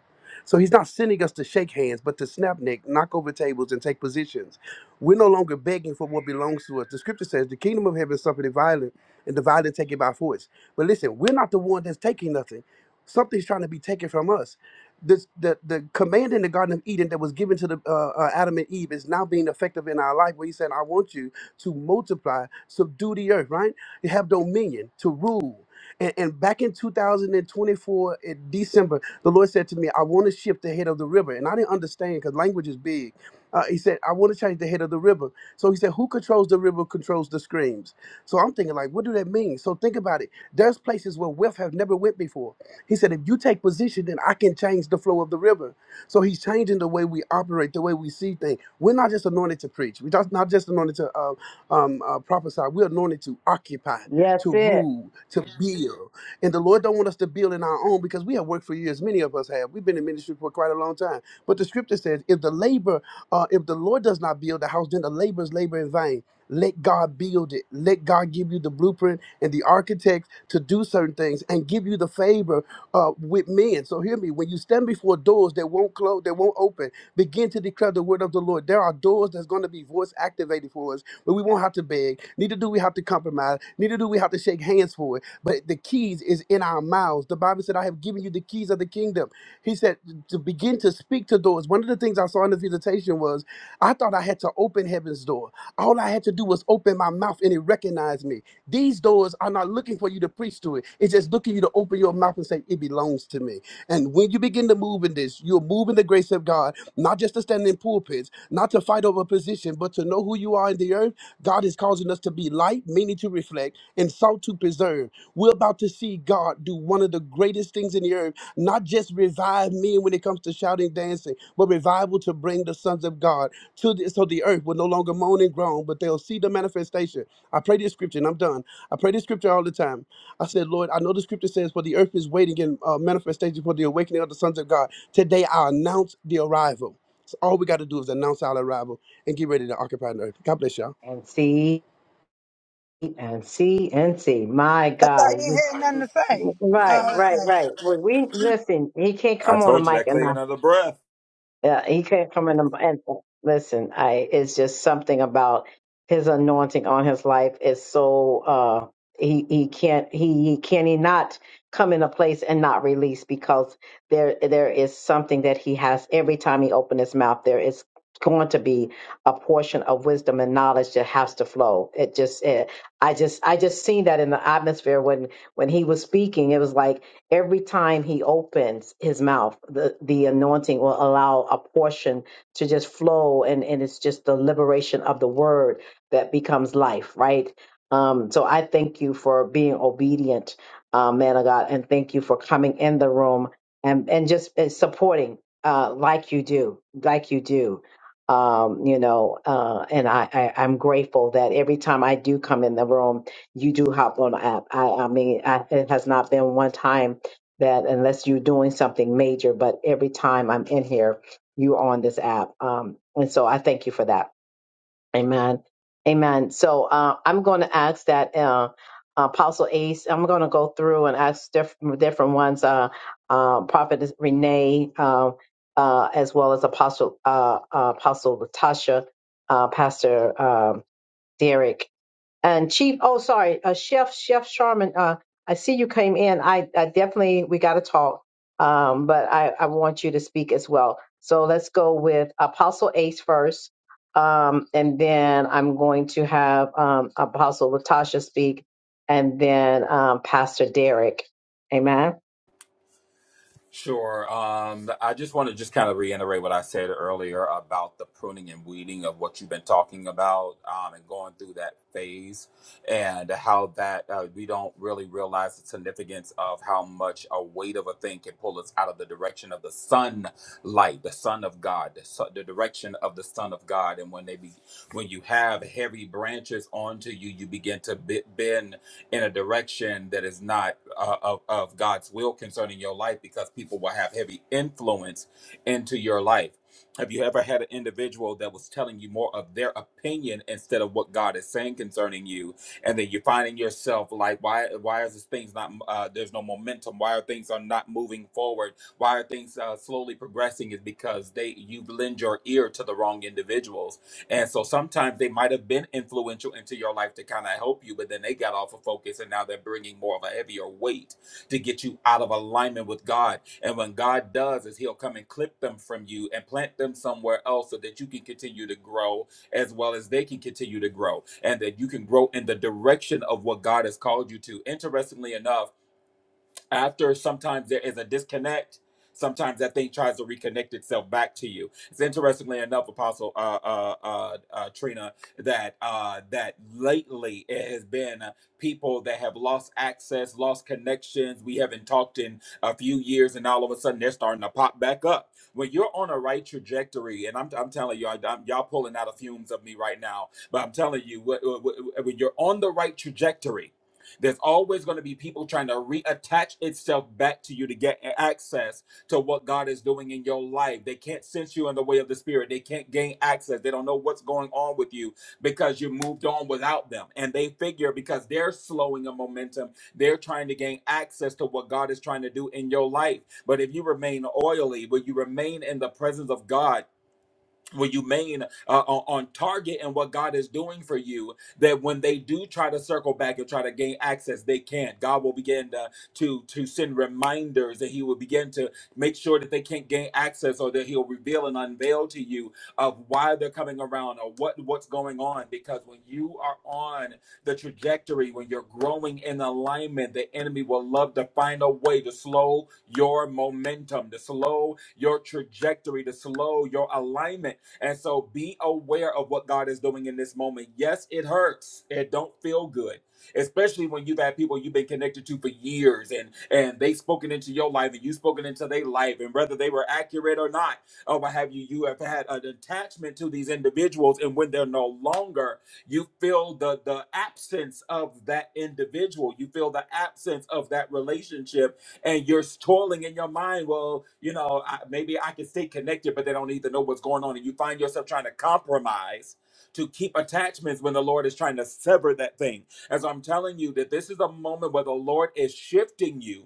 Speaker 17: So he's not sending us to shake hands, but to snap neck, knock over tables, and take positions. We're no longer begging for what belongs to us. The scripture says the kingdom of heaven suffered the violent, and the violent take it by force. But listen, we're not the one that's taking nothing. Something's trying to be taken from us. This, the, the command in the Garden of Eden that was given to the uh, uh, Adam and Eve is now being effective in our life. Where He said, "I want you to multiply, subdue the earth, right? You have dominion to rule." And, and back in 2024, in December, the Lord said to me, I want to shift the head of the river. And I didn't understand because language is big. Uh, he said, I want to change the head of the river. So he said, Who controls the river controls the streams. So I'm thinking, like, what do that mean? So think about it. There's places where wealth have never went before. He said, if you take position, then I can change the flow of the river. So he's changing the way we operate, the way we see things. We're not just anointed to preach. We're just not just anointed to uh, um, uh, prophesy. We're anointed to occupy
Speaker 1: yes,
Speaker 17: to
Speaker 1: it
Speaker 17: rule, to build. And the Lord don't want us to build in our own because we have worked for years. Many of us have. We've been in ministry for quite a long time. But the scripture says, if the labor, uh, if the Lord does not build the house, then the laborers labor in vain. Let God build it. Let God give you the blueprint and the architect to do certain things and give you the favor uh, with men. So hear me. When you stand before doors that won't close, that won't open, begin to declare the word of the Lord. There are doors that's going to be voice activated for us, but we won't have to beg. Neither do we have to compromise. Neither do we have to shake hands for it. But the keys is in our mouths. The Bible said, "I have given you the keys of the kingdom." He said to begin to speak to doors. One of the things I saw in the visitation was I thought I had to open heaven's door. All I had to do was open my mouth and it recognized me. These doors are not looking for you to preach to it. It's just looking you to open your mouth and say, It belongs to me. And when you begin to move in this, you're moving the grace of God, not just to stand in pulpits, not to fight over position, but to know who you are in the earth. God is causing us to be light, meaning to reflect, and sought to preserve. We're about to see God do one of the greatest things in the earth, not just revive men when it comes to shouting, dancing, but revival to bring the sons of God to the, so the earth will no longer moan and groan, but they'll see the manifestation. I pray this scripture, and I'm done. I pray this scripture all the time. I said, Lord, I know the scripture says, for the earth is waiting in uh, manifestation for the awakening of the sons of God. Today, I announce the arrival. So all we got to do is announce our arrival and get ready to occupy the earth. God bless y'all.
Speaker 1: and see. And see, and see. My
Speaker 15: I thought
Speaker 1: God.
Speaker 15: he had nothing to say.
Speaker 1: Right,
Speaker 15: Oh,
Speaker 1: right,
Speaker 15: okay.
Speaker 1: right. Well, we listen, he can't
Speaker 12: I
Speaker 1: come on the
Speaker 12: told you
Speaker 1: mic
Speaker 12: that
Speaker 1: and
Speaker 12: clear
Speaker 1: not
Speaker 12: another breath.
Speaker 1: yeah, he came from an and listen, I it's just something about his anointing on his life is so uh he he can't he, he can he not come in a place and not release because there there is something that he has every time he opens his mouth there is going to be a portion of wisdom and knowledge that has to flow it just it, i just i just seen that in the atmosphere when when he was speaking it was like every time he opens his mouth, the, the anointing will allow a portion to just flow. And, and it's just the liberation of the word that becomes life, right? Um, so I thank you for being obedient, uh, man of God, and thank you for coming in the room and, and just uh, supporting uh, like you do, like you do. Um, you know, uh, and I, I, I'm grateful that every time I do come in the room, you do hop on the app. I, I mean, I, it has not been one time that unless you're doing something major, but every time I'm in here, you're on this app. Um, and so I thank you for that. Amen. Amen. So uh, I'm going to ask that uh, Apostle Ace, I'm going to go through and ask diff- different ones, uh, uh, Prophet Renee, uh, uh, as well as Apostle uh, uh, Apostle Latasha, uh, Pastor um Derek, and Chief. Oh, sorry, uh, Chef Chef Sharman. Uh, I see you came in. I, I definitely we got to talk, um, but I, I want you to speak as well. So let's go with Apostle Ace first, um, and then I'm going to have um, Apostle Latasha speak, and then um, Pastor Derek. Amen.
Speaker 12: Sure. Um, I just want to just kind of reiterate what I said earlier about the pruning and weeding of what you've been talking about um, and going through that phase and how that uh, we don't really realize the significance of how much a weight of a thing can pull us out of the direction of the sunlight, the Son of God, the, su- the direction of the Son of God. And when they be, when you have heavy branches onto you, you begin to be- bend in a direction that is not uh, of, of God's will concerning your life because people will have heavy influence into your life. Have you ever had an individual that was telling you more of their opinion instead of what God is saying concerning you? And then you're finding yourself like, why, why is this things not, uh, there's no momentum. Why are things are not moving forward? Why are things uh, slowly progressing is because they, you lend your ear to the wrong individuals and so sometimes they might have been influential into your life to kind of help you, but then they got off of focus and now they're bringing more of a heavier weight to get you out of alignment with God. And when God does is he'll come and clip them from you and plant them somewhere else so that you can continue to grow as well as they can continue to grow and that you can grow in the direction of what God has called you to. Interestingly enough, after sometimes there is a disconnect sometimes that thing tries to reconnect itself back to you it's interestingly enough apostle uh uh uh, uh trina that uh that lately it has been uh, people that have lost access lost connections we haven't talked in a few years and all of a sudden they're starting to pop back up when you're on a right trajectory and i'm, I'm telling you I, am y'all pulling out of fumes of me right now but i'm telling you wh- wh- wh- when you're on the right trajectory there's always going to be people trying to reattach itself back to you to get access to what God is doing in your life. They can't sense you in the way of the Spirit. They can't gain access. They don't know what's going on with you because you moved on without them. And they figure because they're slowing a momentum, they're trying to gain access to what God is trying to do in your life. But if you remain oily, when you remain in the presence of God, will you remain uh, on target and what God is doing for you that when they do try to circle back and try to gain access they can't God will begin to to, to send reminders that he will begin to make sure that they can't gain access or that he'll reveal and unveil to you of why they're coming around or what what's going on because when you are on the trajectory when you're growing in alignment the enemy will love to find a way to slow your momentum to slow your trajectory to slow your alignment and so be aware of what God is doing in this moment. Yes, it hurts. It don't feel good. Especially when you've had people you've been connected to for years and and they've spoken into your life and you've spoken into their life. And whether they were accurate or not, or what have you, you have had an attachment to these individuals. And when they're no longer, you feel the the absence of that individual. You feel the absence of that relationship and you're toiling in your mind. Well, you know, I, maybe I can stay connected, but they don't even know what's going on. And you find yourself trying to compromise to keep attachments when the Lord is trying to sever that thing. As I'm telling you, that this is a moment where the Lord is shifting you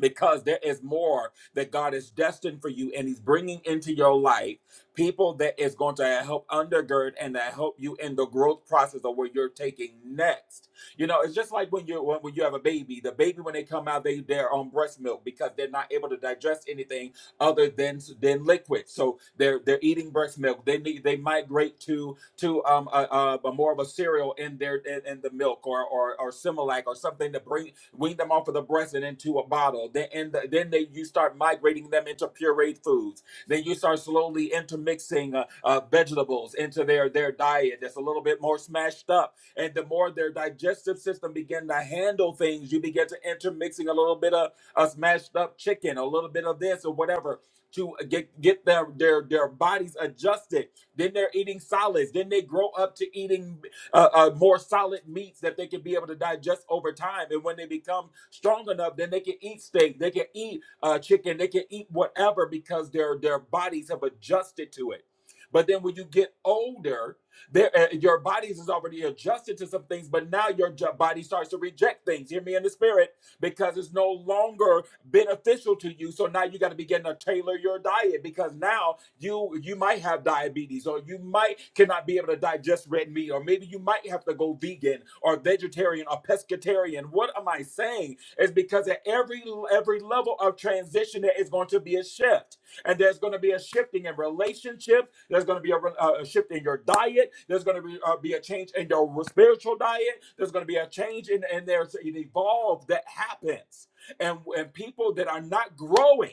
Speaker 12: because there is more that God is destined for you and he's bringing into your life people that is going to help undergird and to help you in the growth process of where you're taking next. You know, it's just like when you when, when you have a baby, the baby when they come out they they're on breast milk because they're not able to digest anything other than than liquid. So they're they're eating breast milk. They need they migrate to to um a, a, a more of a cereal in their in, in the milk or or or Similac or something to bring wean them off of the breast and into a bottle. Then and the, then they you start migrating them into pureed foods. Then you start slowly intermixing uh, uh, vegetables into their their diet that's a little bit more smashed up. And the more their digestive system begin to handle things, you begin to intermixing a little bit of a smashed up chicken, a little bit of this or whatever to uh, get get their their their bodies adjusted. Then they're eating solids. Then they grow up to eating uh, uh, more solid meats that they can be able to digest over time. And when they become strong enough, then they can eat steak, they can eat uh, chicken, they can eat whatever because their their bodies have adjusted to it. But then when you get older, there uh, your bodies is already adjusted to some things, but now your body starts to reject things. Hear me in the spirit, because it's no longer beneficial to you. So now you got to begin to tailor your diet because now you you might have diabetes or you might cannot be able to digest red meat or maybe you might have to go vegan or vegetarian or pescatarian what am i saying is because at every every level of transition there is going to be a shift and there's going to be a shifting in relationships there's going to be a, uh, a shift in your diet there's going to be, uh, be a change in your spiritual diet there's going to be a change in and there's an evolve that happens and and people that are not growing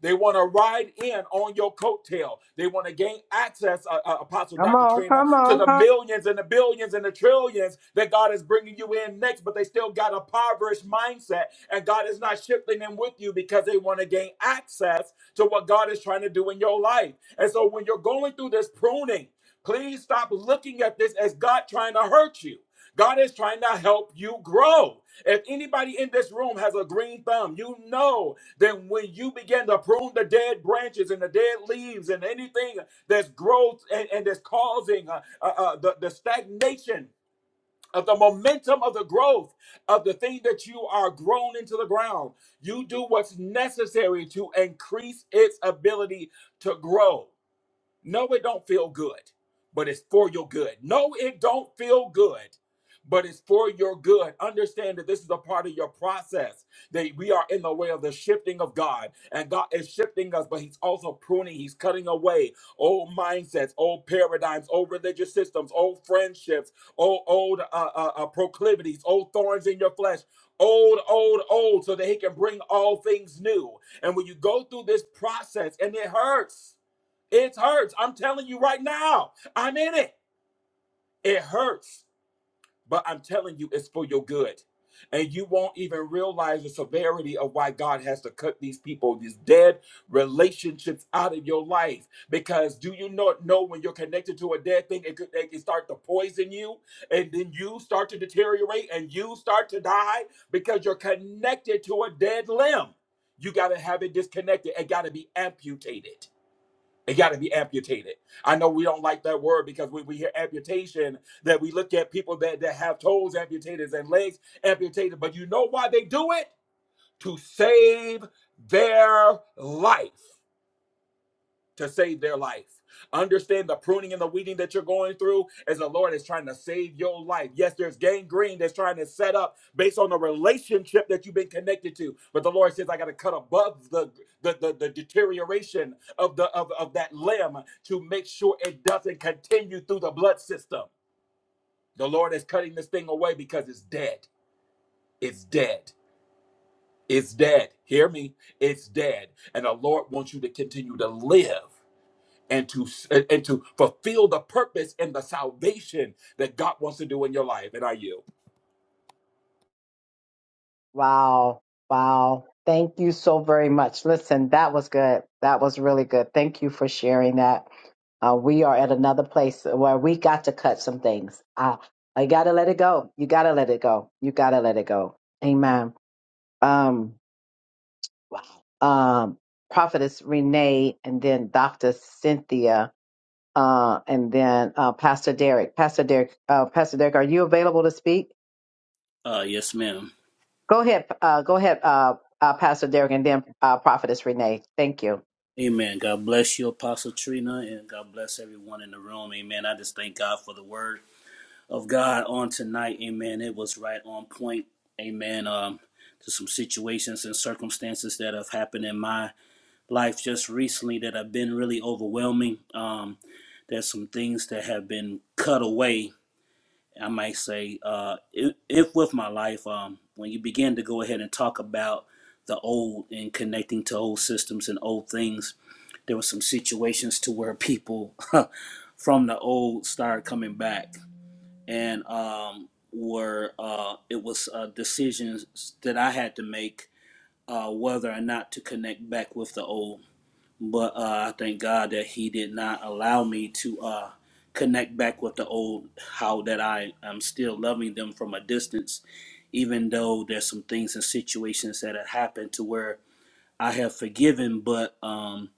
Speaker 12: they want to ride in on your coattail. They want to gain access, uh, uh, Apostle
Speaker 1: Come
Speaker 12: Dr.
Speaker 1: on,
Speaker 12: Trina,
Speaker 1: come
Speaker 12: to
Speaker 1: on,
Speaker 12: the
Speaker 1: come on.
Speaker 12: millions and the billions and the trillions that God is bringing you in next, but they still got a impoverished mindset, and God is not shifting them with you because they want to gain access to what God is trying to do in your life. And so when you're going through this pruning, please stop looking at this as God trying to hurt you. God is trying to help you grow. If anybody in this room has a green thumb, you know then when you begin to prune the dead branches and the dead leaves and anything that's growth and, and that's causing uh, uh, uh, the, the stagnation of the momentum of the growth of the thing that you are grown into the ground, you do what's necessary to increase its ability to grow. No, it don't feel good, but it's for your good. No, it don't feel good, but it's for your good. Understand that this is a part of your process, that we are in the way of the shifting of God, and God is shifting us, but He's also pruning, He's cutting away old mindsets, old paradigms, old religious systems, old friendships, old, old uh, uh, uh, proclivities, old thorns in your flesh. Old, old, old, so that he can bring all things new. And when you go through this process, and it hurts, it hurts. I'm telling you right now. I'm in it. It hurts. But I'm telling you, it's for your good. And you won't even realize the severity of why God has to cut these people, these dead relationships out of your life. Because do you not know when you're connected to a dead thing, it, could, it can start to poison you, and then you start to deteriorate and you start to die because you're connected to a dead limb. You got to have it disconnected. It got to be amputated. It got to be amputated. I know we don't like that word because when we hear amputation, that we look at people that, that have toes amputated and legs amputated. But you know why they do it? To save their life to save their life. Understand the pruning and the weeding that you're going through as the Lord is trying to save your life. Yes, there's gangrene that's trying to set up based on the relationship that you've been connected to. But the Lord says, I got to cut above the, the, the, the deterioration of, the, of, of that limb to make sure it doesn't continue through the blood system. The Lord is cutting this thing away because it's dead. It's dead. It's dead. Hear me? It's dead. And the Lord wants you to continue to live and to and to fulfill the purpose and the salvation that God wants to do in your life. And I yield.
Speaker 1: Wow. Wow. Thank you so very much. Listen, that was good. That was really good. Thank you for sharing that. Uh, we are at another place where we got to cut some things. Uh, I gotta let it go. You gotta let it go. You gotta let it go. Amen. Um, um, Prophetess Renee, and then Doctor Cynthia, uh, and then uh, Pastor Derek. Pastor Derek. Uh, Pastor Derek, are you available to speak?
Speaker 14: Uh, yes, ma'am.
Speaker 1: Go ahead. Uh, go ahead. Uh, uh, Pastor Derek, and then uh, Prophetess Renee. Thank you.
Speaker 14: Amen. God bless you, Apostle Trina, and God bless everyone in the room. Amen. I just thank God for the word of God on tonight. Amen. It was right on point. Amen. Um, to some situations and circumstances that have happened in my life just recently that have been really overwhelming. Um, there's some things that have been cut away I might say, uh, if, if with my life, um, when you begin to go ahead and talk about the old and connecting to old systems and old things, there were some situations to where people from the old started coming back, and um, were uh, it was uh, decisions that I had to make uh, whether or not to connect back with the old but uh, I thank God that He did not allow me to uh, connect back with the old. How that I am still loving them from a distance, even though there's some things and situations that have happened to where I have forgiven, but um,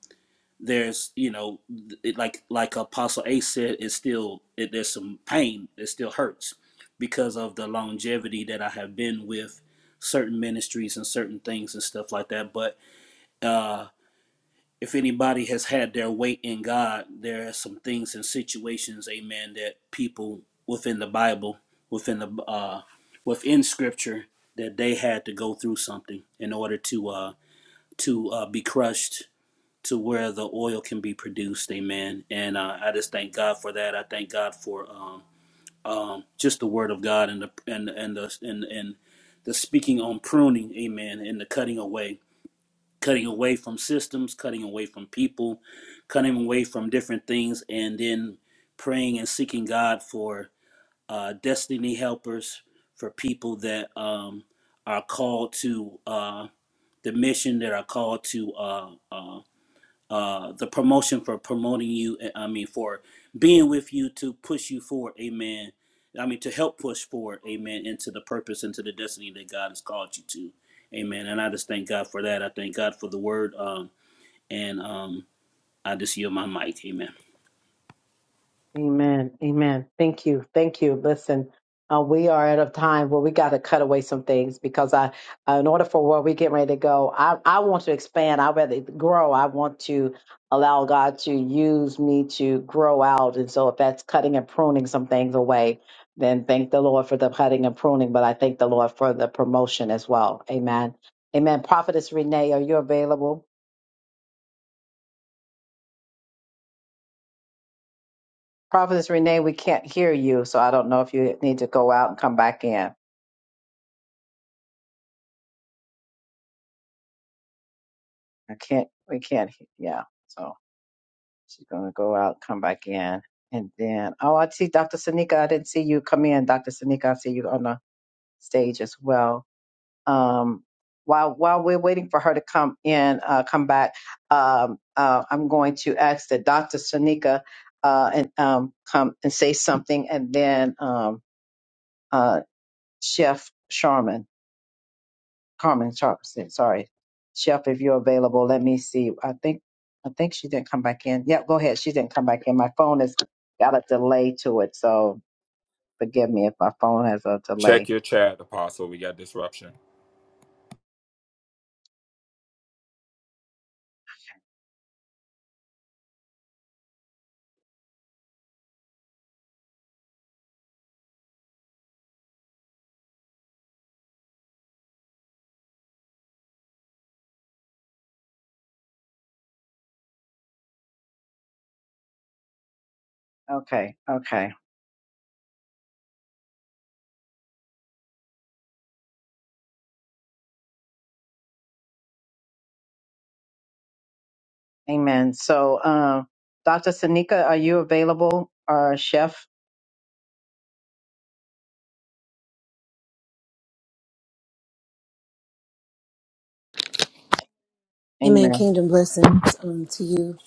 Speaker 14: there's you know, it, like like Apostle A said, it's still it, there's some pain. It still hurts because of the longevity that I have been with certain ministries and certain things and stuff like that. But uh, if anybody has had their weight in God, there are some things and situations, amen, that people within the Bible, within the uh, within Scripture, that they had to go through something in order to uh, to uh, be crushed to where the oil can be produced, amen. And uh, I just thank God for that. I thank God for um, um, just the Word of God and the and and the and and the speaking on pruning, amen, and the cutting away cutting away from systems, cutting away from people, cutting away from different things, and then praying and seeking God for uh, destiny helpers, for people that um, are called to uh, the mission, that are called to uh, uh, uh, the promotion for promoting you, uh, I mean, for being with you to push you forward, amen. I mean, to help push forward, amen, into the purpose, into the destiny that God has called you to. Amen. And I just thank God for that. I thank God for the word. Um, and um, I just yield my mic. Amen.
Speaker 1: Amen. Amen. Thank you. Thank you. Listen, uh, we are at a time where we got to cut away some things because I, uh, in order for where we get ready to go, I, I want to expand. I rather grow. I want to allow God to use me to grow out. And so if that's cutting and pruning some things away, then thank the Lord for the cutting and pruning, but I thank the Lord for the promotion as well. Amen. Amen. Prophetess Renee, are you available? Prophetess Renee, we can't hear you, so I don't know if you need to go out and come back in. I can't, we can't, he- yeah. So she's going to go out, come back in. And then, oh, I see Dr. Sanika. I didn't see you come in. Dr. Sanika, I see you on the stage as well. Um, while, while we're waiting for her to come in, uh, come back, um, uh, I'm going to ask that Dr. Sanika, uh, and, um, come and say something and then, um, uh, Chef Sharman. Carmen Sharp said, sorry. Chef, if you're available, let me see. I think I think she didn't come back in. Yeah, go ahead. She didn't come back in. My phone has got a delay to it, so forgive me if my phone has a
Speaker 12: Check
Speaker 1: delay.
Speaker 12: your chat, Apostle. We got disruption.
Speaker 1: Okay, okay. Um, Dr. Sin, you available or chef?
Speaker 18: Amen. Kingdom blessings um, to you,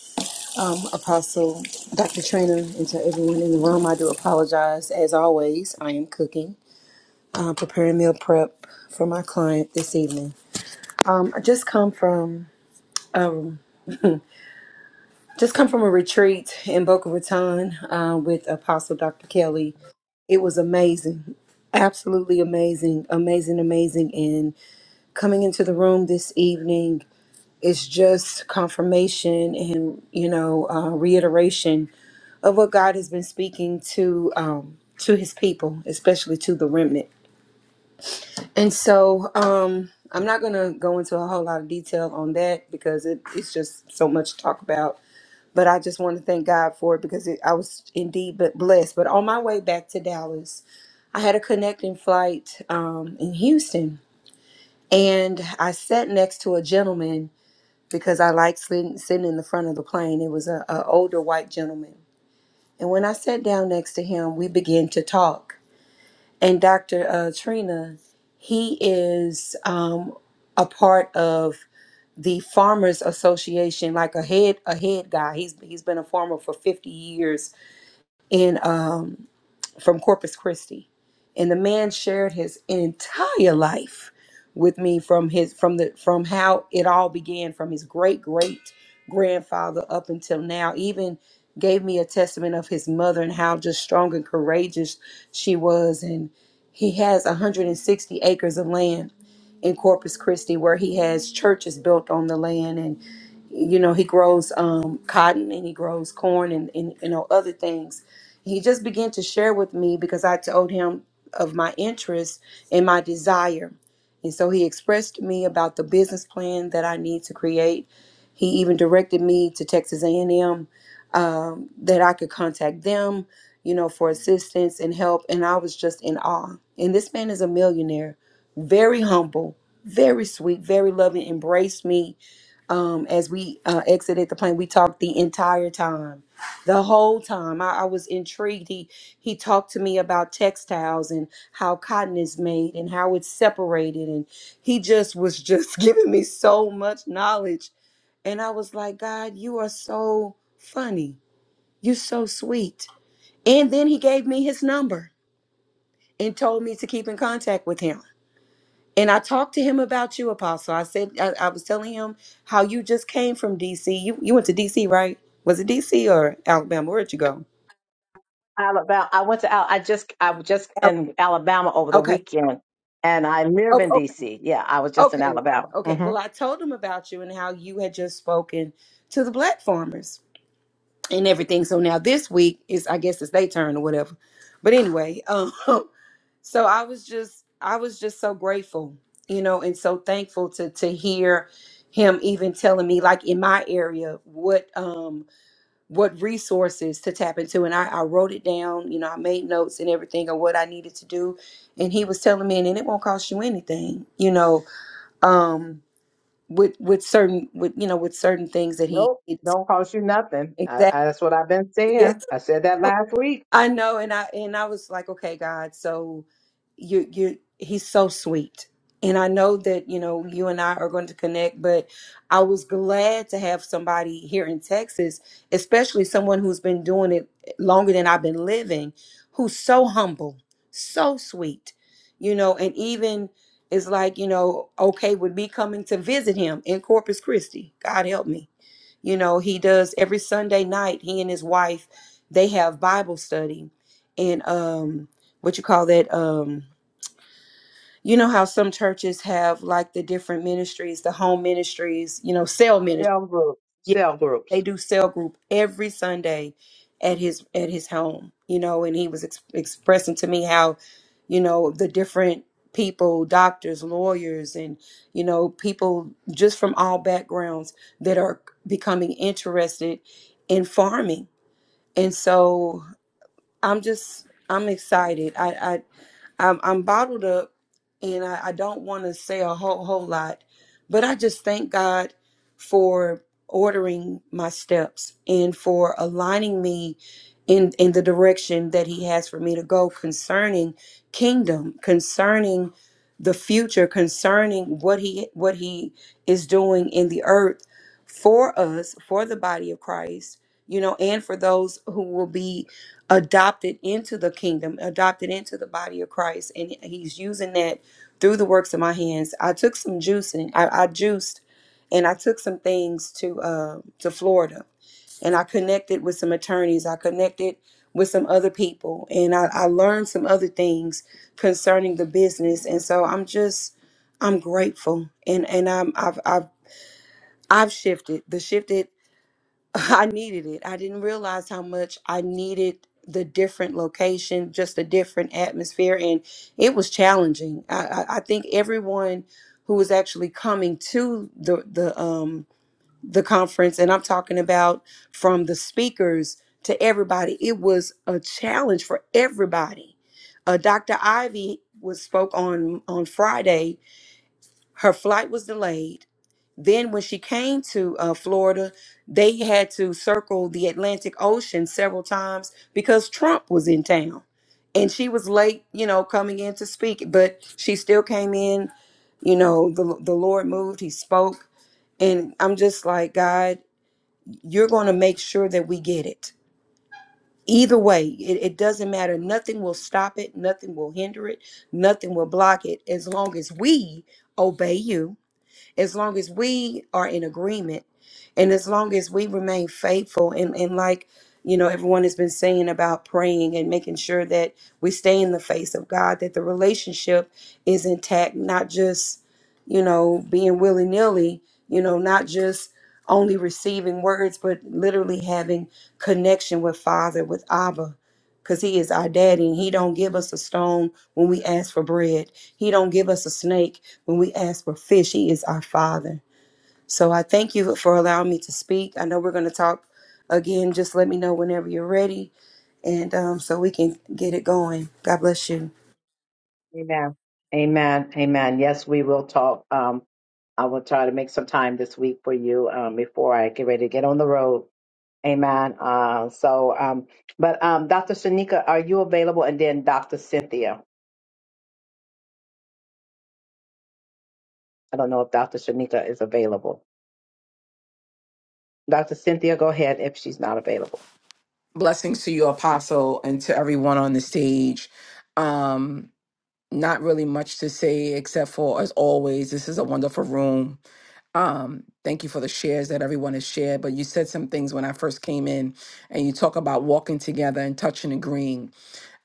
Speaker 18: um, Apostle Dr. Trainer, and to everyone in the room. I do apologize. As always, I am cooking, uh, preparing meal prep for my client this evening. Um, I just come from um, just come from a retreat in Boca Raton uh, with Apostle Dr. Kelly. It was amazing, absolutely amazing, amazing, amazing. And coming into the room this evening It's just confirmation and, you know, uh, reiteration of what God has been speaking to um, to His people, especially to the remnant. And so um, I'm not going to go into a whole lot of detail on that because it, it's just so much to talk about. But I just want to thank God for it because it, I was indeed but blessed. But on my way back to Dallas, I had a connecting flight um, in Houston, and I sat next to a gentleman because I liked sitting, sitting in the front of the plane. It was a, a older white gentleman, and when I sat down next to him, we began to talk. And Dr. Uh, Trina, he is um, a part of the Farmers Association, like a head a head guy. He's he's been a farmer for fifty years in um, from Corpus Christi, and the man shared his entire life with me from his from the from how it all began from his great great grandfather up until now. Even gave me a testament of his mother and how just strong and courageous she was, and he has 160 acres of land in Corpus Christi where he has churches built on the land and you know he grows um, cotton and he grows corn and, and you know other things he just began to share with me because i told him of my interest and my desire and so he expressed to me about the business plan that i need to create he even directed me to texas a&m that i could contact them you know for assistance and help and i was just in awe and this man is a millionaire very humble very sweet very loving embraced me um, as we uh, exited the plane, we talked the entire time, the whole time. I, I was intrigued. He he talked to me about textiles and how cotton is made and how it's separated, and he just was just giving me so much knowledge. And I was like, God, you are so funny. You're so sweet. And then he gave me his number and told me to keep in contact with him. And I talked to him about you, Apostle. I said I, I was telling him how you just came from DC. You you went to DC, right? Was it DC or Alabama? Where'd you go?
Speaker 1: Alabama. I went to Al. I just I was just
Speaker 18: Al-
Speaker 1: in Alabama over the
Speaker 18: Okay.
Speaker 1: weekend, and I live
Speaker 18: Oh,
Speaker 1: in
Speaker 18: okay.
Speaker 1: D.C. Yeah, I was just in
Speaker 18: Okay.
Speaker 1: Alabama.
Speaker 18: Okay.
Speaker 1: hmm
Speaker 18: Well, I told him about you and how you had just spoken to the black farmers and everything. So now this week is I guess it's their turn or whatever. But anyway, um so I was just I was just so grateful, you know, and so thankful to to hear him even telling me like in my area what um what resources to tap into. And I, I wrote it down, you know, I made notes and everything of what I needed to do. And he was telling me, and it won't cost you anything, you know, um, with with certain with you know, with certain things that he
Speaker 1: Nope,
Speaker 18: he-
Speaker 1: don't cost you nothing. I,
Speaker 18: exactly
Speaker 1: I, that's what I've been
Speaker 18: yes
Speaker 1: saying. I said that last week.
Speaker 18: I know, and I and I was like, okay, God, so you you he's so sweet. And I know that, you know, you and I are going to connect, but I was glad to have somebody here in Texas, especially someone who's been doing it longer than I've been living, who's so humble, so sweet, you know, and even is like, you know, okay with me coming to visit him in Corpus Christi. God help me. You know, he does every Sunday night, he and his wife they have Bible study and um what you call that um you know how some churches have like the different ministries, the home ministries, you know, cell ministry.
Speaker 1: Sales
Speaker 18: Yeah,
Speaker 1: groups.
Speaker 18: they do cell group every Sunday at his at his home, you know, and he was ex- expressing to me how you know the different people, doctors, lawyers and you know, people just from all backgrounds that are becoming interested in farming. And so I'm just I'm excited. I I I'm, I'm bottled up, and I, I don't want to say a whole whole lot, but I just thank God for ordering my steps and for aligning me in in the direction that He has for me to go concerning kingdom, concerning the future, concerning what He what He is doing in the earth for us, for the body of Christ, you know, and for those who will be adopted into the kingdom, adopted into the body of Christ. And he's using that through the works of my hands. I took some juicing. I, I juiced and I took some things to uh, to Florida and I connected with some attorneys. I connected with some other people and I, I learned some other things concerning the business. And so I'm just I'm grateful and, and I'm I've I've I've shifted. The shifted I needed it. I didn't realize how much I needed the different location, just a different atmosphere, and it was challenging. I, I, I think everyone who was actually coming to the the um the conference, and I'm talking about from the speakers to everybody, it was a challenge for everybody. Uh, Dr. Ivy was spoke on on Friday, her flight was delayed. Then, when she came to uh, Florida, they had to circle the Atlantic Ocean several times because Trump was in town. And she was late, you know, coming in to speak, but she still came in. You know, the, the Lord moved, He spoke. And I'm just like, God, you're going to make sure that we get it. Either way, it, it doesn't matter. Nothing will stop it, nothing will hinder it, nothing will block it as long as we obey you as long as we are in agreement and as long as we remain faithful and, and like you know everyone has been saying about praying and making sure that we stay in the face of god that the relationship is intact not just you know being willy-nilly you know not just only receiving words but literally having connection with father with abba because he is our daddy and he don't give us a stone when we ask for bread he don't give us a snake when we ask for fish, He is our Father. So I thank you for allowing me to speak. I know we're going to talk again. Just let me know whenever you're ready, and um, so we can get it going. God bless you.
Speaker 1: Amen. Amen. Amen. uh,
Speaker 8: Blessings to you, Apostle, and to everyone on the stage. Um, not really much to say except for, as always, this is a wonderful room. Um, thank you for the shares that everyone has shared. But you said some things when I first came in, and you talk about walking together and touching and agreeing.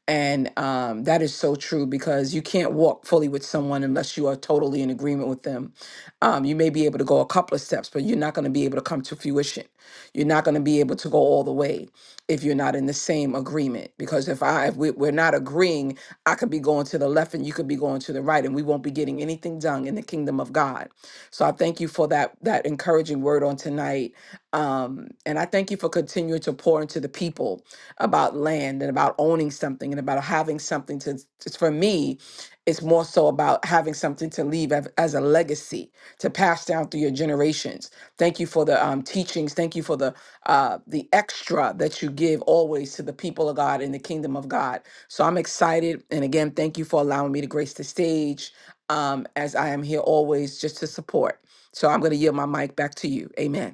Speaker 8: And um, that is so true because you can't walk fully with someone unless you are totally in agreement with them. Um, you may be able to go a couple of steps, but you're not going to be able to come to fruition. You're not going to be able to go all the way if you're not in the same agreement. Because if I if we, we're not agreeing, I could be going to the left and you could be going to the right, and we won't be getting anything done in the kingdom of God. So I thank you for that that encouraging word on tonight, um, and I thank you for continuing to pour into the people about land and about owning something and about having something to just for me it's more so about having something to leave av- as a legacy to pass down through your generations thank you for the um, teachings thank you for the uh, the extra that you give always to the people of god in the kingdom of god so i'm excited and again thank you for allowing me to grace the stage um, as i am here always just to support so i'm going to yield my mic back to you amen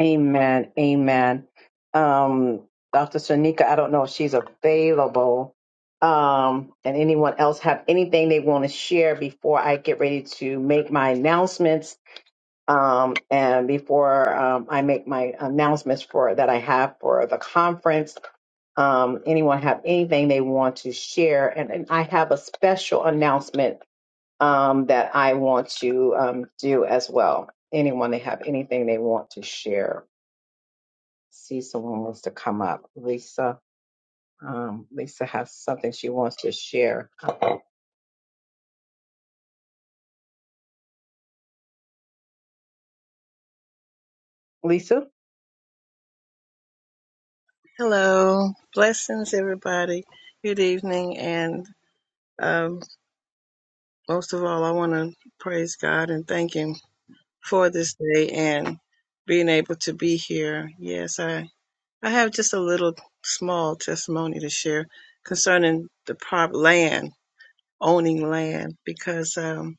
Speaker 1: Amen. Amen. Um, Dr. Shanika, I don't know if she's available. Um, and anyone else have anything they want to share before I get ready to make my announcements? Um, and before um, I make my announcements for that I have for the conference, um, anyone have anything they want to share? And, and I have a special announcement um, that I want to um, do as well. Anyone that have anything they want to share. See someone wants to come up. Lisa, um, Lisa has something she wants to share. Lisa.
Speaker 19: Hello, blessings, everybody. Good evening, and um, most of all, I want to praise God and thank Him for this day and being able to be here. Yes, I I have just a little small testimony to share concerning the prop land, owning land, because um,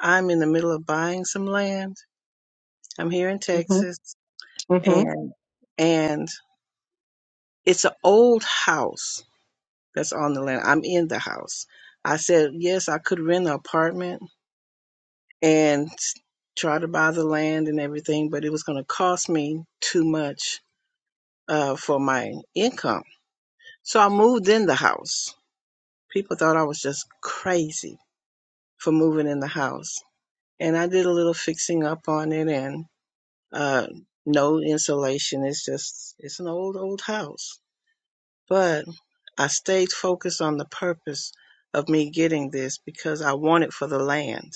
Speaker 19: I'm in the middle of buying some land. I'm here in
Speaker 1: hmm
Speaker 19: Texas,
Speaker 1: hmm
Speaker 19: and and it's an old house that's on the land. I'm in the house. I said, yes, I could rent an apartment and try to buy the land and everything, but it was going to cost me too much uh, for my income. So I moved in the house. People thought I was just crazy for moving in the house. And I did a little fixing up on it and uh, no insulation. It's just, it's an old, old house But I stayed focused on the purpose of me getting this because I want it for the land.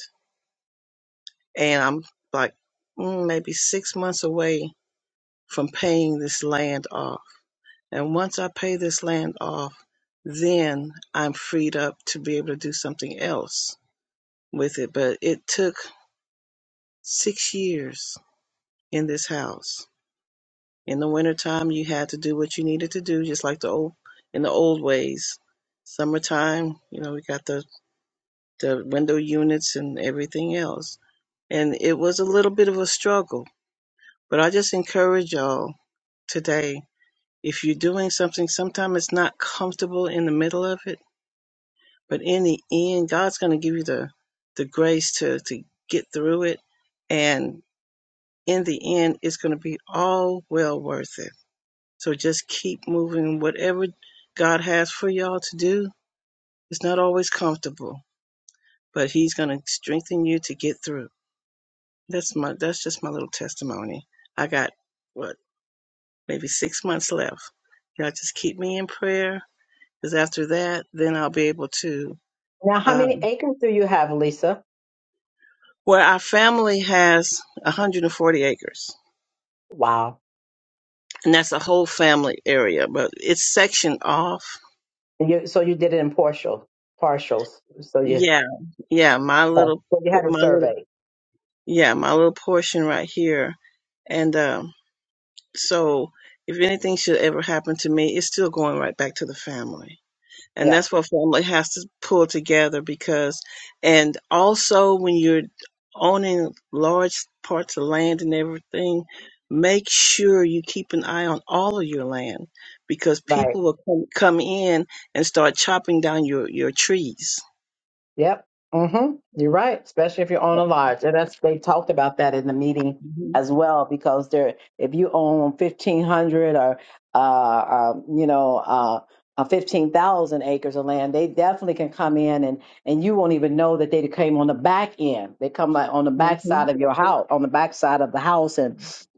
Speaker 19: And I'm like mm, maybe six months away from paying this land off. And once I pay this land off, then I'm freed up to be able to do something else with it. But it took six years in this house. In the wintertime, you had to do what you needed to do, just like the old in the old ways. Summertime, you know, we got the the window units and everything else. And it was a little bit of a struggle, but I just encourage y'all today if you're doing something, sometimes it's not comfortable in the middle of it, but in the end, God's going to give you the, the grace to, to get through it. And in the end, it's going to be all well worth it. So just keep moving. Whatever God has for y'all to do, it's not always comfortable, but He's going to strengthen you to get through. That's my that's just my little testimony. I got what maybe six months left. Y'all just keep me in prayer, because after that, then I'll be able to.
Speaker 1: Now, how many
Speaker 19: Um,
Speaker 1: acres do you have, Lisa?
Speaker 19: where our family has 140 acres,
Speaker 1: Wow.
Speaker 19: and that's a whole family area, but it's sectioned off.
Speaker 1: You, so you did it in partial, partials. So you,
Speaker 19: Yeah, yeah, my
Speaker 1: okay.
Speaker 19: little,
Speaker 1: so you had a
Speaker 19: my little,
Speaker 1: survey.
Speaker 19: yeah, my little portion right here, and um, so if anything should ever happen to me, it's still going right back to the family and
Speaker 1: Yeah.
Speaker 19: that's what family has to pull together because and also when you're owning large parts of land and everything make sure you keep an eye on all of your land because
Speaker 1: Right.
Speaker 19: people will come, come in and start chopping down your your trees
Speaker 1: Yep. Mm-hmm. You're right. Especially if you own a large. And that's they talked about that in the meeting
Speaker 19: hmm
Speaker 1: as well because there if you own fifteen hundred or uh, uh you know uh uh, 15,000 acres of land, they definitely can come in and, and you won't even know that they came on the back end. They come like on the back
Speaker 19: hmm
Speaker 1: side of your house, on the back side of the house and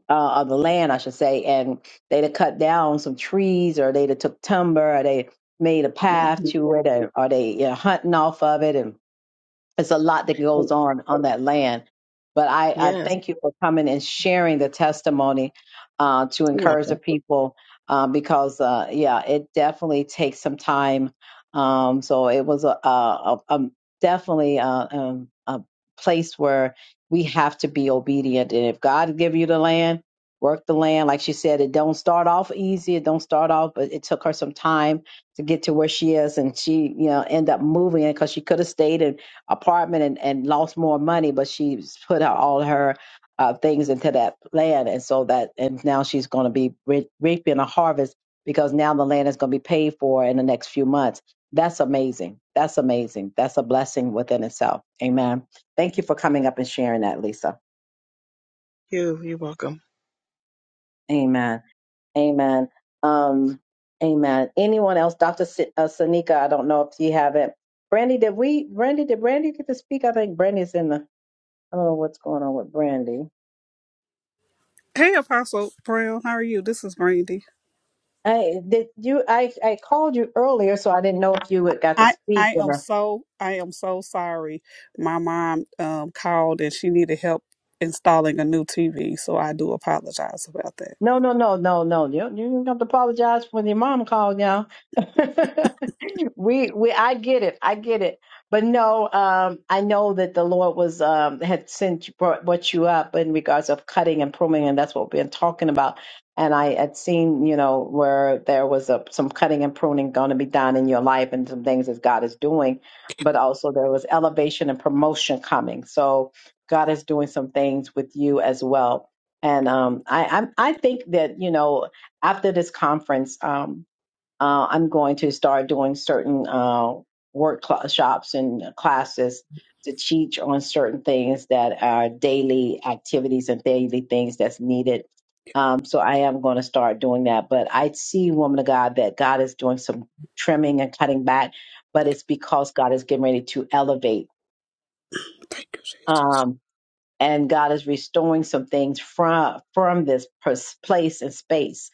Speaker 1: uh, of the land, I should say. And they'd have cut down some trees or they'd have took timber or they made a path
Speaker 19: hmm
Speaker 1: to it or, or they you know, hunting off of it. And it's a lot that goes on on that land. But I, I
Speaker 19: yes
Speaker 1: thank you for coming and sharing the testimony uh, to
Speaker 19: you're
Speaker 1: encourage
Speaker 19: welcome
Speaker 1: the people um, because, uh, yeah, it definitely takes some time. Um, so it was a, a, a, a definitely a, um, a place where we have to be obedient. And if God give you the land, work the land. Like she said, it don't start off easy. It don't start off, but it took her some time to get to where she is, and she, you know, end up moving it because she could have stayed and apartment and, and lost more money, but she's put out all her uh, things into that land, and so that and now she's going to be re- reaping a harvest because now the land is going to be paid for in the next few months. That's amazing. That's amazing. That's a blessing within itself. Amen. Thank you for coming up and sharing that, Lisa.
Speaker 19: you, you're welcome
Speaker 1: Amen. Amen. Um, amen. Anyone else? Dr. S- uh, Sanika, I don't know if you have it. Brandy, did we, Brandy, did Brandy get to speak? I think Brandy's in the, I don't know what's going on with Brandy.
Speaker 20: Hey, Apostle Brown, how are you? This is Brandy.
Speaker 1: Hey, did you? I I called you earlier, so I didn't know if you had got to
Speaker 20: I
Speaker 1: speak
Speaker 20: I am
Speaker 1: or.
Speaker 20: so I am so sorry. My mom um called and she needed help installing a new TV, so I do apologize about that.
Speaker 1: No, no, no, no, no. You you don't have to apologize when your mom called now. we we I get it. I get it. But no, um, I know that the Lord was um had sent you brought, brought you up in regards of cutting and pruning, and that's what we've been talking about. And I had seen, you know, where there was a, some cutting and pruning going to be done in your life, and some things that God is doing. But also there was elevation and promotion coming. So God is doing some things with you as well and um, I, I I think that you know after this conference, um, uh, I'm going to start doing certain uh, workshops and classes to teach on certain things that are daily activities and daily things that's needed. Um, so I am going to start doing that. But I see, woman of God, that God is doing some trimming and cutting back, but it's because God is getting ready to elevate.
Speaker 20: Thank you, Jesus.
Speaker 1: Um, and God is restoring some things from from this pers- place and space,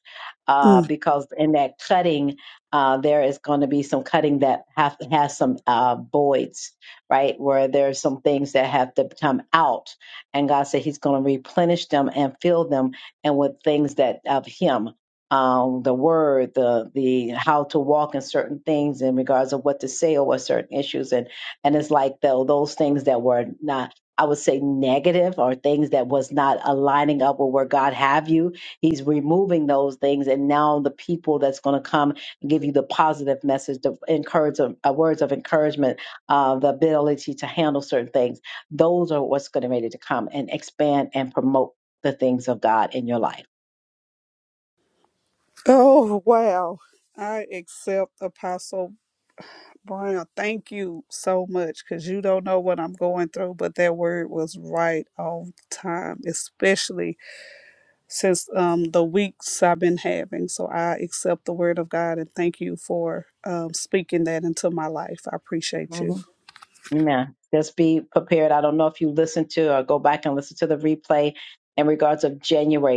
Speaker 1: uh,
Speaker 20: Mm.
Speaker 1: because in that cutting, uh, there is going to be some cutting that have has some uh, voids, right? Where there's some things that have to come out, and God said He's going to replenish them and fill them, and with things that of Him. Um, the word, the the how to walk in certain things in regards of what to say over certain issues, and and it's like though those things that were not I would say negative or things that was not aligning up with where God have you. He's removing those things, and now the people that's going to come and give you the positive message, the encourage, uh, words of encouragement, uh, the ability to handle certain things. Those are what's going to ready to come and expand and promote the things of God in your life.
Speaker 20: Oh wow! I accept Apostle Brown. Thank you so much because you don't know what I'm going through, but that word was right on time, especially since um, the weeks I've been having. So I accept the word of God and thank you for um, speaking that into my life. I appreciate you.
Speaker 1: Mhm. Amen. Just prepared. I don't know if you should play and regarding your weight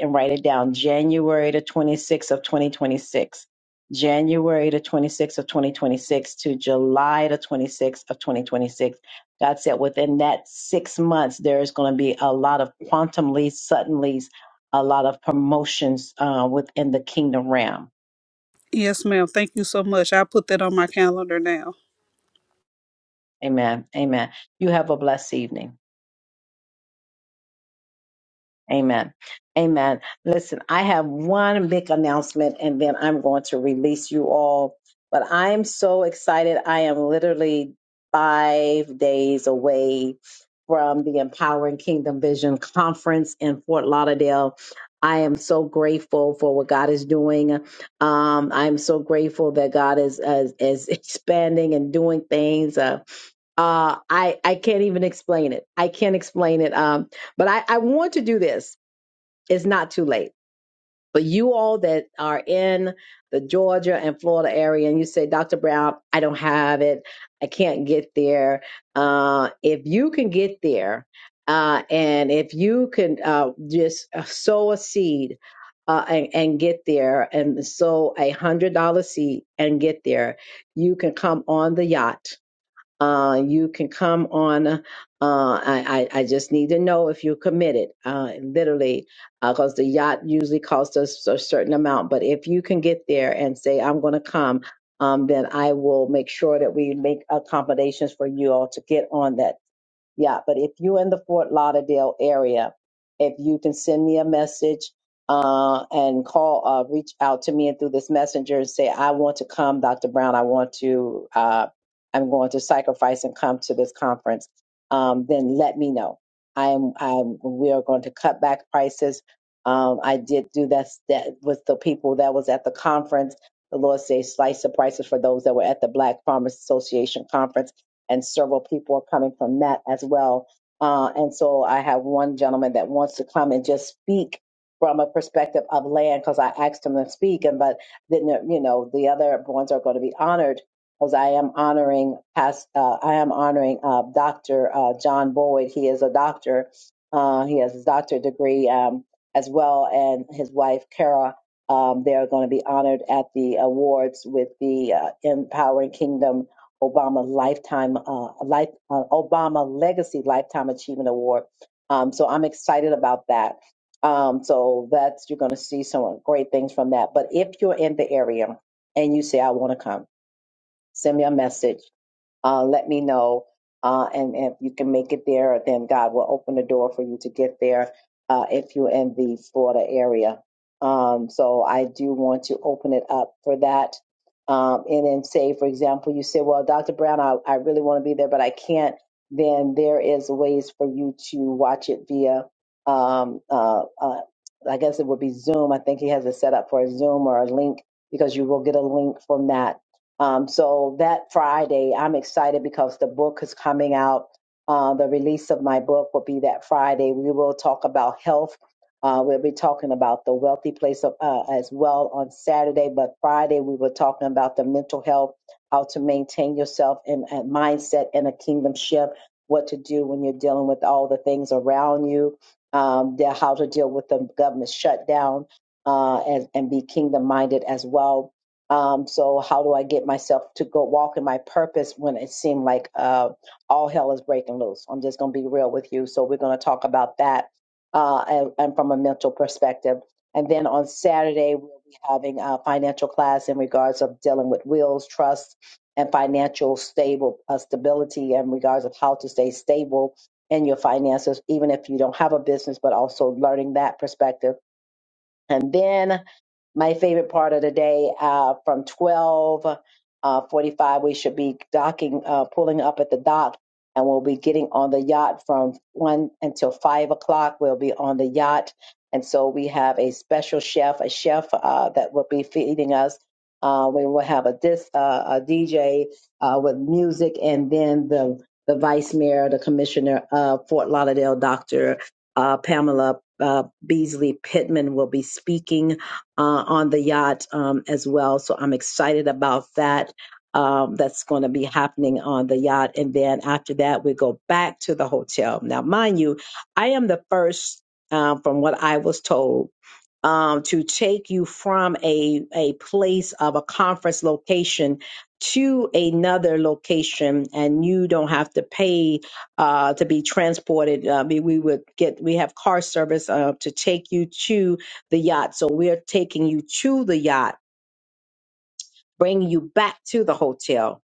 Speaker 1: and write it down. January the twenty sixth of twenty twenty six. January the 26th to July the 26th of 2026. God said within that six months, there is going to be a lot of quantum leads, sudden leads, a lot of promotions uh, within the kingdom realm.
Speaker 20: Yes, ma'am. Thank you so much. I put that on my calendar now.
Speaker 1: Amen. Amen. You have a blessed evening. Amen. Amen. Listen, I have one big announcement and then I'm going to release you all. But I'm so excited. I am literally five days away from the Empowering Kingdom Vision Conference in Fort Lauderdale. I am so grateful for what God is doing. Um, I'm so grateful that God is is, is expanding and doing things. Uh, uh, I I can't even explain it. I can't explain it. Um, but I, I want to do this. It's not too late. But you all that are in the Georgia and Florida area, and you say, Dr. Brown, I don't have it. I can't get there. Uh, if you can get there, uh, and if you can uh, just uh, sow a seed uh, and, and get there and sow a $100 seed and get there, you can come on the yacht uh, you can come on. Uh, I, I I just need to know if you're committed, uh, literally, because the yacht usually costs us a certain amount. But if you can get there and say, I'm going to come, um, then I will make sure that we make accommodations for you all to get on that yeah, but if you're in the Fort Lauderdale area, if you can send me a message uh, and call, uh, reach out to me and through this messenger and say, I want to come, Dr. Brown, I want to, uh, I'm going to sacrifice and come to this conference, um, then let me know. I am, I'm, we are going to cut back prices. Um, I did do that, that with the people that was at the conference. The Lord say slice the prices for those that were at the Black Farmers Association conference and several people are coming from that as well. Uh, and so I have one gentleman that wants to come and just speak from a perspective of land because I asked him to speak, and but then you know the other ones are going to be honored because I am honoring past uh, I am honoring uh, Doctor uh, John Boyd. He is a doctor. Uh, he has his doctorate degree um, as well, and his wife Kara. Um, they are going to be honored at the awards with the uh, Empowering Kingdom Obama Lifetime uh, Life uh, Obama Legacy Lifetime Achievement Award. Um, so I'm excited about that. Um, so that's you're going to see some great things from that. But if you're in the area and you say I want to come, send me a message uh, let me know. Uh, and if you can make it there, then God will open the door for you to get there uh, if you're in the Florida area. Um, so I do want to open it up for that. Um, and then say, for example, you say, well, Dr. Brown, I, I really want to be there, but I can't. Then there is ways for you to watch it via, um, uh, uh, I guess it would be Zoom. I think he has it set up for a Zoom or a link because you will get a link from that um, so that Friday, I'm excited because the book is coming out. Uh, the release of my book will be that Friday. We will talk about health. Uh, we'll be talking about the wealthy place of, uh, as well on Saturday, but Friday we were talking about the mental health, how to maintain yourself and, and mindset and a kingdom shift, what to do when you're dealing with all the things around you, um, the- how to deal with the government shutdown uh, and, and be kingdom minded as well um, so how do I get myself to go walk in my purpose when it seemed like uh, all hell is breaking loose? I'm just going to be real with you. So we're going to talk about that uh, and, and from a mental perspective. And then on Saturday, we'll be having a financial class in regards of dealing with wills, trust, and financial stable uh, stability in regards of how to stay stable in your finances, even if you don't have a business, but also learning that perspective. And then my favorite part of the day uh, from 12 uh, 45 we should be docking uh, pulling up at the dock and we'll be getting on the yacht from 1 until 5 o'clock we'll be on the yacht and so we have a special chef a chef uh, that will be feeding us uh, we will have a dis uh, a dj uh, with music and then the the vice mayor the commissioner of fort lauderdale dr uh, pamela uh, beasley pittman will be speaking uh, on the yacht um, as well. So I'm excited about that. Um, that's going to be happening on the yacht. And then after that, we go back to the hotel. Now, mind you, I am the first, uh, from what I was told, um, to take you from a, a place of a conference location to another location and you don't have to pay uh, to be transported uh, we, we would get we have car service uh, to take you to the yacht so we're taking you to the yacht bringing you back to the hotel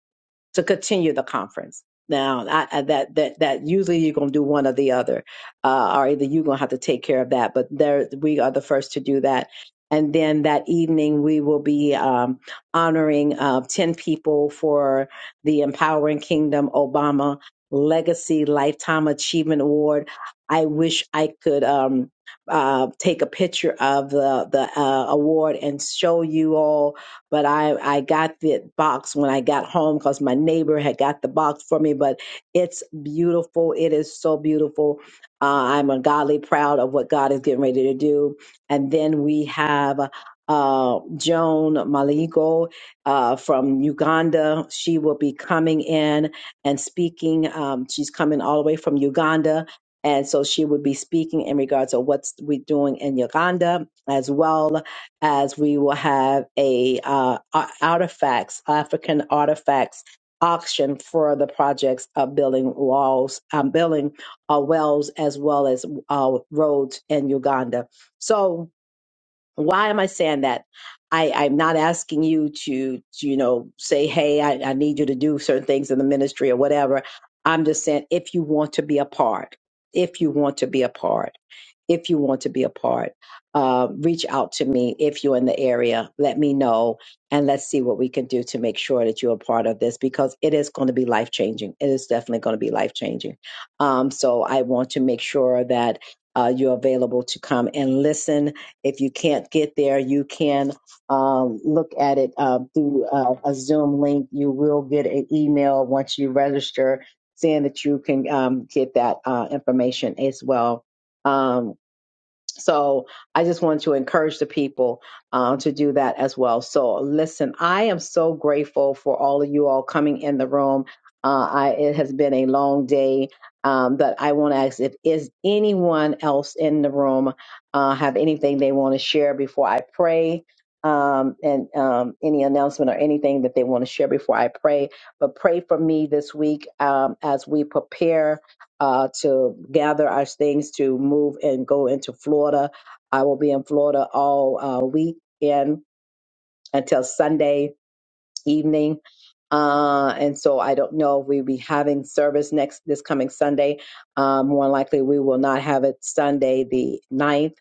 Speaker 1: to continue the conference. Now, I, I, that that that usually you're going to do one or the other, uh, or either you're going to have to take care of that. But there, we are the first to do that. And then that evening, we will be um, honoring uh, ten people for the Empowering Kingdom Obama Legacy Lifetime Achievement Award. I wish I could um, uh, take a picture of the the uh, award and show you all but I I got the box when I got home because my neighbor had got the box for me. But it's beautiful. It is so beautiful. Uh, I'm ungodly proud of what God is getting ready to do. And then we have uh, Joan Maligo uh, from Uganda. She will be coming in and speaking. Um, she's coming all the way from Uganda. And so she would be speaking in regards to what's we doing in Uganda as well as we will have a uh, artifacts African artifacts auction for the projects of building walls, um, building uh, wells as well as uh, roads in Uganda. So why am I saying that? I, I'm not asking you to, to, you know, say, hey, I, I need you to do certain things in the ministry or whatever. I'm just saying if you want to be a part, if you want to be a part if you want to be a part, uh, reach out to me if you're in the area. Let me know, and let's see what we can do to make sure that you're a part of this because it is going to be life changing. It is definitely going to be life changing. Um, so I want to make sure that uh, you're available to come and listen. If you can't get there, you can um, look at it uh, through uh, a Zoom link. You will get an email once you register saying that you can um, get that uh, information as well. Um, so I just want to encourage the people uh, to do that as well. So listen, I am so grateful for all of you all coming in the room. Uh, I, it has been a long day, um, but I want to ask if is anyone else in the room uh, have anything they want to share before I pray. Um, and um, any announcement or anything that they want to share before I pray. But pray for me this week um, as we prepare uh, to gather our things to move and go into Florida. I will be in Florida all uh, weekend until Sunday evening. Uh, and so I don't know if we'll be having service next this coming Sunday. Um, more likely, we will not have it Sunday the ninth.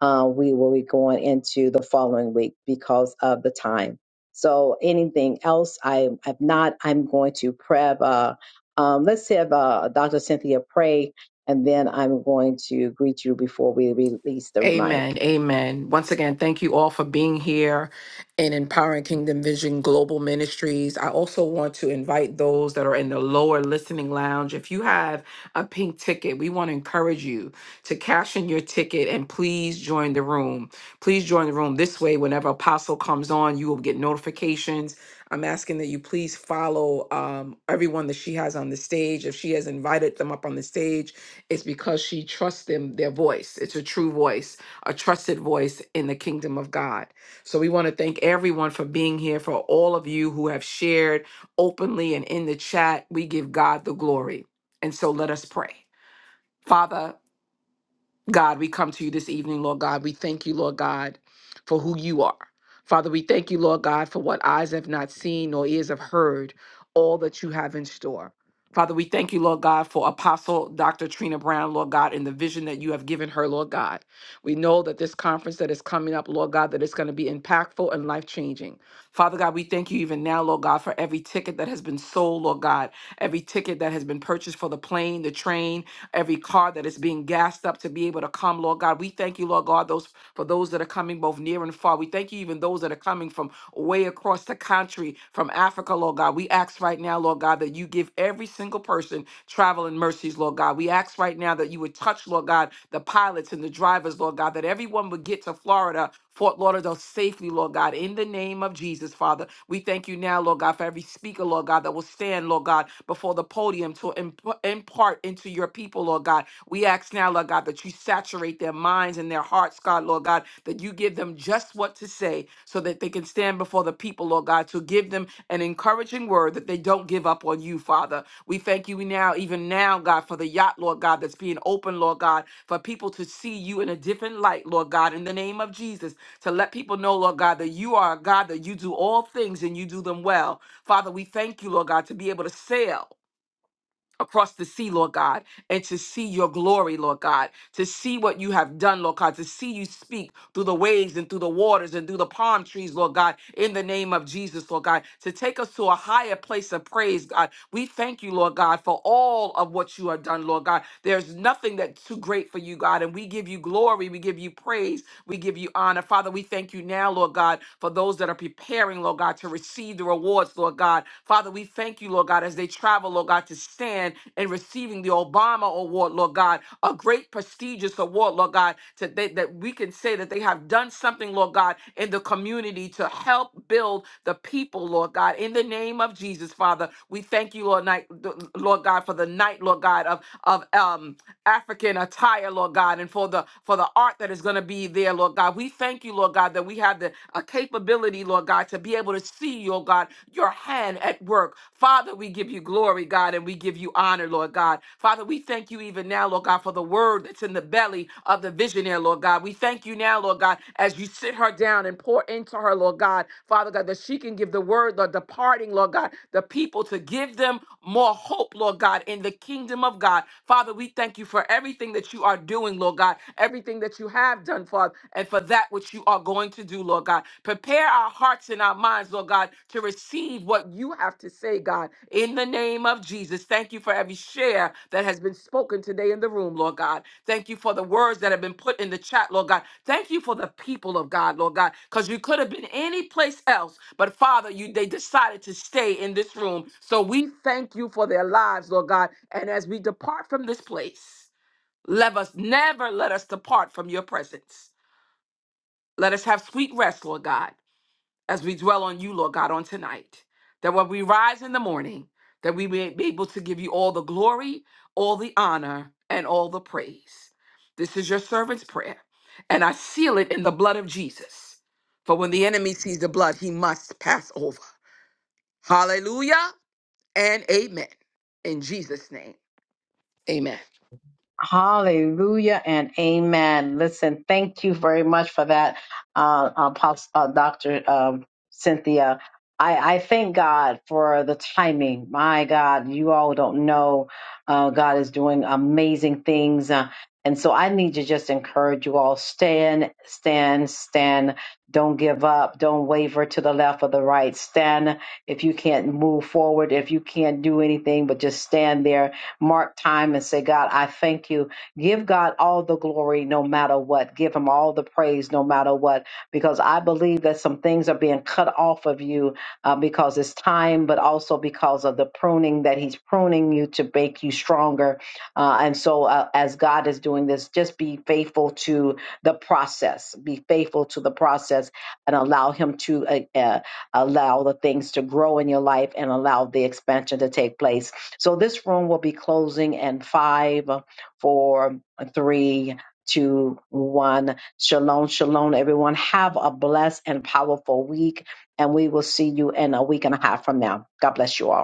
Speaker 1: Uh, we will be going into the following week because of the time. So anything else, I if not. I'm going to prep. Uh, um, let's have uh, Dr. Cynthia pray, and then I'm going to greet you before we release the mic.
Speaker 8: Amen. Amen. Once again, thank you all for being here and empowering Kingdom Vision Global Ministries. I also want to invite those that are in the lower listening lounge. If you have a pink ticket, we want to encourage you to cash in your ticket and please join the room. Please join the room. This way, whenever Apostle comes on, you will get notifications. I'm asking that you please follow um, everyone that she has on the stage. If she has invited them up on the stage, it's because she trusts them, their voice. It's a true voice, a trusted voice in the kingdom of God. So we want to thank everyone for being here, for all of you who have shared openly and in the chat. We give God the glory. And so let us pray. Father, God, we come to you this evening, Lord God. We thank you, Lord God, for who you are. Father, we thank you, Lord God, for what eyes have not seen nor ears have heard, all that you have in store. Father, we thank you, Lord God, for Apostle Dr. Trina Brown, Lord God, and the vision that you have given her, Lord God. We know that this conference that is coming up, Lord God, that it's going to be impactful and life changing. Father God, we thank you even now, Lord God, for every ticket that has been sold, Lord God, every ticket that has been purchased for the plane, the train, every car that is being gassed up to be able to come, Lord God. We thank you, Lord God, those for those that are coming both near and far. We thank you, even those that are coming from way across the country, from Africa, Lord God. We ask right now, Lord God, that you give every single person traveling mercies, Lord God. We ask right now that you would touch, Lord God, the pilots and the drivers, Lord God, that everyone would get to Florida Fort Lauderdale safely, Lord God, in the name of Jesus, Father. We thank you now, Lord God, for every every speaker, Lord God, that will stand, Lord God, before the podium to imp- impart into your people, Lord God. We ask now, Lord God, that you saturate their minds and their hearts, God, Lord God, that you give them just what to say so that they can stand before the people, Lord God, to give them an encouraging word that they don't give up on you, Father. We thank you now, even now, God, for the yacht, Lord God, that's being open, Lord God, for people to see you in a different light, Lord God, in the name of Jesus, to let people know, Lord God, that you are a God, that you do all things and you do them well. Father, we thank you, Lord God, to be able to sail across the sea, Lord God, and to see your glory, Lord God, to see what you have done, Lord God, to see you speak through the waves and through the waters and through the palm trees, Lord God, in the name of Jesus, Lord God, to take us to a higher place of praise, God. We thank you, Lord God, for all of what you have done, Lord God. There's nothing that's too great for you, God, and we give you glory, we give you praise, we give you honor. Father, we thank you now, Lord God, for those that are preparing, preparing, Lord God, to receive the rewards, Lord God. Father, we thank you, Lord God, as they travel, Lord God, to stand in receiving the Obama Award, Lord God, a great prestigious award, Lord God, to, that, that we can say that they have done something, Lord God, in the community to help build the people, Lord God. In the name of Jesus, Father, we thank you, Lord, night, Lord God, for the night, Lord God, of of um African attire, Lord God, and for the for the art that is going to be there, Lord God. We thank you, Lord God, that we have the a capability, Lord God, to be able to see, oh God, your hand at work. Father, we give you glory, God, and we give you honor, Lord God. Father, we thank you even now, Lord God, for the word that's in the belly of the visionary, Lord God. We thank you now, Lord God, as you sit her down and pour into her, Lord God, Father God, that she can give the word, the departing, Lord God, the people to give them more hope, Lord God, in the kingdom of God. Father, we thank you for everything that you are doing, Lord God, everything that you have done, Father, and for that which you are going to do, Lord God. Prepare our hearts and our minds, Lord God, to receive what you have to say, God, in the name of Jesus. Thank you for every share that has been spoken today in the room, Lord God. Thank you for the words that have been put in the chat, Lord God. Thank you for the people of God, Lord God, because you could have been any place else, but Father, you they decided to stay in this room. So we thank you for their lives, Lord God. And as we depart from this place, let us never let us depart from your presence. Let us have sweet rest, Lord God, as we dwell on you, Lord God, on tonight. That when we rise in the morning, that we may be able to give you all the glory, all the honor, and all the praise. This is your servant's prayer, and I seal it in the blood of Jesus. For when the enemy sees the blood, he must pass over. Hallelujah and amen. In Jesus' name, amen.
Speaker 1: Hallelujah and amen. Listen, thank you very much for that, uh, Apostle, uh, Dr. Um, Cynthia. I, I thank God for the timing. My God, you all don't know. Uh, God is doing amazing things. Uh, and so I need to just encourage you all stand, stand, stand. Don't give up. Don't waver to the left or the right. Stand if you can't move forward, if you can't do anything, but just stand there mark time and say, God, I thank you. Give God all the glory no matter what. Give him all the praise no matter what, because I believe that some things are being cut off of you uh, because it's time, but also because of the pruning that he's pruning you to make you stronger. Uh, and so, uh, as God is doing this, just be faithful to the process, be faithful to the process and allow him to uh, uh, allow the things to grow in your life and allow the expansion to take place so this room will be closing in five, four, three, two, one. Shalom, shalom, everyone. Have a blessed and powerful week, and we will see you in a week and a half from now. God bless you all.